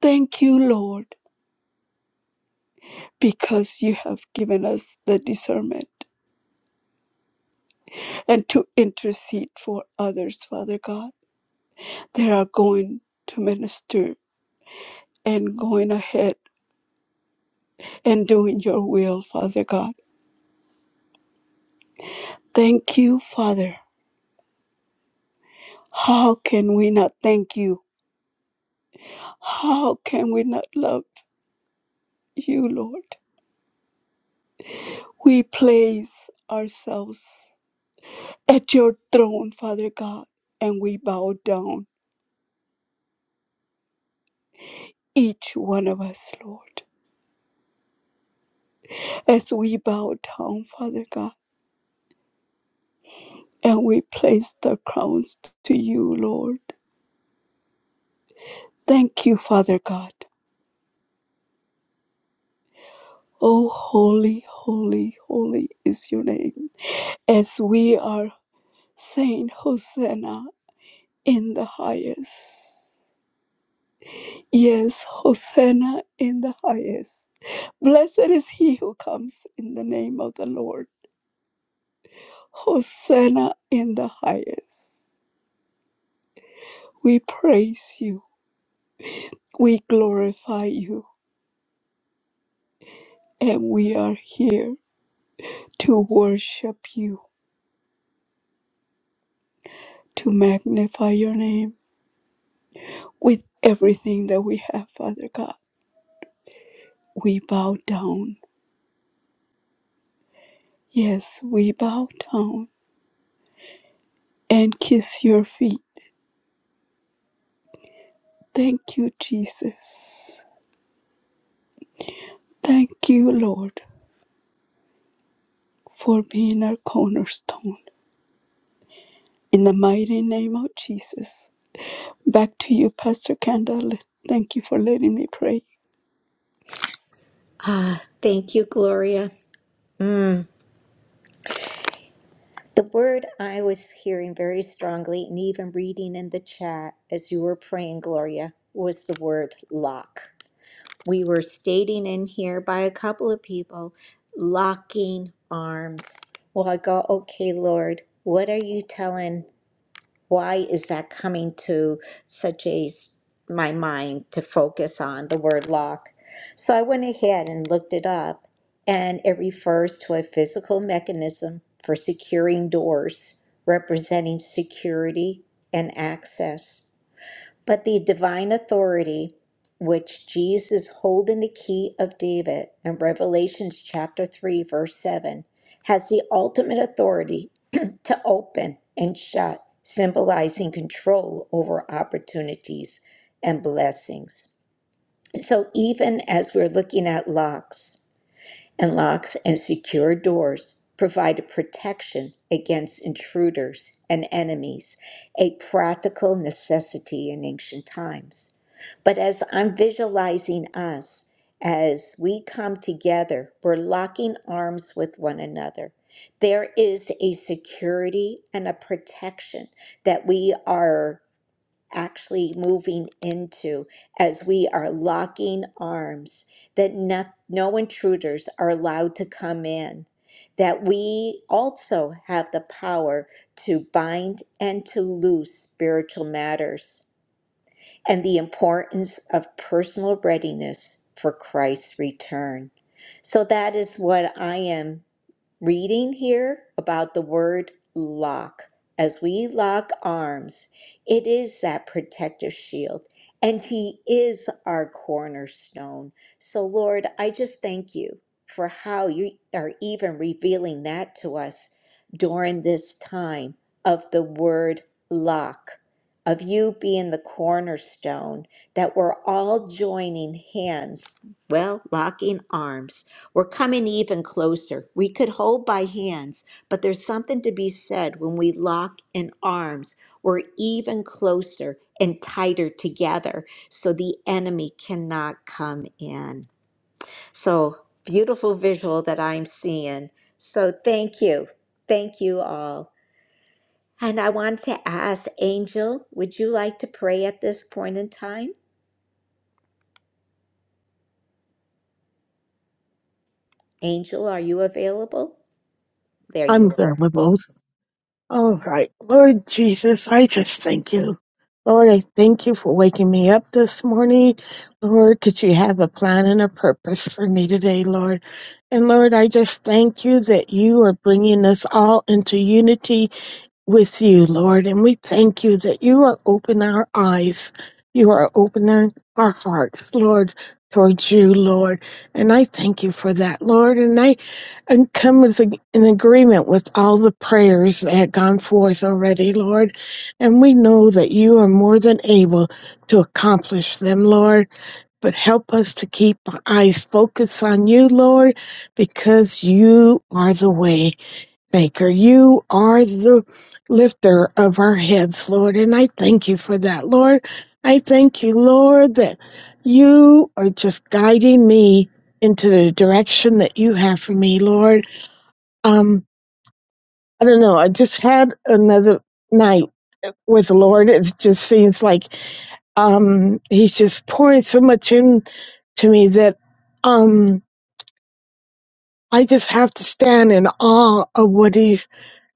Speaker 3: Thank you, Lord because you have given us the discernment and to intercede for others, Father God, that are going to minister and going ahead and doing your will, Father God. Thank you, Father. How can we not thank you? How can we not love you, Lord? We place ourselves at your throne, Father God, and we bow down, each one of us, Lord. As we bow down, Father God, and we place the crowns to you, Lord. Thank you, Father God. Oh, holy, holy, holy is your name. As we are saying Hosanna in the highest. Yes, Hosanna in the highest. Blessed is he who comes in the name of the Lord. Hosanna in the highest. We praise you, we glorify you, and we are here to worship you to magnify your name with everything that we have, Father God. We bow down. Yes, we bow down and kiss your feet. Thank you, Jesus. Thank you, Lord, for being our cornerstone. In the mighty name of Jesus. Back to you, Pastor Kendall. Thank you for letting me pray.
Speaker 1: Ah, thank you, Gloria. The word I was hearing very strongly and even reading in the chat as you were praying, Gloria, was the word lock. We were stating in here by a couple of people, locking arms. Well, I go, okay, Lord, what are you telling why is that coming to such a my mind to focus on the word lock? So I went ahead and looked it up, and it refers to a physical mechanism for securing doors, representing security and access. But the divine authority which Jesus hold in the key of David in Revelations chapter 3 verse 7 has the ultimate authority to open and shut, symbolizing control over opportunities and blessings. So even as we're looking at locks, and locks and secure doors provide a protection against intruders and enemies, a practical necessity in ancient times. But as I'm visualizing us, as we come together, we're locking arms with one another. There is a security and a protection that we are actually moving into as we are locking arms, that no, no intruders are allowed to come in, that we also have the power to bind and to loose spiritual matters, and the importance of personal readiness for Christ's return. So that is what I am reading here about the word lock. As we lock arms, it is that protective shield, and He is our cornerstone. So, Lord, I just thank you for how you are even revealing that to us during this time of the word lock, of you being the cornerstone, that we're all joining hands, well, locking arms we're coming even closer. We could hold by hands, but there's something to be said when we lock in arms. We're even closer and tighter together so the enemy cannot come in. So beautiful visual that I'm seeing. So thank you. Thank you all. And I wanted to ask Angel, would you like to pray at this point in time? Angel, are you available? There
Speaker 10: I'm
Speaker 1: you are.
Speaker 10: available. All right. Lord Jesus, I just thank you. Lord, I thank you for waking me up this morning. Lord, that you have a plan and a purpose for me today, Lord. And Lord, I just thank you that you are bringing us all into unity with you, Lord, and we thank you that you are opening our eyes. You are opening our hearts, Lord, towards you, Lord. And I thank you for that, Lord. And I and come with a, an agreement with all the prayers that have gone forth already, Lord. And we know that you are more than able to accomplish them, Lord. But help us to keep our eyes focused on you, Lord, because you are the way. Maker, you are the lifter of our heads, Lord, and I thank you for that, Lord. I thank you, Lord, that you are just guiding me into the direction that you have for me, Lord. Um, I don't know. I just had another night with the Lord. It just seems like um, He's just pouring so much in to me that um I just have to stand in awe of what he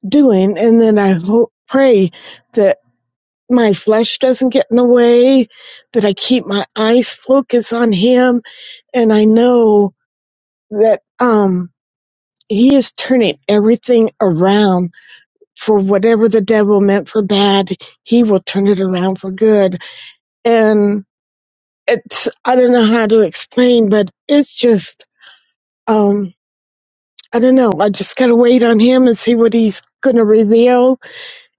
Speaker 10: doing and then i hope pray that my flesh doesn't get in the way that i keep my eyes focused on him and i know that um he is turning everything around for whatever the devil meant for bad he will turn it around for good and it's i don't know how to explain but it's just um i don't know i just gotta wait on him and see what he's gonna reveal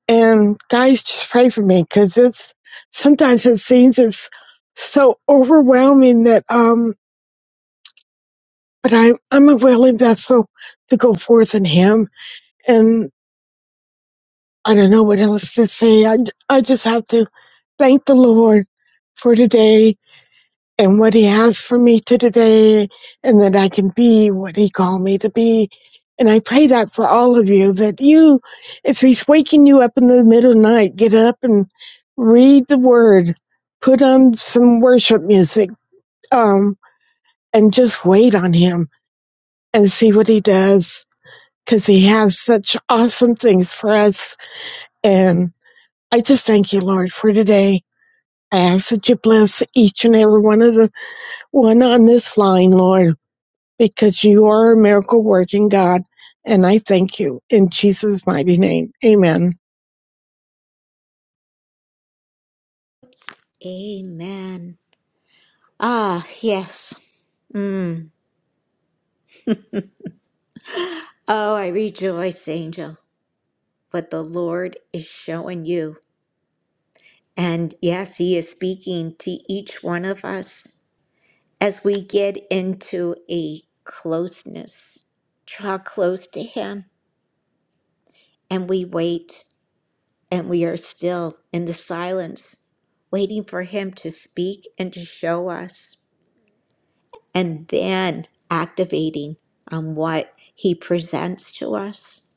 Speaker 10: And guys, just pray for me because it's sometimes it seems it's so overwhelming that um, but I'm I'm a willing vessel to go forth in Him, and I don't know what else to say. I I just have to thank the Lord for today and what he has for me to today and that I can be what he called me to be. And I pray that for all of you that you, if he's waking you up in the middle of the night, get up and read the word, put on some worship music, um, and just wait on him and see what he does. Cause he has such awesome things for us. And I just thank you, Lord, for today. I ask that you bless each and every one of the one on this line, Lord because you are a miracle working God. And I thank you in Jesus' mighty name. Amen.
Speaker 1: Amen. Ah, yes. Mm. Oh, I rejoice, angel, what the Lord is showing you. And yes, He is speaking to each one of us as we get into a closeness. Draw close to Him, and we wait, and we are still in the silence, waiting for Him to speak and to show us, and then activating on what He presents to us.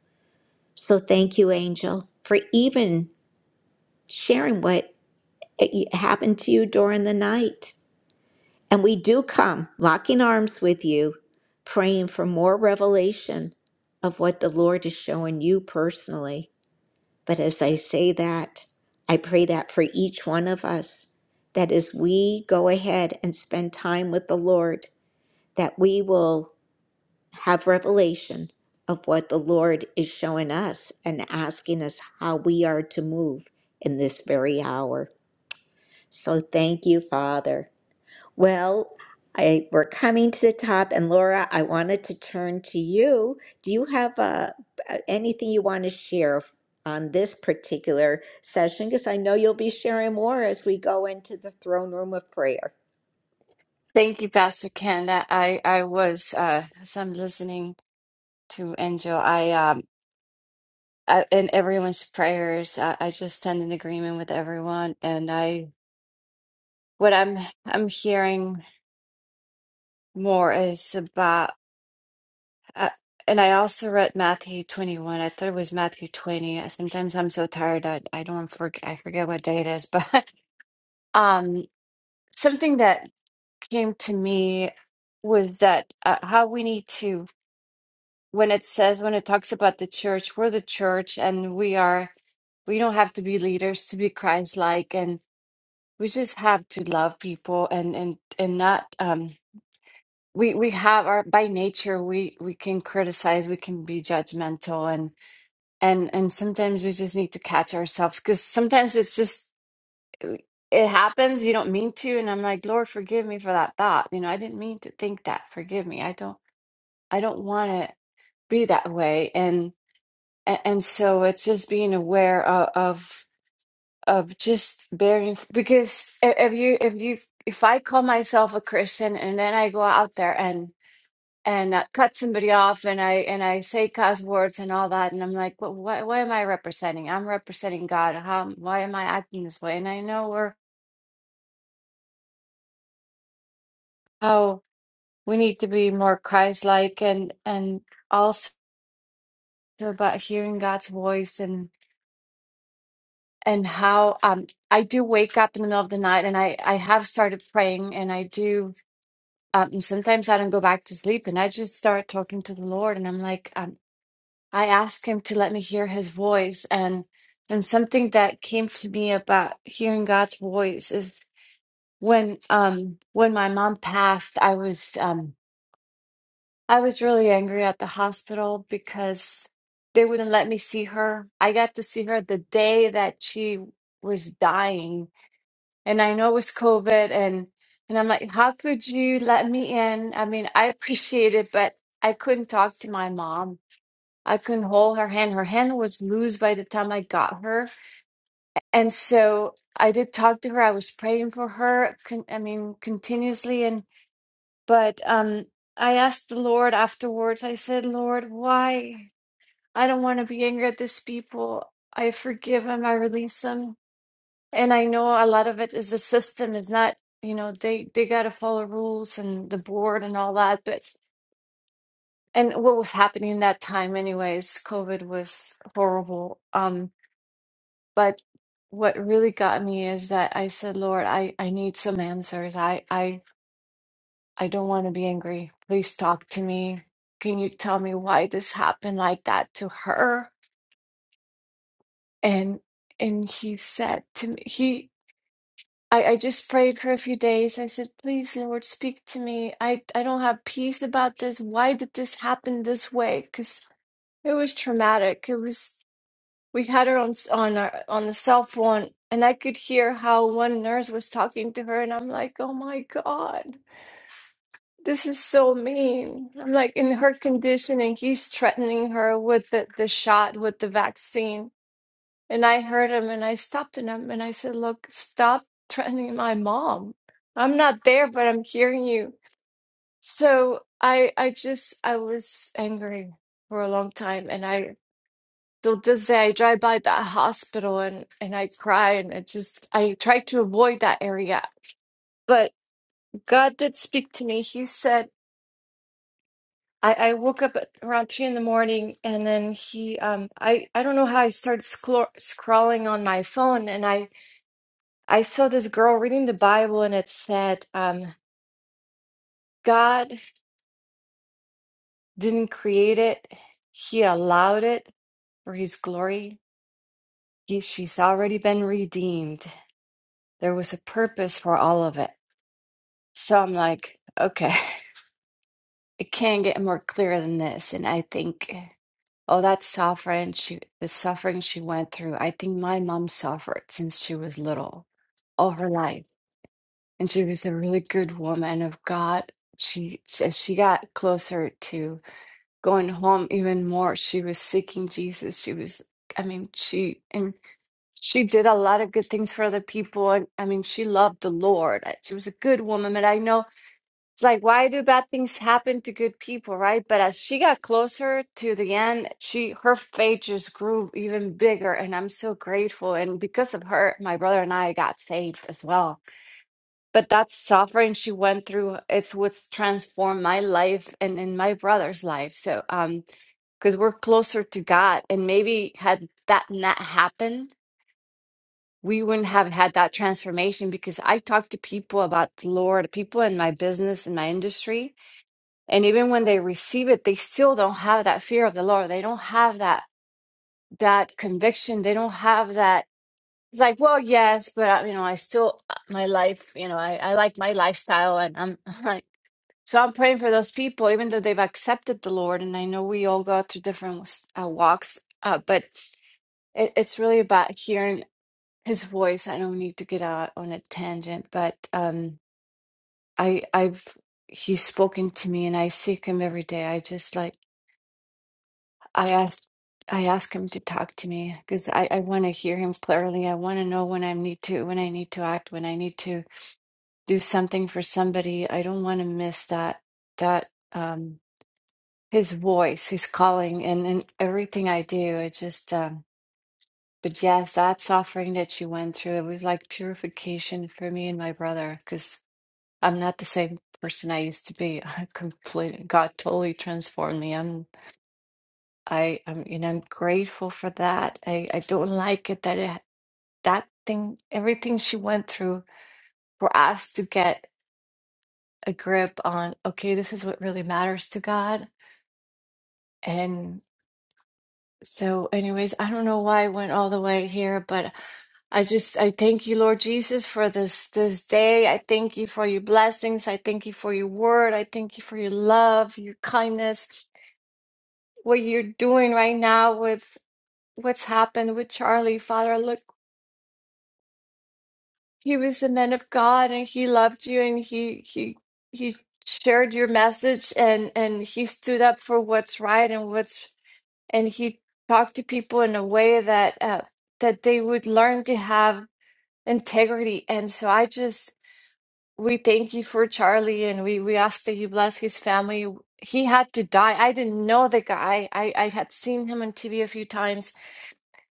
Speaker 1: So thank you, angel, for even sharing what it- happened to you during the night. And we do come locking arms with you, praying for more revelation of what the Lord is showing you personally. But as I say that, I pray that for each one of us, that as we go ahead and spend time with the Lord, that we will have revelation of what the Lord is showing us and asking us how we are to move in this very hour. So thank you, Father. Well, I, we're coming to the top, and Laura, I wanted to turn to you. Do you have uh, anything you want to share on this particular session? Because I know you'll be sharing more as we go into the throne room of prayer.
Speaker 11: Thank you, Pastor Ken. That I I was uh, as I'm listening to Angel. I um I, in everyone's prayers. I, I just stand in agreement with everyone, and I what I'm I'm hearing more is about. Uh, and I also read Matthew 21. I thought it was Matthew 20. Uh, Sometimes I'm so tired I I don't forget I forget what day it is. But um, something that came to me was that uh, how we need to. when it says when it talks about the church we're the church and we are we don't have to be leaders to be christ-like and we just have to love people and and and not um we we have our by nature we we can criticize we can be judgmental and and and sometimes we just need to catch ourselves because sometimes it's just it happens you don't mean to and i'm like lord forgive me for that thought you know i didn't mean to think that forgive me i don't i don't want to be that way And. and, and so it's just being aware of, of of just bearing because i- if you if you if I call myself a Christian and then I go out there and and uh, cut somebody off and I and I say cuss words and all that and I'm like, well, what what am I representing? I'm representing God. How why am I acting this way? And I know we're how we need to be more Christ-like and and also about hearing God's voice and how um I do wake up in the middle of the night and I I have started praying and I do um sometimes I don't go back to sleep and I just start talking to the Lord and I'm like um I ask him to let me hear his voice and and something that came to me about hearing God's voice is when um when my mom passed I was um I was really angry at the hospital because they wouldn't let me see her. I got to see her the day that she was dying and I know it was COVID and and I'm like, how could you let me in? I mean, I appreciate it, but I couldn't talk to my mom. I couldn't hold her hand. Her hand was loose by the time I got her. And so I did talk to her. I was praying for her, con- I mean, continuously and but um I asked the Lord afterwards. I said, "Lord, why? I don't want to be angry at these people. I forgive them. I release them." And I know a lot of it is the system is not, you know, they they got to follow rules and the board and all that. But and what was happening in that time, anyways, COVID was horrible. Um, but what really got me is that I said, Lord, I I need some answers. I I I don't want to be angry. Please talk to me. Can you tell me why this happened like that to her? And and he said to me, he. I, I just prayed for a few days. I said, please, Lord, speak to me. I, I don't have peace about this. Why did this happen this way? Because it was traumatic. It was, we had her on, s- on our, on the cell phone and I could hear how one nurse was talking to her. And I'm like, oh my God, this is so mean. I'm like in her condition and he's threatening her with the, the shot, with the vaccine and I heard him and I stopped and, i and I said, Look, stop threatening my mom. I'm not there, but I'm hearing you. So I I just I was angry for a long time and I till this day I drive by that hospital and, and I cry and I just I try to avoid that area. But God did speak to me. He said I, I woke up at around three in the morning and then he um I, I don't know how I started scro- scrolling on my phone and I I saw this girl reading the Bible and it said, um, God didn't create it, He allowed it for His glory. He, she's already been redeemed. There was a purpose for all of it. So I'm like, okay, it can't get more clear than this. And I think, oh, that suffering, she, the suffering she went through, I think my mom suffered since she was little, all her life. And she was a really good woman of God. She, as she got closer to going home even more. She was seeking Jesus. She was, I mean, she and she did a lot of good things for other people. And I mean, she loved the Lord. I- She was a good woman. But I know it's like, why do bad things happen to good people, right? But as she got closer to the end, she her faith just grew even bigger. And I'm so grateful. And because of her, my brother and I got saved as well. But that suffering she went through, it's what's transformed my life and in my brother's life. So um because we're closer to God. And maybe had that not happened, we wouldn't have had that transformation because I talk to people about the Lord, people in my business, in my industry. And even when they receive it, they still don't have that fear of the Lord. They don't have that that conviction. They don't have that. It's like, well, yes, but I, you know, I still uh, my life. You know, I, I like my lifestyle, and I'm like, so I'm praying for those people, even though they've accepted the Lord. And I know we all go through different uh, walks, uh, but It, it's really about hearing his voice. I don't need to get out on a tangent, but um, I I've he's spoken to me, and I seek him every day. I just like I ask I ask him to talk to me because I I want to hear him clearly. I want to know when I need to when I need to act when I need to do something for somebody. I don't want to miss that that um his voice, his calling, and and everything I do. I just um. But yes, that suffering that you went through, it was like purification for me and my brother, because I'm not the same person I used to be. I completely, God totally transformed me. I'm, I, I'm, you know, I'm grateful for that. I, I don't like it that it, that thing, everything she went through for us to get a grip on, okay, this is what really matters to God. So, anyways, I don't know why I went all the way here, but I just I thank you, Lord Jesus, for this this day. I thank you for your blessings. I thank you for your word. I thank you for your love, your kindness, what you're doing right now with what's happened with Charlie. Father, look, he was a man of God and he loved you and he he he shared your message and and he stood up for what's right and what's and he talked to people in a way that uh, that they would learn to have integrity. And so I just we thank you for Charlie, and we we ask that you bless his family. He had to die. I didn't know the guy. I I had seen him on TV a few times.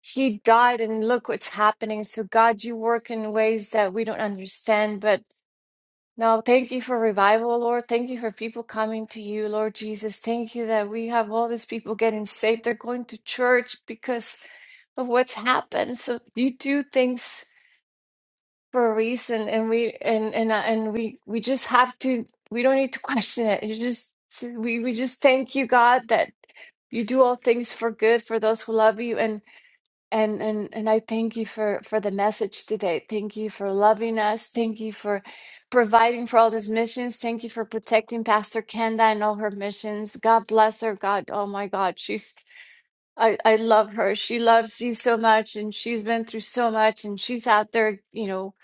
Speaker 11: He died, and look what's happening. So God, you work in ways that we don't understand, but. Now, thank you for revival, Lord. Thank you for people coming to you, Lord Jesus. Thank you that we have all these people getting saved. They're going to church because of what's happened. So you do things for a reason, and we and and uh, and we we just have to. We don't need to question it. You just we we just thank you, God, that you do all things for good for those who love you and and and and I thank you for for the message today. Thank you for loving us. Thank you for providing for all these missions. Thank you for protecting Pastor Kenda and all her missions. God bless her. God, oh my God, she's I, I love her. She loves you so much, and she's been through so much, and she's out there, you know,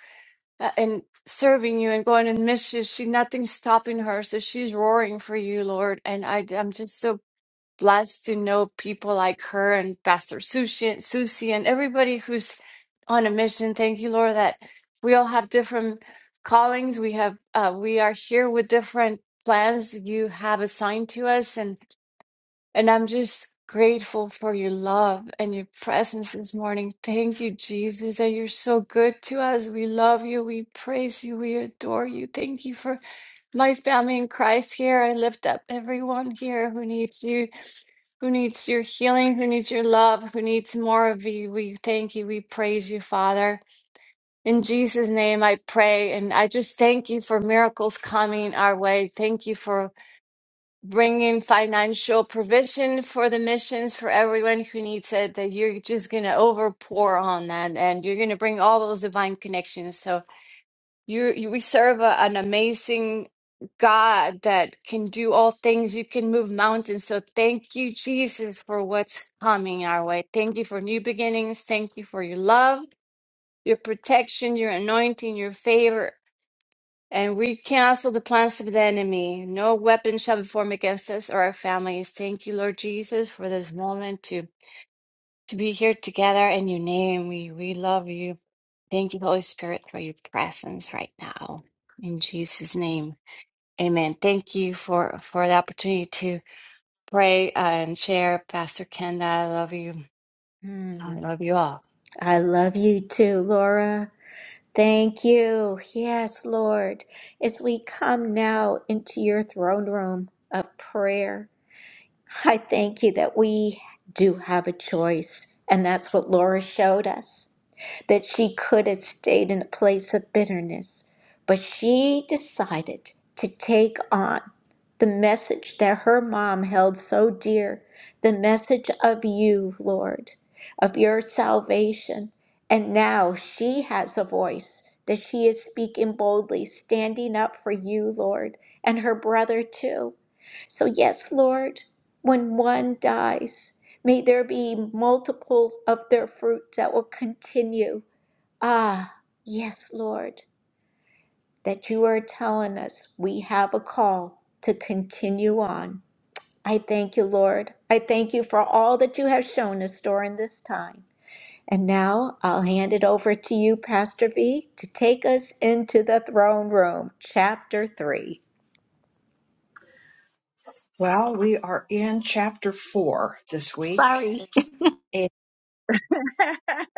Speaker 11: a- and serving you and going on missions. She nothing's stopping her, so she's roaring for you, Lord. And I, I'm just so blessed to know people like her and Pastor Susie, and- Susie, and everybody who's on a mission. Thank you, Lord, that we all have different callings. We have, uh, we are here with different plans you have assigned to us, and. And I'm just grateful for your love and your presence this morning. Thank you, Jesus, that you're so good to us. We love you. We praise you. We adore you. Thank you for my family in Christ here. I lift up everyone here who needs you, who needs your healing, who needs your love, who needs more of you. We thank you. We praise you, Father. In Jesus' name, I pray. And I just thank you for miracles coming our way. Thank you for bringing financial provision for the missions for everyone who needs it that you're just going to overpour on that and you're going to bring all those divine connections so you you we serve a, an amazing god that can do all things you can move mountains so thank you jesus for what's coming our way thank you for new beginnings thank you for your love your protection your anointing your favor and we cancel the plans of the enemy. No weapon shall be formed against us or our families. Thank you, Lord Jesus, for this moment to, to be here together in your name. We, we love you. Thank you, Holy Spirit, for your presence right now. In Jesus' name. Amen. Thank you for, for the opportunity to pray uh, and share. Pastor Kenda, I love you. I
Speaker 1: Mm,
Speaker 11: love you all.
Speaker 1: I love you too, Laura. Thank you. Yes, Lord. As we come now into your throne room of prayer, I thank you that we do have a choice, and that's what Laura showed us. That she could have stayed in a place of bitterness, but she decided to take on the message that her mom held so dear the message of you, Lord, of your salvation. And now she has a voice that she is speaking boldly, standing up for you, Lord, and her brother too. So, yes, Lord. When one dies, may there be multiple of their fruit that will continue. Ah, yes, Lord, that you are telling us we have a call to continue on. I thank you, Lord. I thank you for all that you have shown us during this time. And now I'll hand it over to you, Pastor V, to take us into the throne room, chapter 3.
Speaker 4: Well, we are in chapter four this week.
Speaker 1: Sorry.
Speaker 4: And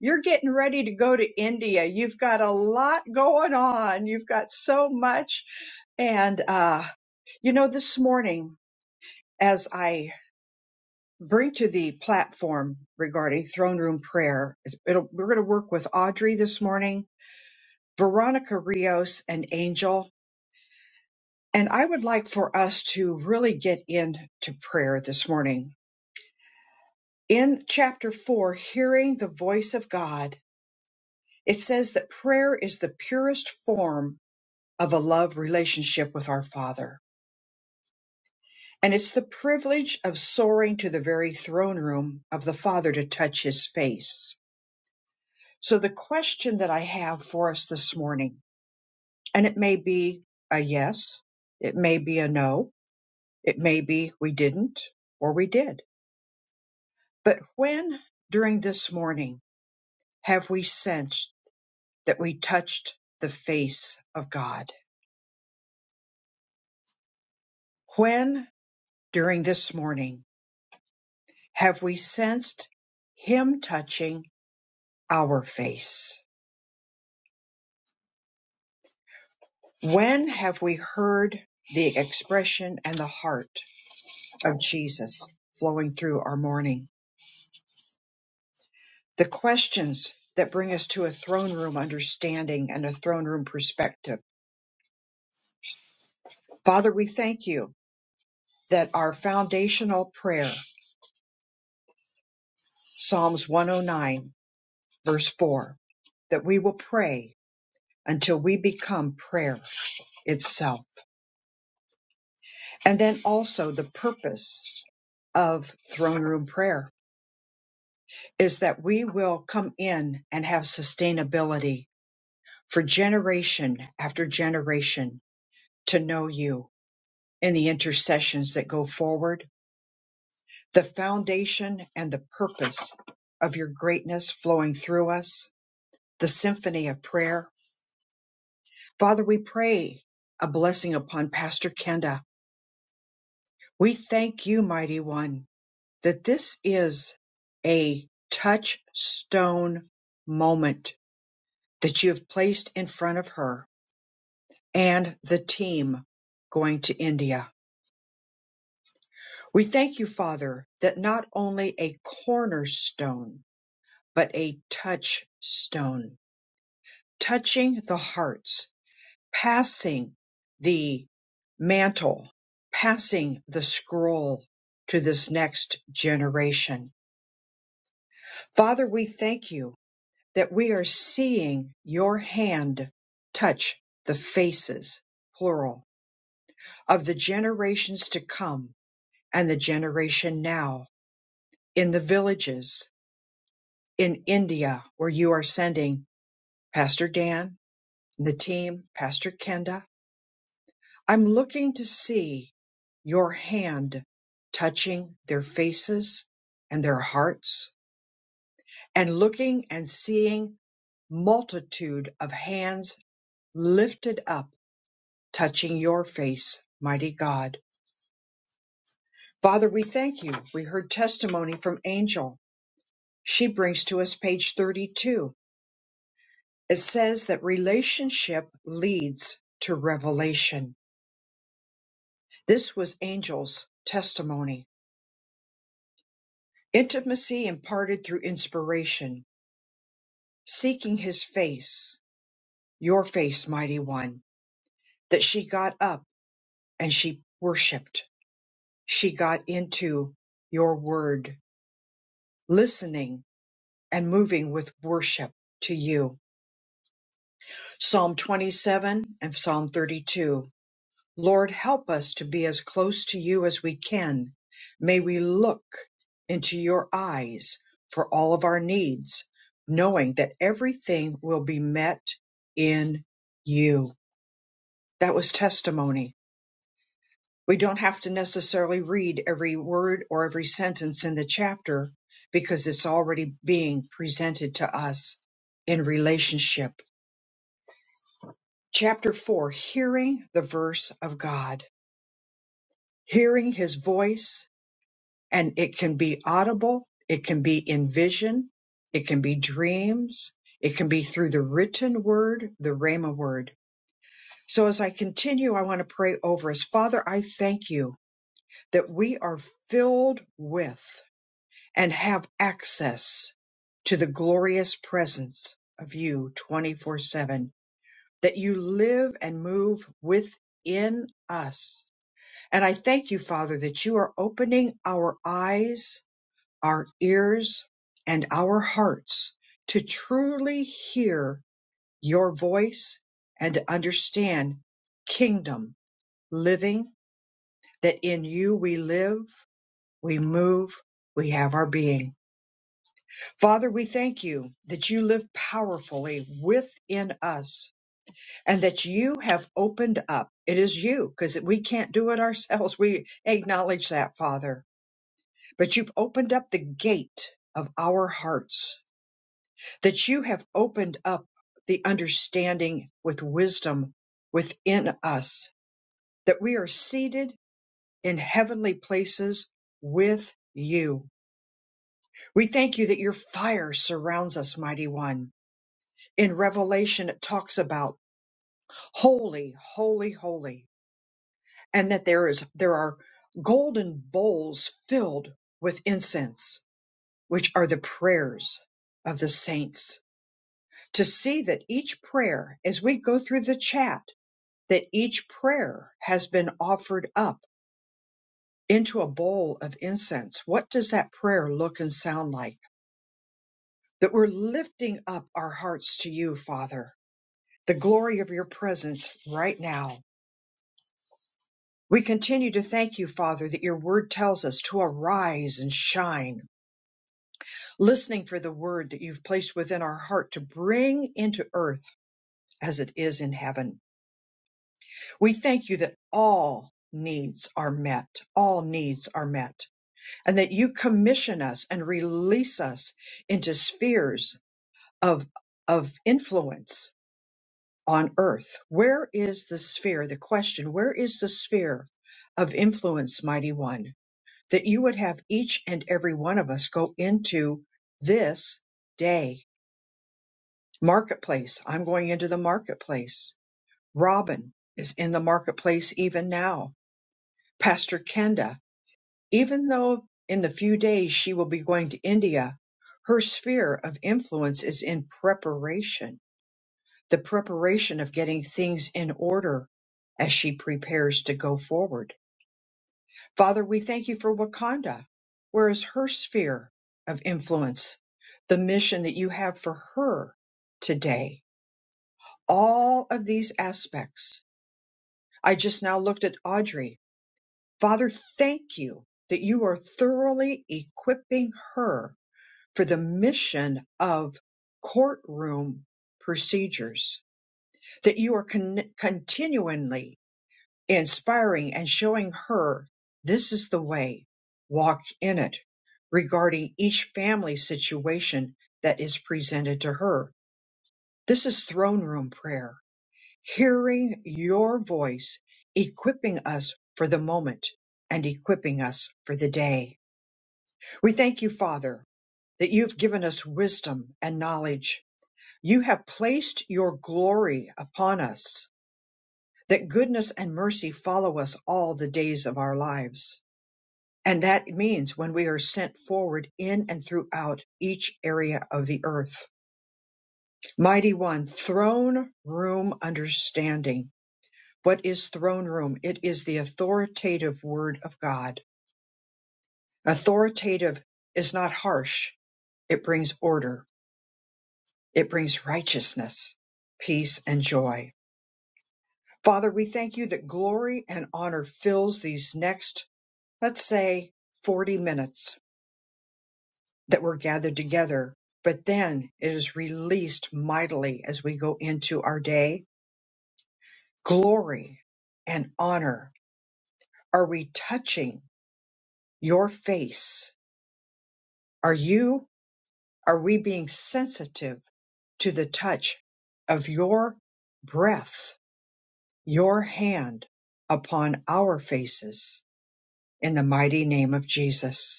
Speaker 4: You're getting ready to go to India. You've got a lot going on. You've got so much. And, uh, you know, this morning, as I bring to the platform regarding throne room prayer, it'll, we're going to work with Audrey this morning, Veronica Rios, and Angel. And I would like for us to really get into prayer this morning. In chapter four, hearing the voice of God, it says that prayer is the purest form of a love relationship with our Father. And it's the privilege of soaring to the very throne room of the Father to touch his face. So the question that I have for us this morning, and it may be a yes, it may be a no, it may be we didn't or we did. But when during this morning have we sensed that we touched the face of God? When during this morning have we sensed Him touching our face. When have we heard the expression and the heart of Jesus flowing through our morning? The questions that bring us to a throne room understanding and a throne room perspective. Father, we thank you that our foundational prayer, Psalms 109, verse 4, that we will pray until we become prayer itself. And then also the purpose of throne room prayer is that we will come in and have sustainability for generation after generation to know you in the intercessions that go forward, the foundation and the purpose of your greatness flowing through us, the symphony of prayer. Father, we pray a blessing upon Pastor Kenda. We thank you, mighty one, that this is a touchstone moment that you have placed in front of her and the team going to India. We thank you, Father, that not only a cornerstone, but a touchstone, touching the hearts, passing the mantle, passing the scroll to this next generation. Father, we thank you that we are seeing your hand touch the faces, plural, of the generations to come and the generation now in the villages in India where you are sending Pastor Dan and the team, Pastor Kenda. I'm looking to see your hand touching their faces and their hearts and looking and seeing multitude of hands lifted up, touching your face, mighty God. Father, we thank you. We heard testimony from Angel. She brings to us page 32 It says that relationship leads to revelation. This was Angel's testimony. Intimacy imparted through inspiration, seeking his face, your face, mighty one, that she got up and she worshiped. She got into your word, listening and moving with worship to you. Psalm 27 and Psalm 32. Lord, help us to be as close to you as we can. May we look into your eyes for all of our needs, knowing that everything will be met in you. That was testimony. We don't have to necessarily read every word or every sentence in the chapter because it's already being presented to us in relationship. Chapter 4 Hearing the Verse of God, hearing His voice and it can be audible, it can be in vision, it can be dreams, it can be through the written word, the Rhema word. So as I continue, I want to pray over us. Father, I thank you that we are filled with and have access to the glorious presence of you 24 7, that you live and move within us. And I thank you, Father, that you are opening our eyes our ears and our hearts to truly hear your voice and to understand kingdom living, that in you we live, we move, we have our being. Father, we thank you that you live powerfully within us and that you have opened up. It is you because we can't do it ourselves. We acknowledge that, Father, but you've opened up the gate of our hearts that you have opened up the understanding with wisdom within us, that we are seated in heavenly places with you. We thank you that your fire surrounds us, mighty one. In Revelation, it talks about holy, holy, holy, and that there is, there are golden bowls filled with incense, which are the prayers of the saints. To see that each prayer, as we go through the chat, that each prayer has been offered up into a bowl of incense, what does that prayer look and sound like? That we're lifting up our hearts to you, Father, the glory of your presence right now. We continue to thank you, Father, that your word tells us to arise and shine, listening for the word that you've placed within our heart to bring into earth as it is in heaven. We thank you that all needs are met. All needs are met and that you commission us and release us into spheres of of influence on earth where is the sphere the question where is the sphere of influence mighty one that you would have each and every one of us go into this day marketplace i'm going into the marketplace robin is in the marketplace even now pastor kenda Even though in the few days she will be going to India, her sphere of influence is in preparation, the preparation of getting things in order as she prepares to go forward. Father, we thank you for Wakanda. Where is her sphere of influence? The mission that you have for her today. All of these aspects. I just now looked at Audrey. Father, thank you that you are thoroughly equipping her for the mission of courtroom procedures, that you are con- continually inspiring and showing her this is the way, walk in it, regarding each family situation that is presented to her. This is throne room prayer, hearing your voice, equipping us for the moment and equipping us for the day. We thank you, Father, that you've given us wisdom and knowledge You have placed your glory upon us, that goodness and mercy follow us all the days of our lives. And that means when we are sent forward in and throughout each area of the earth. Mighty One, throne room understanding. What is throne room? It is the authoritative word of God. Authoritative is not harsh, it brings order, it brings righteousness, peace, and joy. Father, we thank you that glory and honor fills these next, let's say, 40 minutes that we're gathered together, but then it is released mightily as we go into our day. Glory and honor. Are we touching your face? Are you, are we being sensitive to the touch of your breath, your hand upon our faces in the mighty name of Jesus?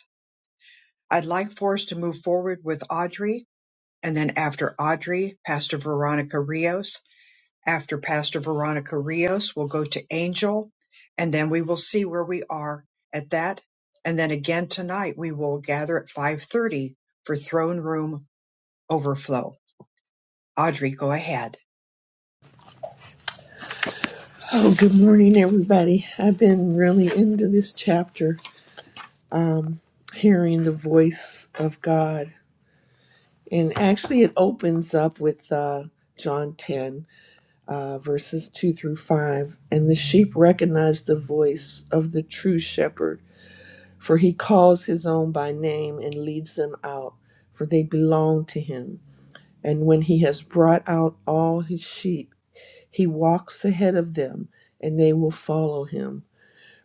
Speaker 4: I'd like for us to move forward with Audrey, and then after Audrey, Pastor Veronica Rios. After Pastor Veronica Rios, we'll go to Angel, and then we will see where we are at that. And then again tonight, we will gather at 5:30 for Throne Room Overflow. Audrey, go ahead.
Speaker 8: Oh, good morning, everybody. I've been really into this chapter hearing the voice of God. And actually, it opens up with uh, John 10, uh, verses 2 through 5. And the sheep recognize the voice of the true shepherd, for he calls his own by name and leads them out, for they belong to him. And when he has brought out all his sheep, he walks ahead of them, and they will follow him,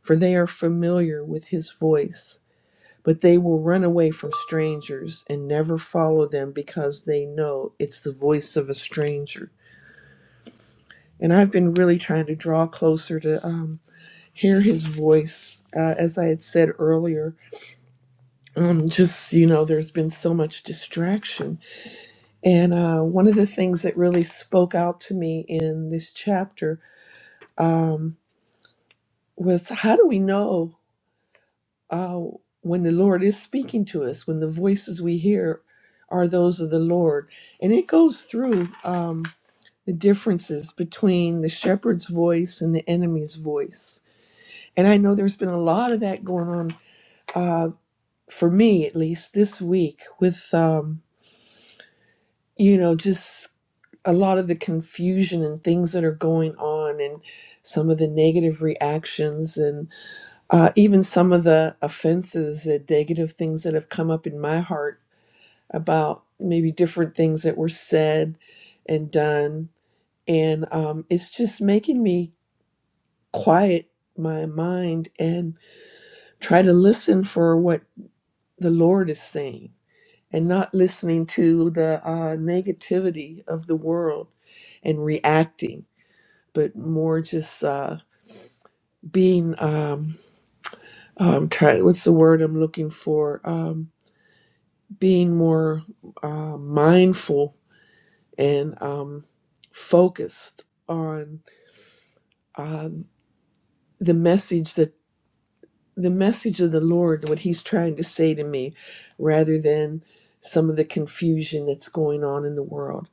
Speaker 8: for they are familiar with his voice. But they will run away from strangers and never follow them because they know it's the voice of a stranger. And I've been really trying to draw closer to um, hear his voice. Uh, as I had said earlier, um, just, you know, there's been so much distraction. And uh, one of the things that really spoke out to me in this chapter um, was how do we know? uh, when the Lord is speaking to us, when the voices we hear are those of the Lord. And it goes through um, the differences between the shepherd's voice and the enemy's voice. And I know there's been a lot of that going on, uh, for me at least, this week with, um, you know, just a lot of the confusion and things that are going on and some of the negative reactions and. uh, even some of the offenses and negative things that have come up in my heart about maybe different things that were said and done. And um, it's just making me quiet my mind and try to listen for what the Lord is saying and not listening to the uh, negativity of the world and reacting, but more just uh, being, um, um, try, what's the word I'm looking for? Um, being more uh, mindful and um, focused on uh, the message that the message of the Lord, what He's trying to say to me, rather than some of the confusion that's going on in the world.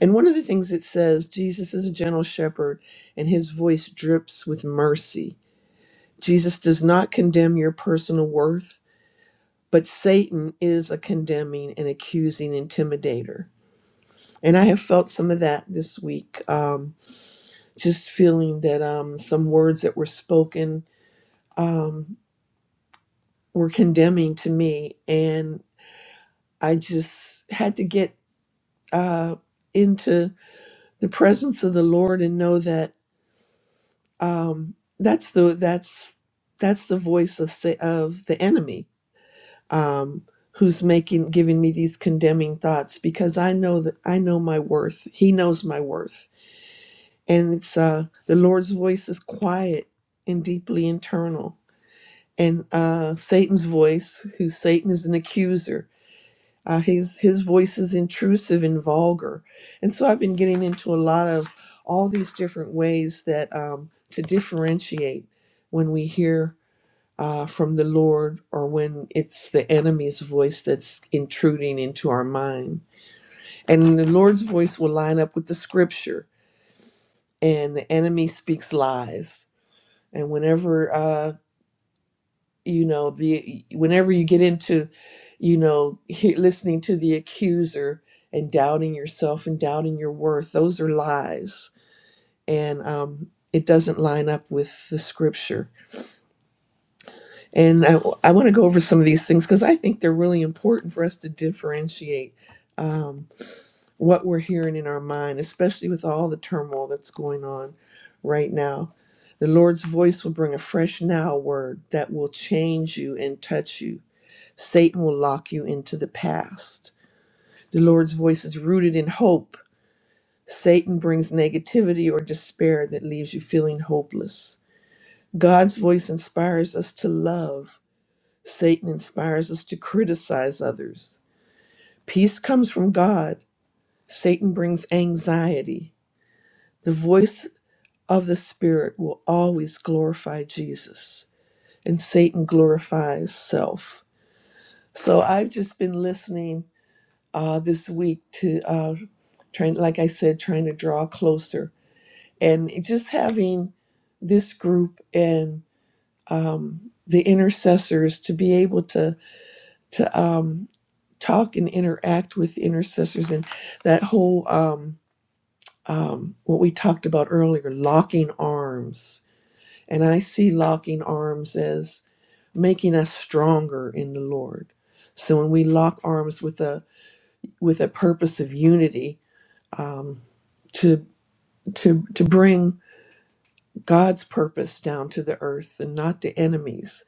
Speaker 8: And one of the things it says, Jesus is a gentle shepherd, and His voice drips with mercy. Jesus does not condemn your personal worth, but Satan is a condemning and accusing intimidator And I have felt some of that this week. Um, just feeling that um, some words that were spoken um, were condemning to me. And I just had to get uh, into the presence of the Lord and know that um, that's the that's that's the voice of sa- of the enemy um, who's making giving me these condemning thoughts because I know that I know my worth. He knows my worth and it's uh the lord's voice is quiet and deeply internal and uh satan's voice who satan is an accuser uh his his voice is intrusive and vulgar and so i've been getting into a lot of all these different ways that um to differentiate when we hear uh, from the Lord, or when it's the enemy's voice that's intruding into our mind. And the Lord's voice will line up with the scripture, and the enemy speaks lies and whenever uh you know the whenever you get into you know he- listening to the accuser and doubting yourself and doubting your worth those are lies and um it doesn't line up with the scripture and i, I want to go over some of these things because i think they're really important for us to differentiate um, what we're hearing in our mind especially with all the turmoil that's going on right now the Lord's voice will bring a fresh now word that will change you and touch you. Satan will lock you into the past. The Lord's voice is rooted in hope. Satan brings negativity or despair that leaves you feeling hopeless. God's voice inspires us to love. Satan inspires us to criticize others. Peace comes from God. Satan brings anxiety. The voice of the Spirit will always glorify Jesus, and Satan glorifies self. So I've just been listening uh, this week to uh, trying, like I said, trying to draw closer and just having this group and um, the intercessors to be able to to um, talk and interact with intercessors and that whole um, um, what we talked about earlier, locking arms. And I see locking arms as making us stronger in the Lord. So when we lock arms with a with a purpose of unity, um, to to to bring God's purpose down to the earth and not the enemies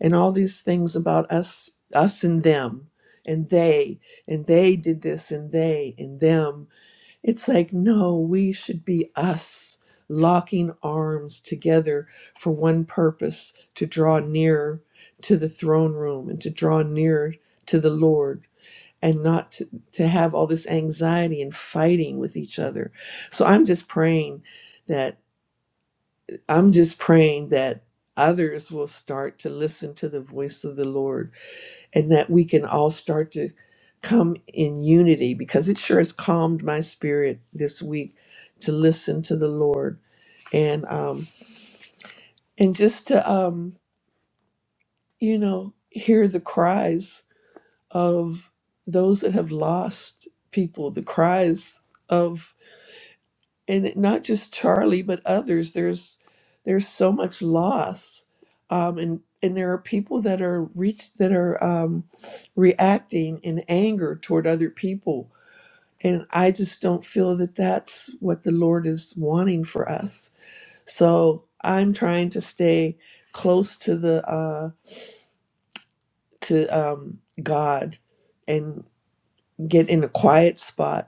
Speaker 8: and all these things about us us and them and they and they did this and they and them it's like no we should be us locking arms together for one purpose to draw nearer to the throne room and to draw nearer to the Lord and not to, to have all this anxiety and fighting with each other. So I'm just praying that I'm just praying that others will start to listen to the voice of the Lord and that we can all start to come in unity because it sure has calmed my spirit this week to listen to the Lord and um and just to um you know hear the cries of those that have lost people the cries of and it- not just Charlie, but others. There's there's so much loss, um, and and there are people that are reach that are um, reacting in anger toward other people, and I just don't feel that that's what the Lord is wanting for us. So I'm trying to stay close to the uh, to um, God and get in a quiet spot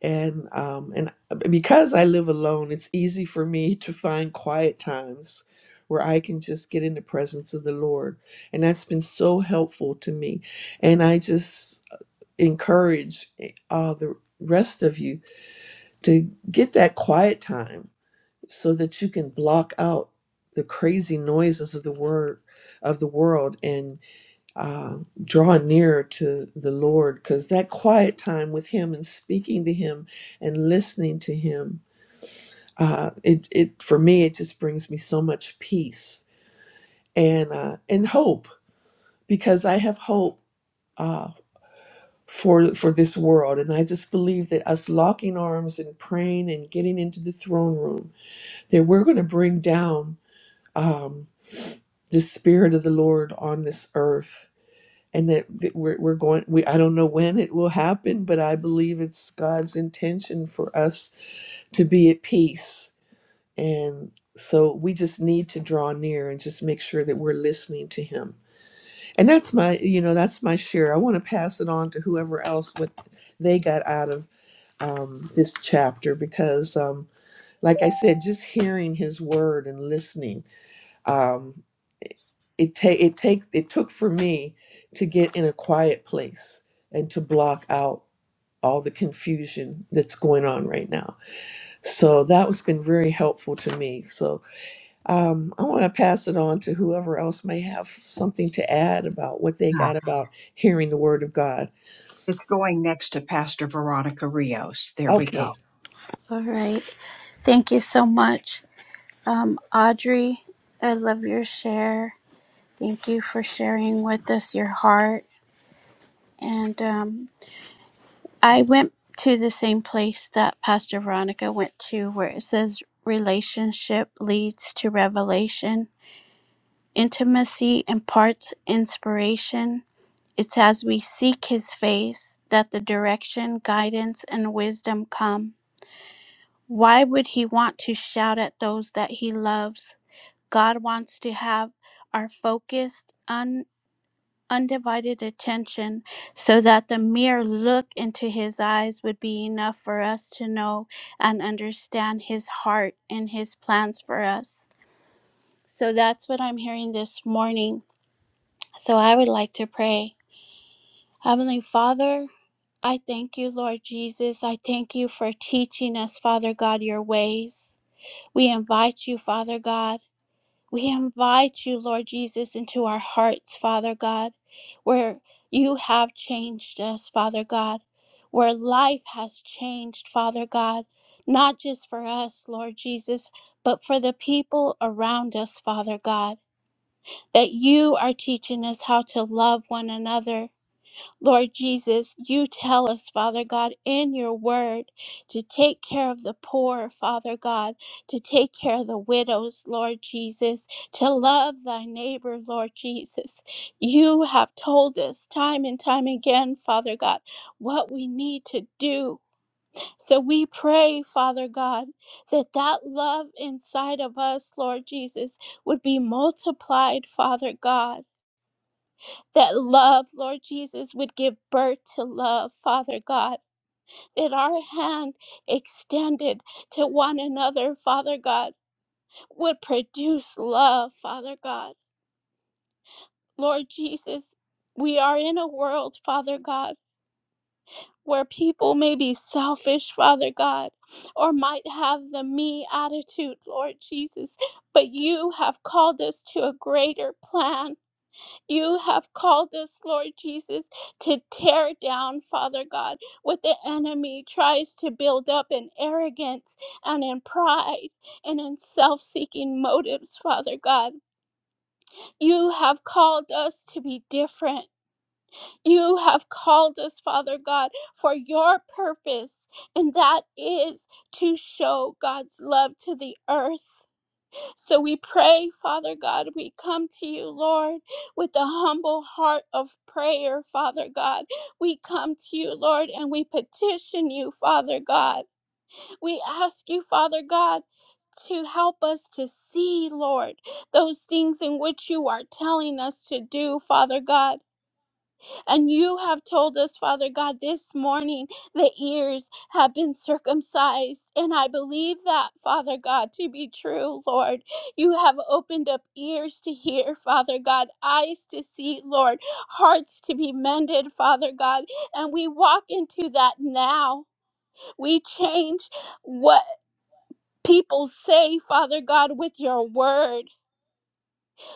Speaker 8: and um and because I live alone, it's easy for me to find quiet times where I can just get in the presence of the Lord, and that's been so helpful to me. And I just encourage all the rest of you to get that quiet time so that you can block out the crazy noises of the word of the world and uh, draw nearer to the Lord because that quiet time with Him and speaking to Him and listening to Him, uh, it it for me it just brings me so much peace and uh, and hope because I have hope uh, for for this world and I just believe that us locking arms and praying and getting into the throne room that we're going to bring down um, the spirit of the Lord on this earth and that, that we're, we're going we i don't know when it will happen but i believe it's god's intention for us to be at peace and so we just need to draw near and just make sure that we're listening to him and that's my you know that's my share i want to pass it on to whoever else what they got out of um, this chapter because um, like i said just hearing his word and listening um, it ta- it take it took for me to get in a quiet place and to block out all the confusion that's going on right now. So that has been very helpful to me. So um, I want to pass it on to whoever else may have something to add about what they got
Speaker 4: Yeah,
Speaker 8: about hearing the word of God.
Speaker 4: it's going next to Pastor Veronica Rios. There we go.
Speaker 8: Okay.
Speaker 3: All right. Thank you so much. Um, Audrey, I love your share. Thank you for sharing with us your heart. And um, I went to the same place that Pastor Veronica went to, where it says relationship leads to revelation, intimacy imparts inspiration. It's as we seek his face that the direction, guidance, and wisdom come. Why would he want to shout at those that he loves? God wants to have our focused, undivided attention so that the mere look into his eyes would be enough for us to know and understand his heart and his plans for us. So that's what I'm hearing this morning. So I would like to pray. Heavenly Father, I thank you, Lord Jesus. I thank you for teaching us, Father God, your ways. We invite you, Father God. We invite you, Lord Jesus, into our hearts, Father God, where you have changed us, Father God, where life has changed, Father God, not just for us, Lord Jesus, but for the people around us, Father God, that you are teaching us how to love one another. Lord Jesus, you tell us, Father God, in your word to take care of the poor, Father God, to take care of the widows, Lord Jesus, to love thy neighbor, Lord Jesus. You have told us time and time again, Father God, what we need to do. So we pray, Father God, that that love inside of us, Lord Jesus, would be multiplied, Father God that love, Lord Jesus, would give birth to love, Father God, that our hand extended to one another, Father God, would produce love, Father God. Lord Jesus, we are in a world, Father God, where people may be selfish, Father God, or might have the me attitude, Lord Jesus, but you have called us to a greater plan, You have called us, Lord Jesus, to tear down, Father God, what the enemy tries to build up in arrogance and in pride and in self seeking motives, Father God. You have called us to be different. You have called us, Father God, for your purpose, and that is to show God's love to the earth. So we pray, Father God, we come to you, Lord, with a humble heart of prayer, Father God. We come to you, Lord, and we petition you, Father God. We ask you, Father God, to help us to see, Lord, those things in which you are telling us to do, Father God. And you have told us, Father God, this morning the ears have been circumcised. And I believe that, Father God, to be true, Lord. You have opened up ears to hear, Father God, eyes to see, Lord, hearts to be mended, Father God. And we walk into that now. We change what people say, Father God, with your word.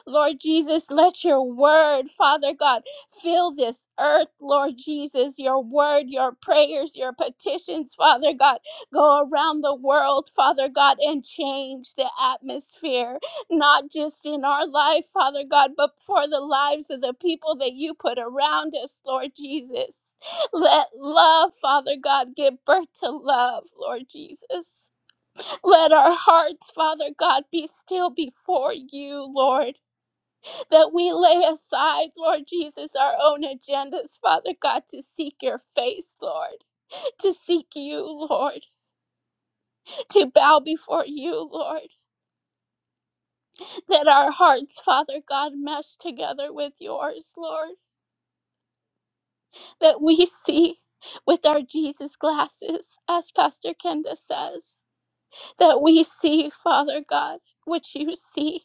Speaker 3: Lord Jesus, let your word, Father God, fill this earth, Lord Jesus. Your word, your prayers, your petitions, Father God, go around the world, Father God, and change the atmosphere, not just in our life, Father God, but for the lives of the people that you put around us, Lord Jesus. Let love, Father God, give birth to love, Lord Jesus. Let our hearts, Father God, be still before you, Lord that we lay aside, Lord Jesus, our own agendas, Father God, to seek your face, Lord, to seek you, Lord, to bow before you, Lord, that our hearts, Father God, mesh together with yours, Lord, that we see with our Jesus glasses, as Pastor Kenda says, that we see, Father God, what you see,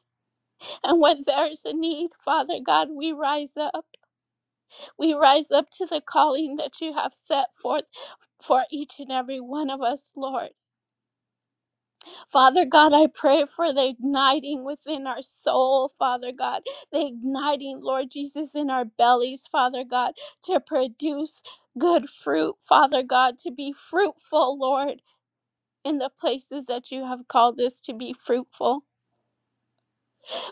Speaker 3: and when there's a need, Father God, we rise up. We rise up to the calling that you have set forth for each and every one of us, Lord. Father God, I pray for the igniting within our soul, Father God, the igniting, Lord Jesus, in our bellies, Father God, to produce good fruit, Father God, to be fruitful, Lord. In the places that you have called us to be fruitful.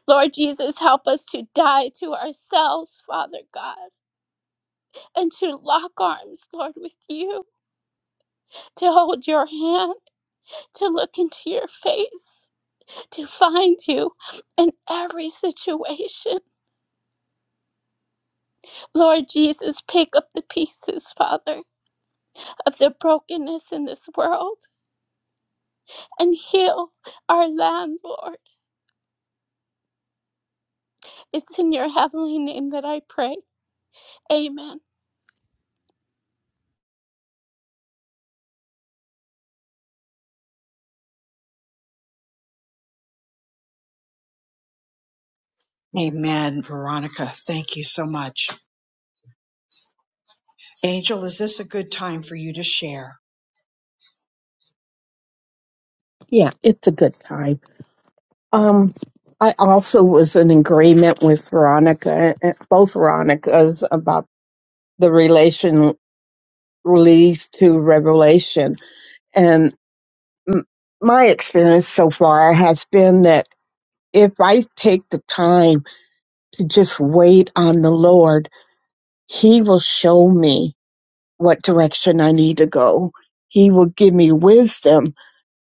Speaker 3: Lord Jesus, help us to die to ourselves, Father God, and to lock arms, Lord, with you. to hold your hand, to look into your face, to find you in every situation. Lord Jesus, pick up the pieces, Father, of the brokenness in this world and heal our land, Lord. It's in your heavenly name that I pray. Amen.
Speaker 4: Amen, Veronica. Thank you so much. Angel, is this a good time for you to share?
Speaker 10: Yeah, it's a good time. Um, I also was in agreement with Veronica, eh, both Veronicas, about the relation release to revelation. And m- my experience so far has been that if I take the time to just wait on the Lord, He will show me what direction I need to go. He will give me wisdom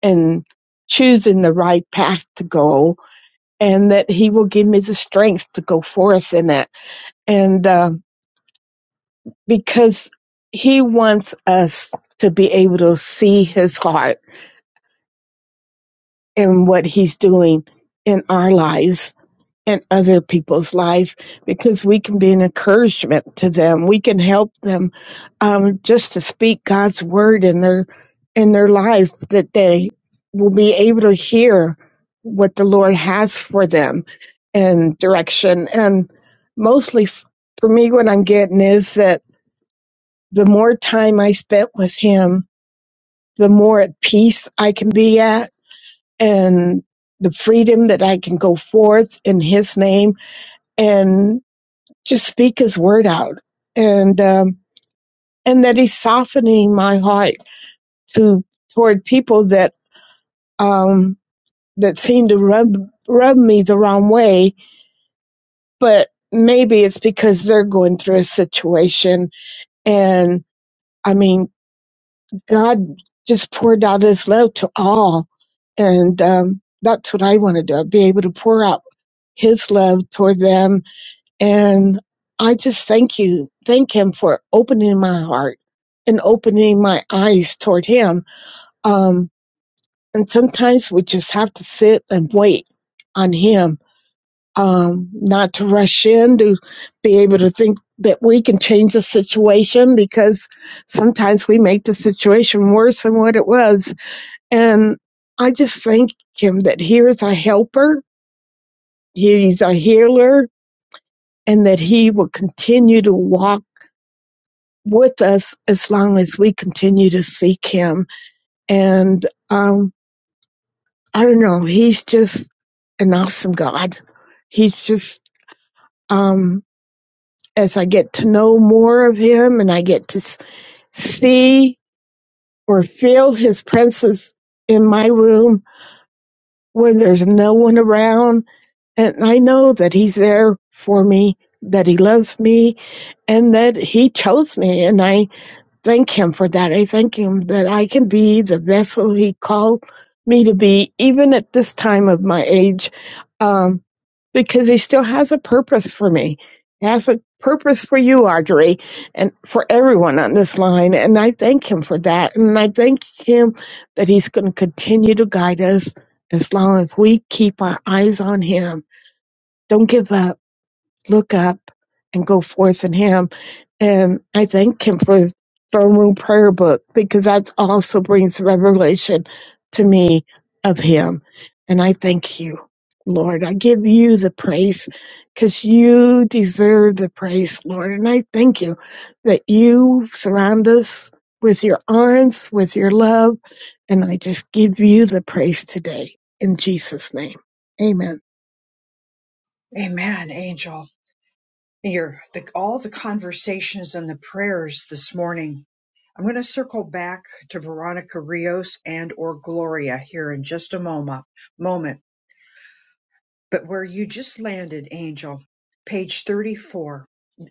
Speaker 10: in choosing the right path to go and that he will give me the strength to go forth in it. And, uh, because he wants us to be able to see his heart and what he's doing in our lives in other people's life because we can be an encouragement to them. We can help them um, just to speak God's word in their in their life that they will be able to hear what the Lord has for them and direction. And mostly f- for me, what I'm getting is that the more time I spent with Him, the more at peace I can be at and the freedom that I can go forth in His name. and just speak his word out and um and that he's softening my heart to toward people that um that seem to rub rub me the wrong way but maybe it's because they're going through a situation and i mean god just poured out his love to all and um that's what i want to do be able to pour out his love toward them And I just thank you, thank him for opening my heart and opening my eyes toward him. Um, and sometimes we just have to sit and wait on him, um, not to rush in to be able to think that we can change the situation because sometimes we make the situation worse than what it was. And I just thank him that he is a helper, he's a healer, and that he will continue to walk with us as long as we continue to seek him. And um, I don't know, he's just an awesome God. He's just, um, as I get to know more of him and I get to see or feel his presence in my room when there's no one around, and I know that he's there for me, that he loves me, and that he chose me. And I thank him for that. I thank him that I can be the vessel he called me to be, even at this time of my age, um, because he still has a purpose for me. He has a purpose for you, Audrey, and for everyone on this line. And I thank him for that. And I thank him that he's going to continue to guide us as long as we keep our eyes on him. Don't give up. Look up and go forth in him and I thank him for Throne Room Prayer Book because that also brings revelation to me of him. And I thank you, Lord. I give you the praise because you deserve the praise, Lord. And I thank you that you surround us with your arms, with your love. And I just give you the praise today in Jesus' name. Amen.
Speaker 4: Amen, Angel. your the, all the conversations and the prayers this morning. I'm going to circle back to Veronica Rios and or Gloria here in just a moment. Moment, but where you just landed, Angel, page 34.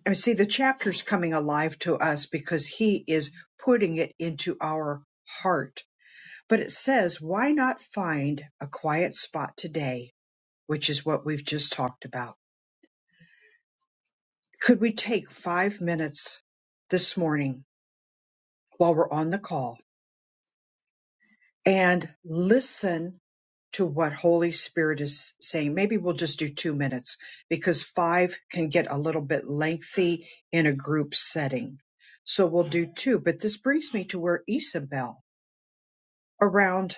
Speaker 4: I see the chapter's coming alive to us because he is putting it into our heart. But it says, "Why not find a quiet spot today?" Which is what we've just talked about. Could we take five minutes this morning while we're on the call and listen to what Holy Spirit is saying. Maybe we'll just do two minutes because five can get a little bit lengthy in a group setting. So we'll do two. But this brings me to where Isabel, around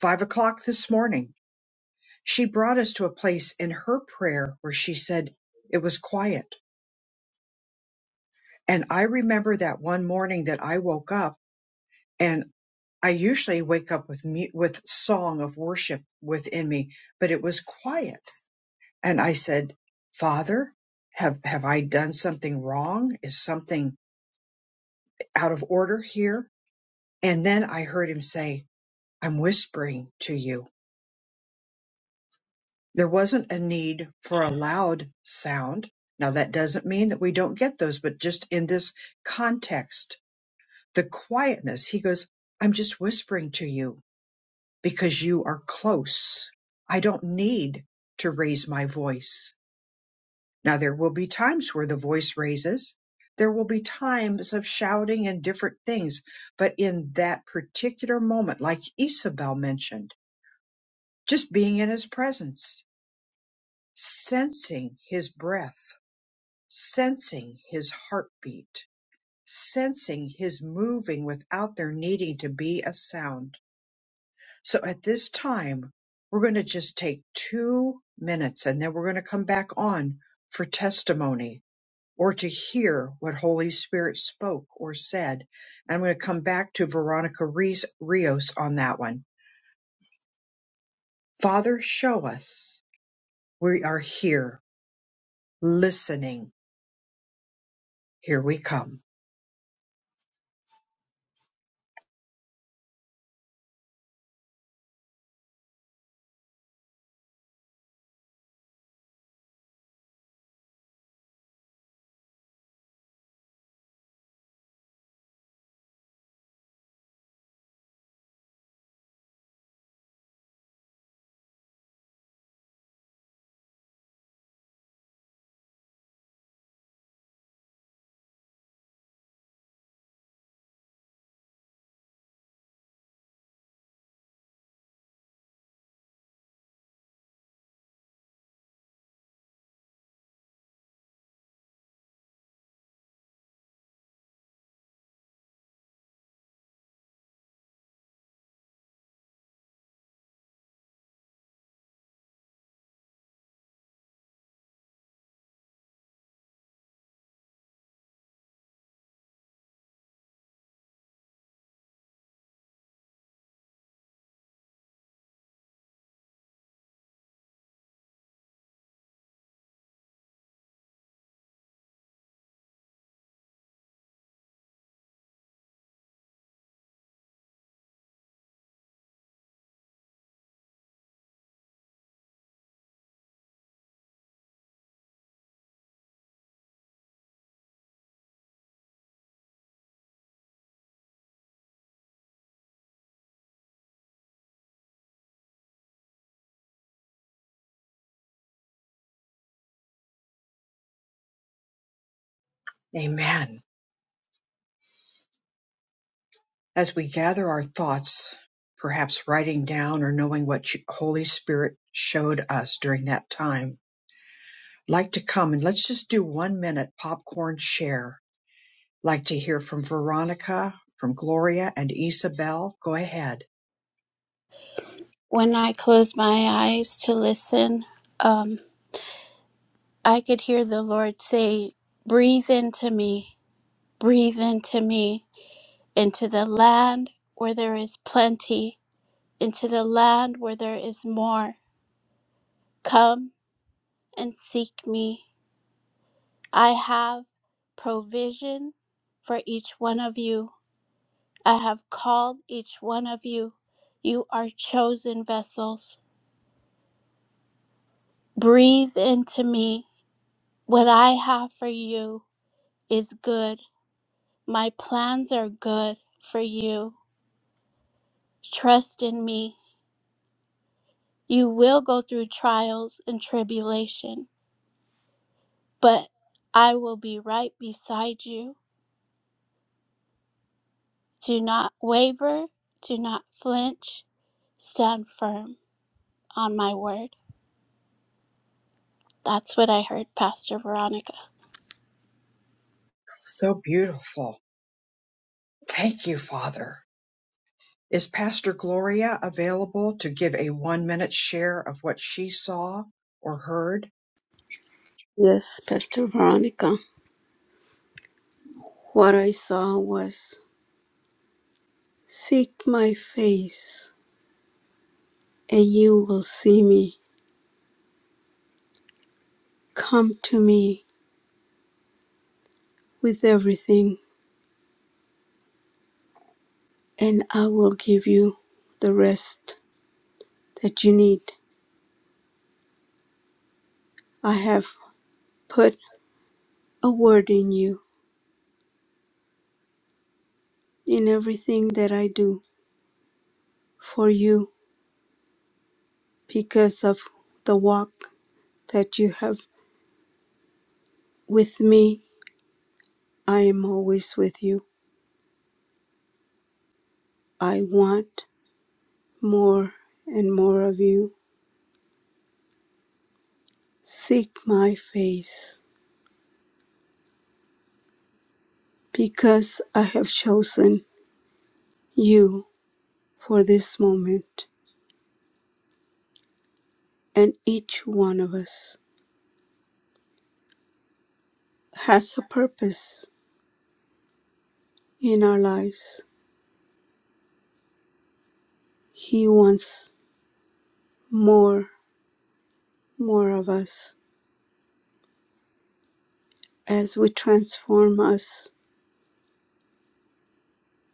Speaker 4: five o'clock this morning, she brought us to a place in her prayer where she said it was quiet. And I remember that one morning that I woke up. and. I usually wake up with mu- with song of worship within me, but it was quiet. And I said, "Father, have have I done something wrong? Is something out of order here?" And then I heard him say, "I'm whispering to you." There wasn't a need for a loud sound. Now that doesn't mean that we don't get those, but just in this context, the quietness, he goes, "I'm just whispering to you." because you are close. I don't need to raise my voice. Now, there will be times where the voice raises. There will be times of shouting and different things. But in that particular moment, like Isabel mentioned, just being in his presence, sensing his breath, sensing his heartbeat, sensing his moving without there needing to be a sound So at this time, we're going to just take two minutes and then we're going to come back on for testimony or to hear what Holy Spirit spoke or said. I'm going to come back to Veronica Rees- Rios on that one. Father, show us. We are here listening. Here we come. Amen. As we gather our thoughts, perhaps writing down or knowing what you- Holy Spirit showed us during that time like to come and let's just do one minute popcorn share. Like to hear from Veronica, from Gloria, and Isabel. Go ahead.
Speaker 3: When I closed my eyes to listen, um, I could hear the Lord say, Breathe into me, breathe into me, into the land where there is plenty into the land where there is more. Come and seek me. I have provision for each one of you. I have called each one of you. You are chosen vessels. Breathe into me. What I have for you is good. My plans are good for you. Trust in me. You will go through trials and tribulation, but I will be right beside you. Do not waver. Do not flinch. Stand firm on my word. That's what I heard, Pastor Veronica.
Speaker 4: So beautiful. Thank you, Father. Is Pastor Gloria available to give a one minute share of what she saw or heard?
Speaker 3: Yes, Pastor Veronica. What I saw was Seek my face, and you will see me. Come to me with everything, and I will give you the rest that you need. I have put a word in you in everything that I do for you because of the walk that you have with me. I am always with you. I want more and more of you. Seek my face, because I have chosen you for this moment, and each one of us has a purpose in our lives. He wants more, more of us. As we transform us,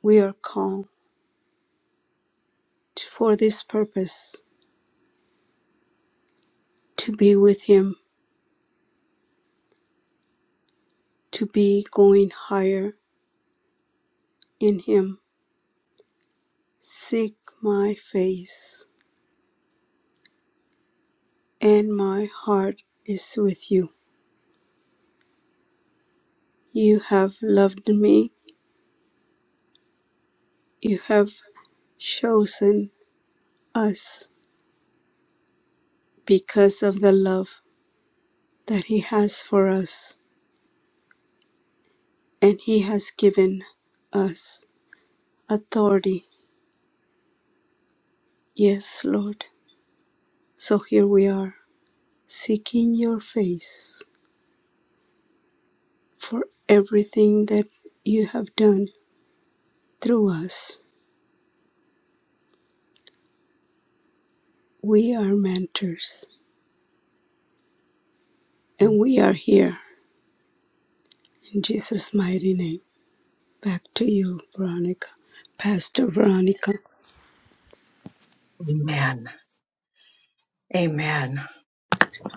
Speaker 3: we are called for this purpose to be with Him, to be going higher in him. Seek my face, and my heart is with you. You have loved me, you have chosen us because of the love that he has for us, and he has given us authority. Yes, Lord. So here we are, seeking your face for everything that you have done through us. We are mentors, and we are here In Jesus' mighty name. Back to you, Veronica. Pastor Veronica.
Speaker 4: Amen. Amen.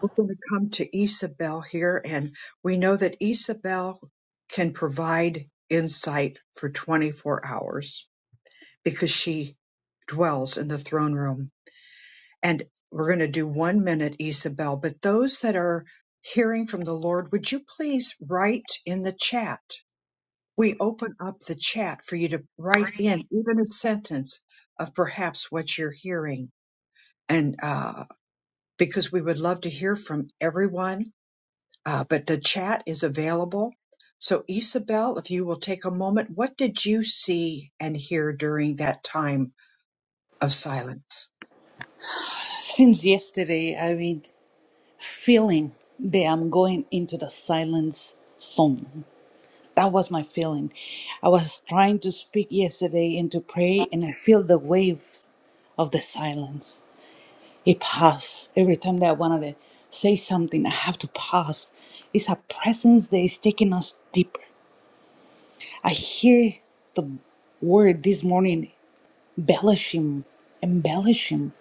Speaker 4: We're going to come to Isabel here, and we know that Isabel can provide insight for 24 hours. because she dwells in the throne room. And we're going to do one minute, Isabel. But those that are hearing from the Lord, would you please write in the chat? We open up the chat for you to write in even a sentence of perhaps what you're hearing. And uh, because we would love to hear from everyone, uh, but the chat is available. So, Isabel, if you will take a moment, what did you see and hear during that time of silence?
Speaker 5: Since yesterday, I've been feeling that I'm going into the silence zone. That was my feeling. I was trying to speak yesterday and to pray, and I feel the waves of the silence. It pass. Every time that I want to say something, I have to pass. It's a presence that is taking us deeper. I hear the word this morning, embellish him, embellish him.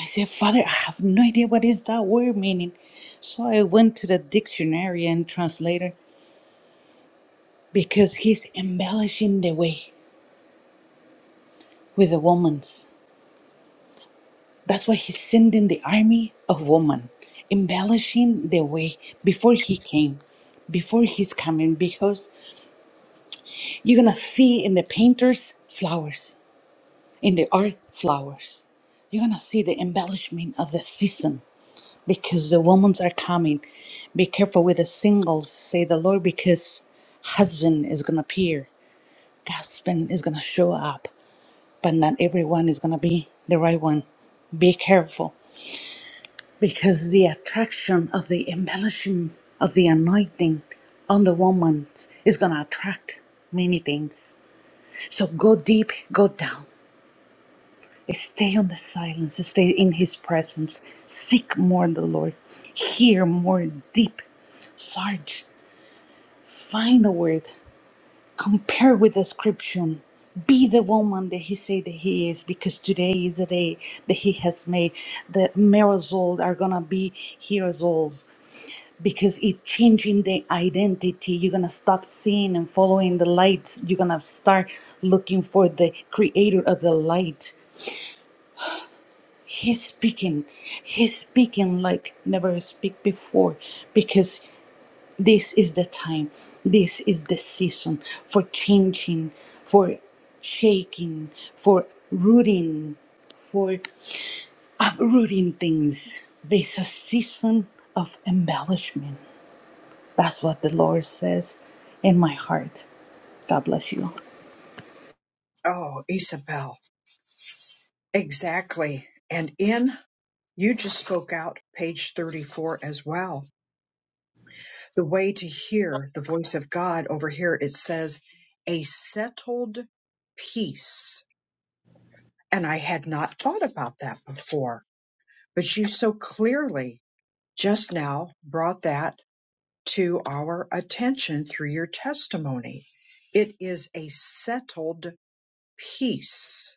Speaker 5: I said, Father, I have no idea what is that word meaning. So I went to the dictionary and translator because he's embellishing the way with the woman. That's why he's sending the army of women, embellishing the way before he came, before he's coming, because you're gonna see in the painters flowers, in the art flowers. You're gonna see the embellishment of the season because the women are coming. Be careful with the singles, say the Lord, because husband is gonna appear, husband is gonna show up, but not everyone is gonna be the right one. Be careful because the attraction of the embellishing of the anointing on the woman is going to attract many things. So go deep, go down. Stay on the silence, stay in his presence. Seek more the Lord. Hear more deep. Sarge, find the word. compare with the description. Be the woman that he said that he is, because today is the day that he has made. The miracles are gonna be heroes, because it changing the identity. You're gonna stop seeing and following the lights. You're gonna start looking for the creator of the light. He's speaking. He's speaking like never speak before, because this is the time, this is the season for changing, for shaking, for rooting, for uprooting things. There's a season of embellishment. That's what the Lord says in my heart. God bless you.
Speaker 4: Oh, Isabel, exactly. And in, you just spoke out page 34 as well. The way to hear the voice of God over here, it says, a settled peace. And I had not thought about that before, but you so clearly just now brought that to our attention through your testimony. It is a settled peace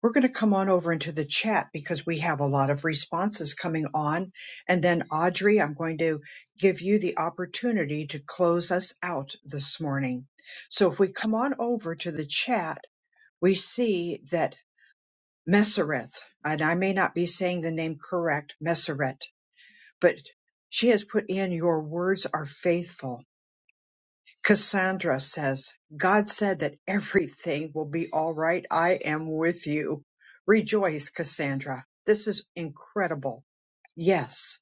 Speaker 4: We're going to come on over into the chat because we have a lot of responses coming on. And then Audrey, I'm going to give you the opportunity to close us out this morning. So if we come on over to the chat, we see that Messereth, and I may not be saying the name correct, Messereth, but she has put in your words are faithful Cassandra says, God said that everything will be all right. I am with you. Rejoice, Cassandra. This is incredible. Yes.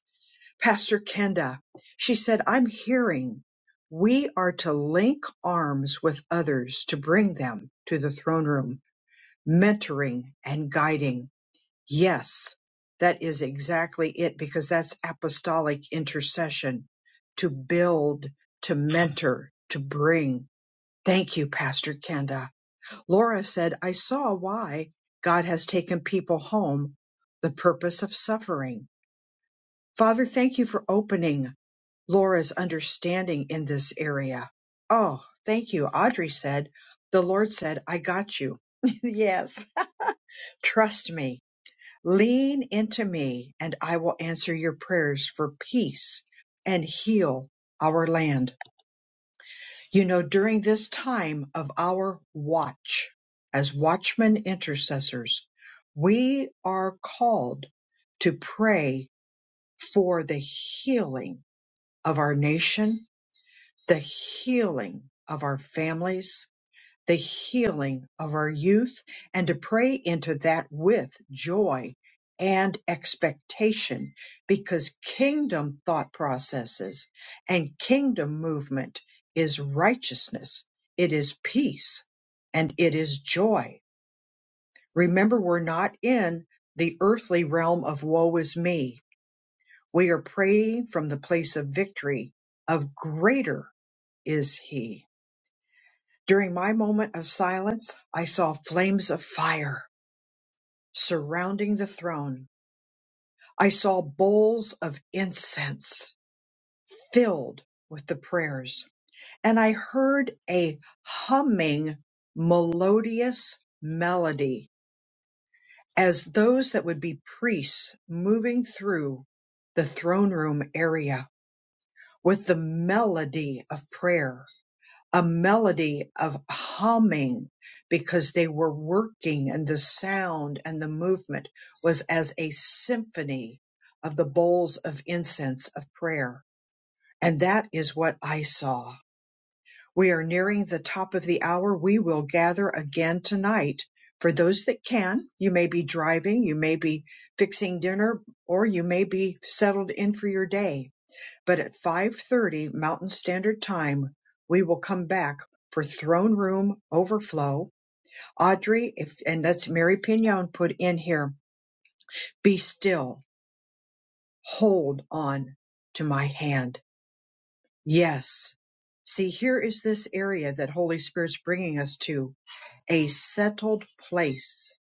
Speaker 4: Pastor Kenda, she said, I'm hearing we are to link arms with others to bring them to the throne room, mentoring and guiding. Yes, that is exactly it because that's apostolic intercession to build, to mentor, to bring. Thank you, Pastor Kenda. Laura said, I saw why God has taken people home, the purpose of suffering. Father, thank you for opening Laura's understanding in this area. Oh, thank you. Audrey said, The Lord said, I got you. yes. Trust me. Lean into me, and I will answer your prayers for peace and heal our land. You know, during this time of our watch, as watchmen intercessors, we are called to pray for the healing of our nation, the healing of our families, the healing of our youth and to pray into that with joy and expectation because kingdom thought processes and kingdom movement is righteousness, it is peace, and it is joy. Remember, we're not in the earthly realm of woe is me. We are praying from the place of victory, of greater is he. During my moment of silence, I saw flames of fire surrounding the throne. I saw bowls of incense filled with the prayers, and I heard a humming, melodious melody as those that would be priests moving through the throne room area with the melody of prayer. a melody of humming because they were working and the sound and the movement was as a symphony of the bowls of incense of prayer. And that is what I saw. We are nearing the top of the hour. We will gather again tonight. For those that can, you may be driving, you may be fixing dinner, or you may be settled in for your day but at 5:30 Mountain Standard Time, we will come back for Throne Room Overflow. Audrey, if and that's Mary Pignon put in here. Be still. Hold on to my hand. Yes. See, here is this area that Holy Spirit's bringing us to a settled place,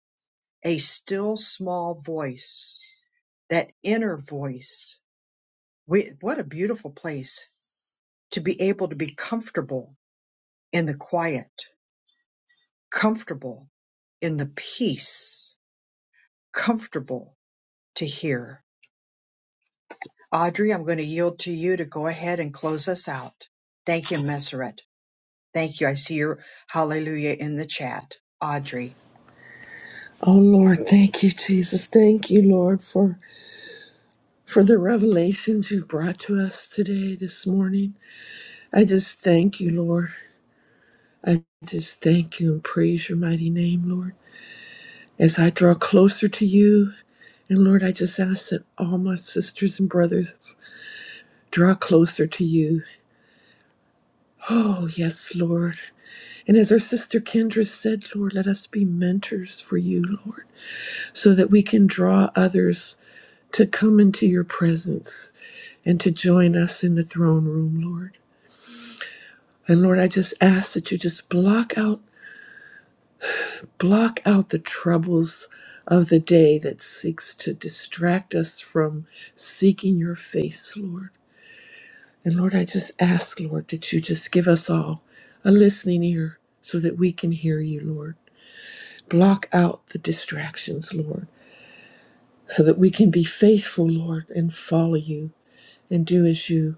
Speaker 4: a still small voice, that inner voice. We, what a beautiful place to be able to be comfortable in the quiet, comfortable in the peace, comfortable to hear. Audrey, I'm going to yield to you to go ahead and close us out. Thank you, Messeret. Thank you. I see your hallelujah in the chat. Audrey,
Speaker 8: Oh Lord, thank you, Jesus. Thank you, Lord, for for the revelations you brought to us today, this morning. I just thank you, Lord. I just thank you and praise your mighty name, Lord. As I draw closer to you, and Lord, I just ask that all my sisters and brothers draw closer to you. Oh, yes, Lord. And as our sister Kendra said, Lord, let us be mentors for you, Lord, so that we can draw others to come into your presence and to join us in the throne room, Lord. And Lord, I just ask that you just block out Block out the troubles of the day that seeks to distract us from seeking your face, Lord. And Lord, I just ask, Lord, that you just give us all a listening ear so that we can hear you, Lord. Block out the distractions, Lord, so that we can be faithful, Lord, and follow you and do as you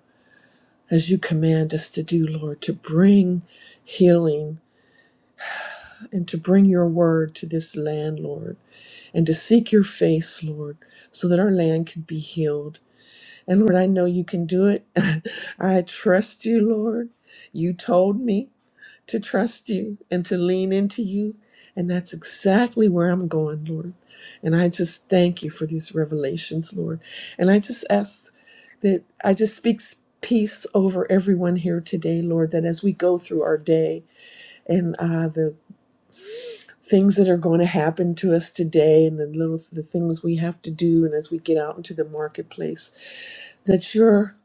Speaker 8: as you command us to do, Lord, to bring healing and to bring your word to this land, Lord. and to seek your face, Lord, so that our land can be healed. And Lord, I know you can do it. I trust you, Lord. You told me to trust you and to lean into you. And that's exactly where I'm going, Lord. And I just thank you for these revelations, Lord. And I just ask that I just speak peace over everyone here today, Lord, that as we go through our day and uh, the things that are going to happen to us today and the little the things we have to do and as we get out into the marketplace that your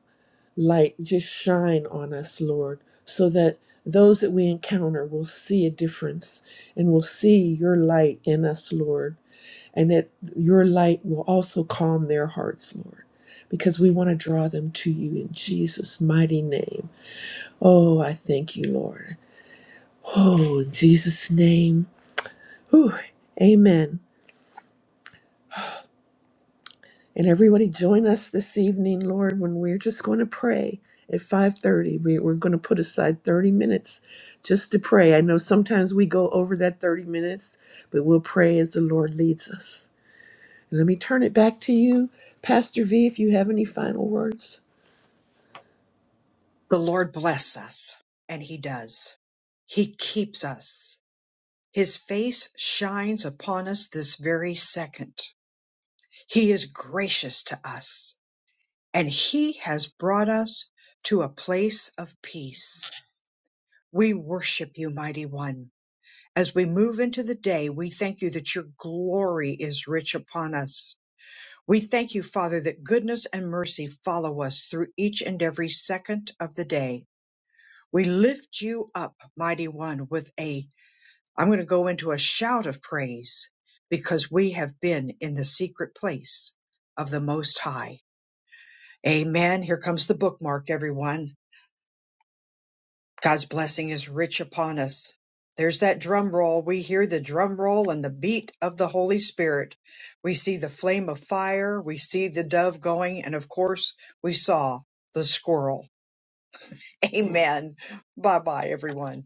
Speaker 8: light just shine on us lord so that those that we encounter will see a difference and will see your light in us lord and that your light will also calm their hearts lord because we want to draw them to you in Jesus mighty name oh i thank you lord oh in Jesus name Whew. amen And everybody join us this evening, Lord, when we're just going to pray at 5:30. We, we're going to put aside 30 minutes just to pray. I know sometimes we go over that 30 minutes, but we'll pray as the Lord leads us. And let me turn it back to you, Pastor V, if you have any final words.
Speaker 4: the Lord bless us, and He does. He keeps us. His face shines upon us this very second. He is gracious to us, and He has brought us to a place of peace. We worship you, mighty one. As we move into the day, we thank you that your glory is rich upon us. We thank you, Father, that goodness and mercy follow us through each and every second of the day. We lift you up, mighty one, with a, I'm going to go into a shout of praise because we have been in the secret place of the Most High. Amen. Here comes the bookmark, everyone. God's blessing is rich upon us. There's that drum roll. We hear the drum roll and the beat of the Holy Spirit. We see the flame of fire. We see the dove going. And of course, we saw the squirrel. Amen. Bye bye, everyone.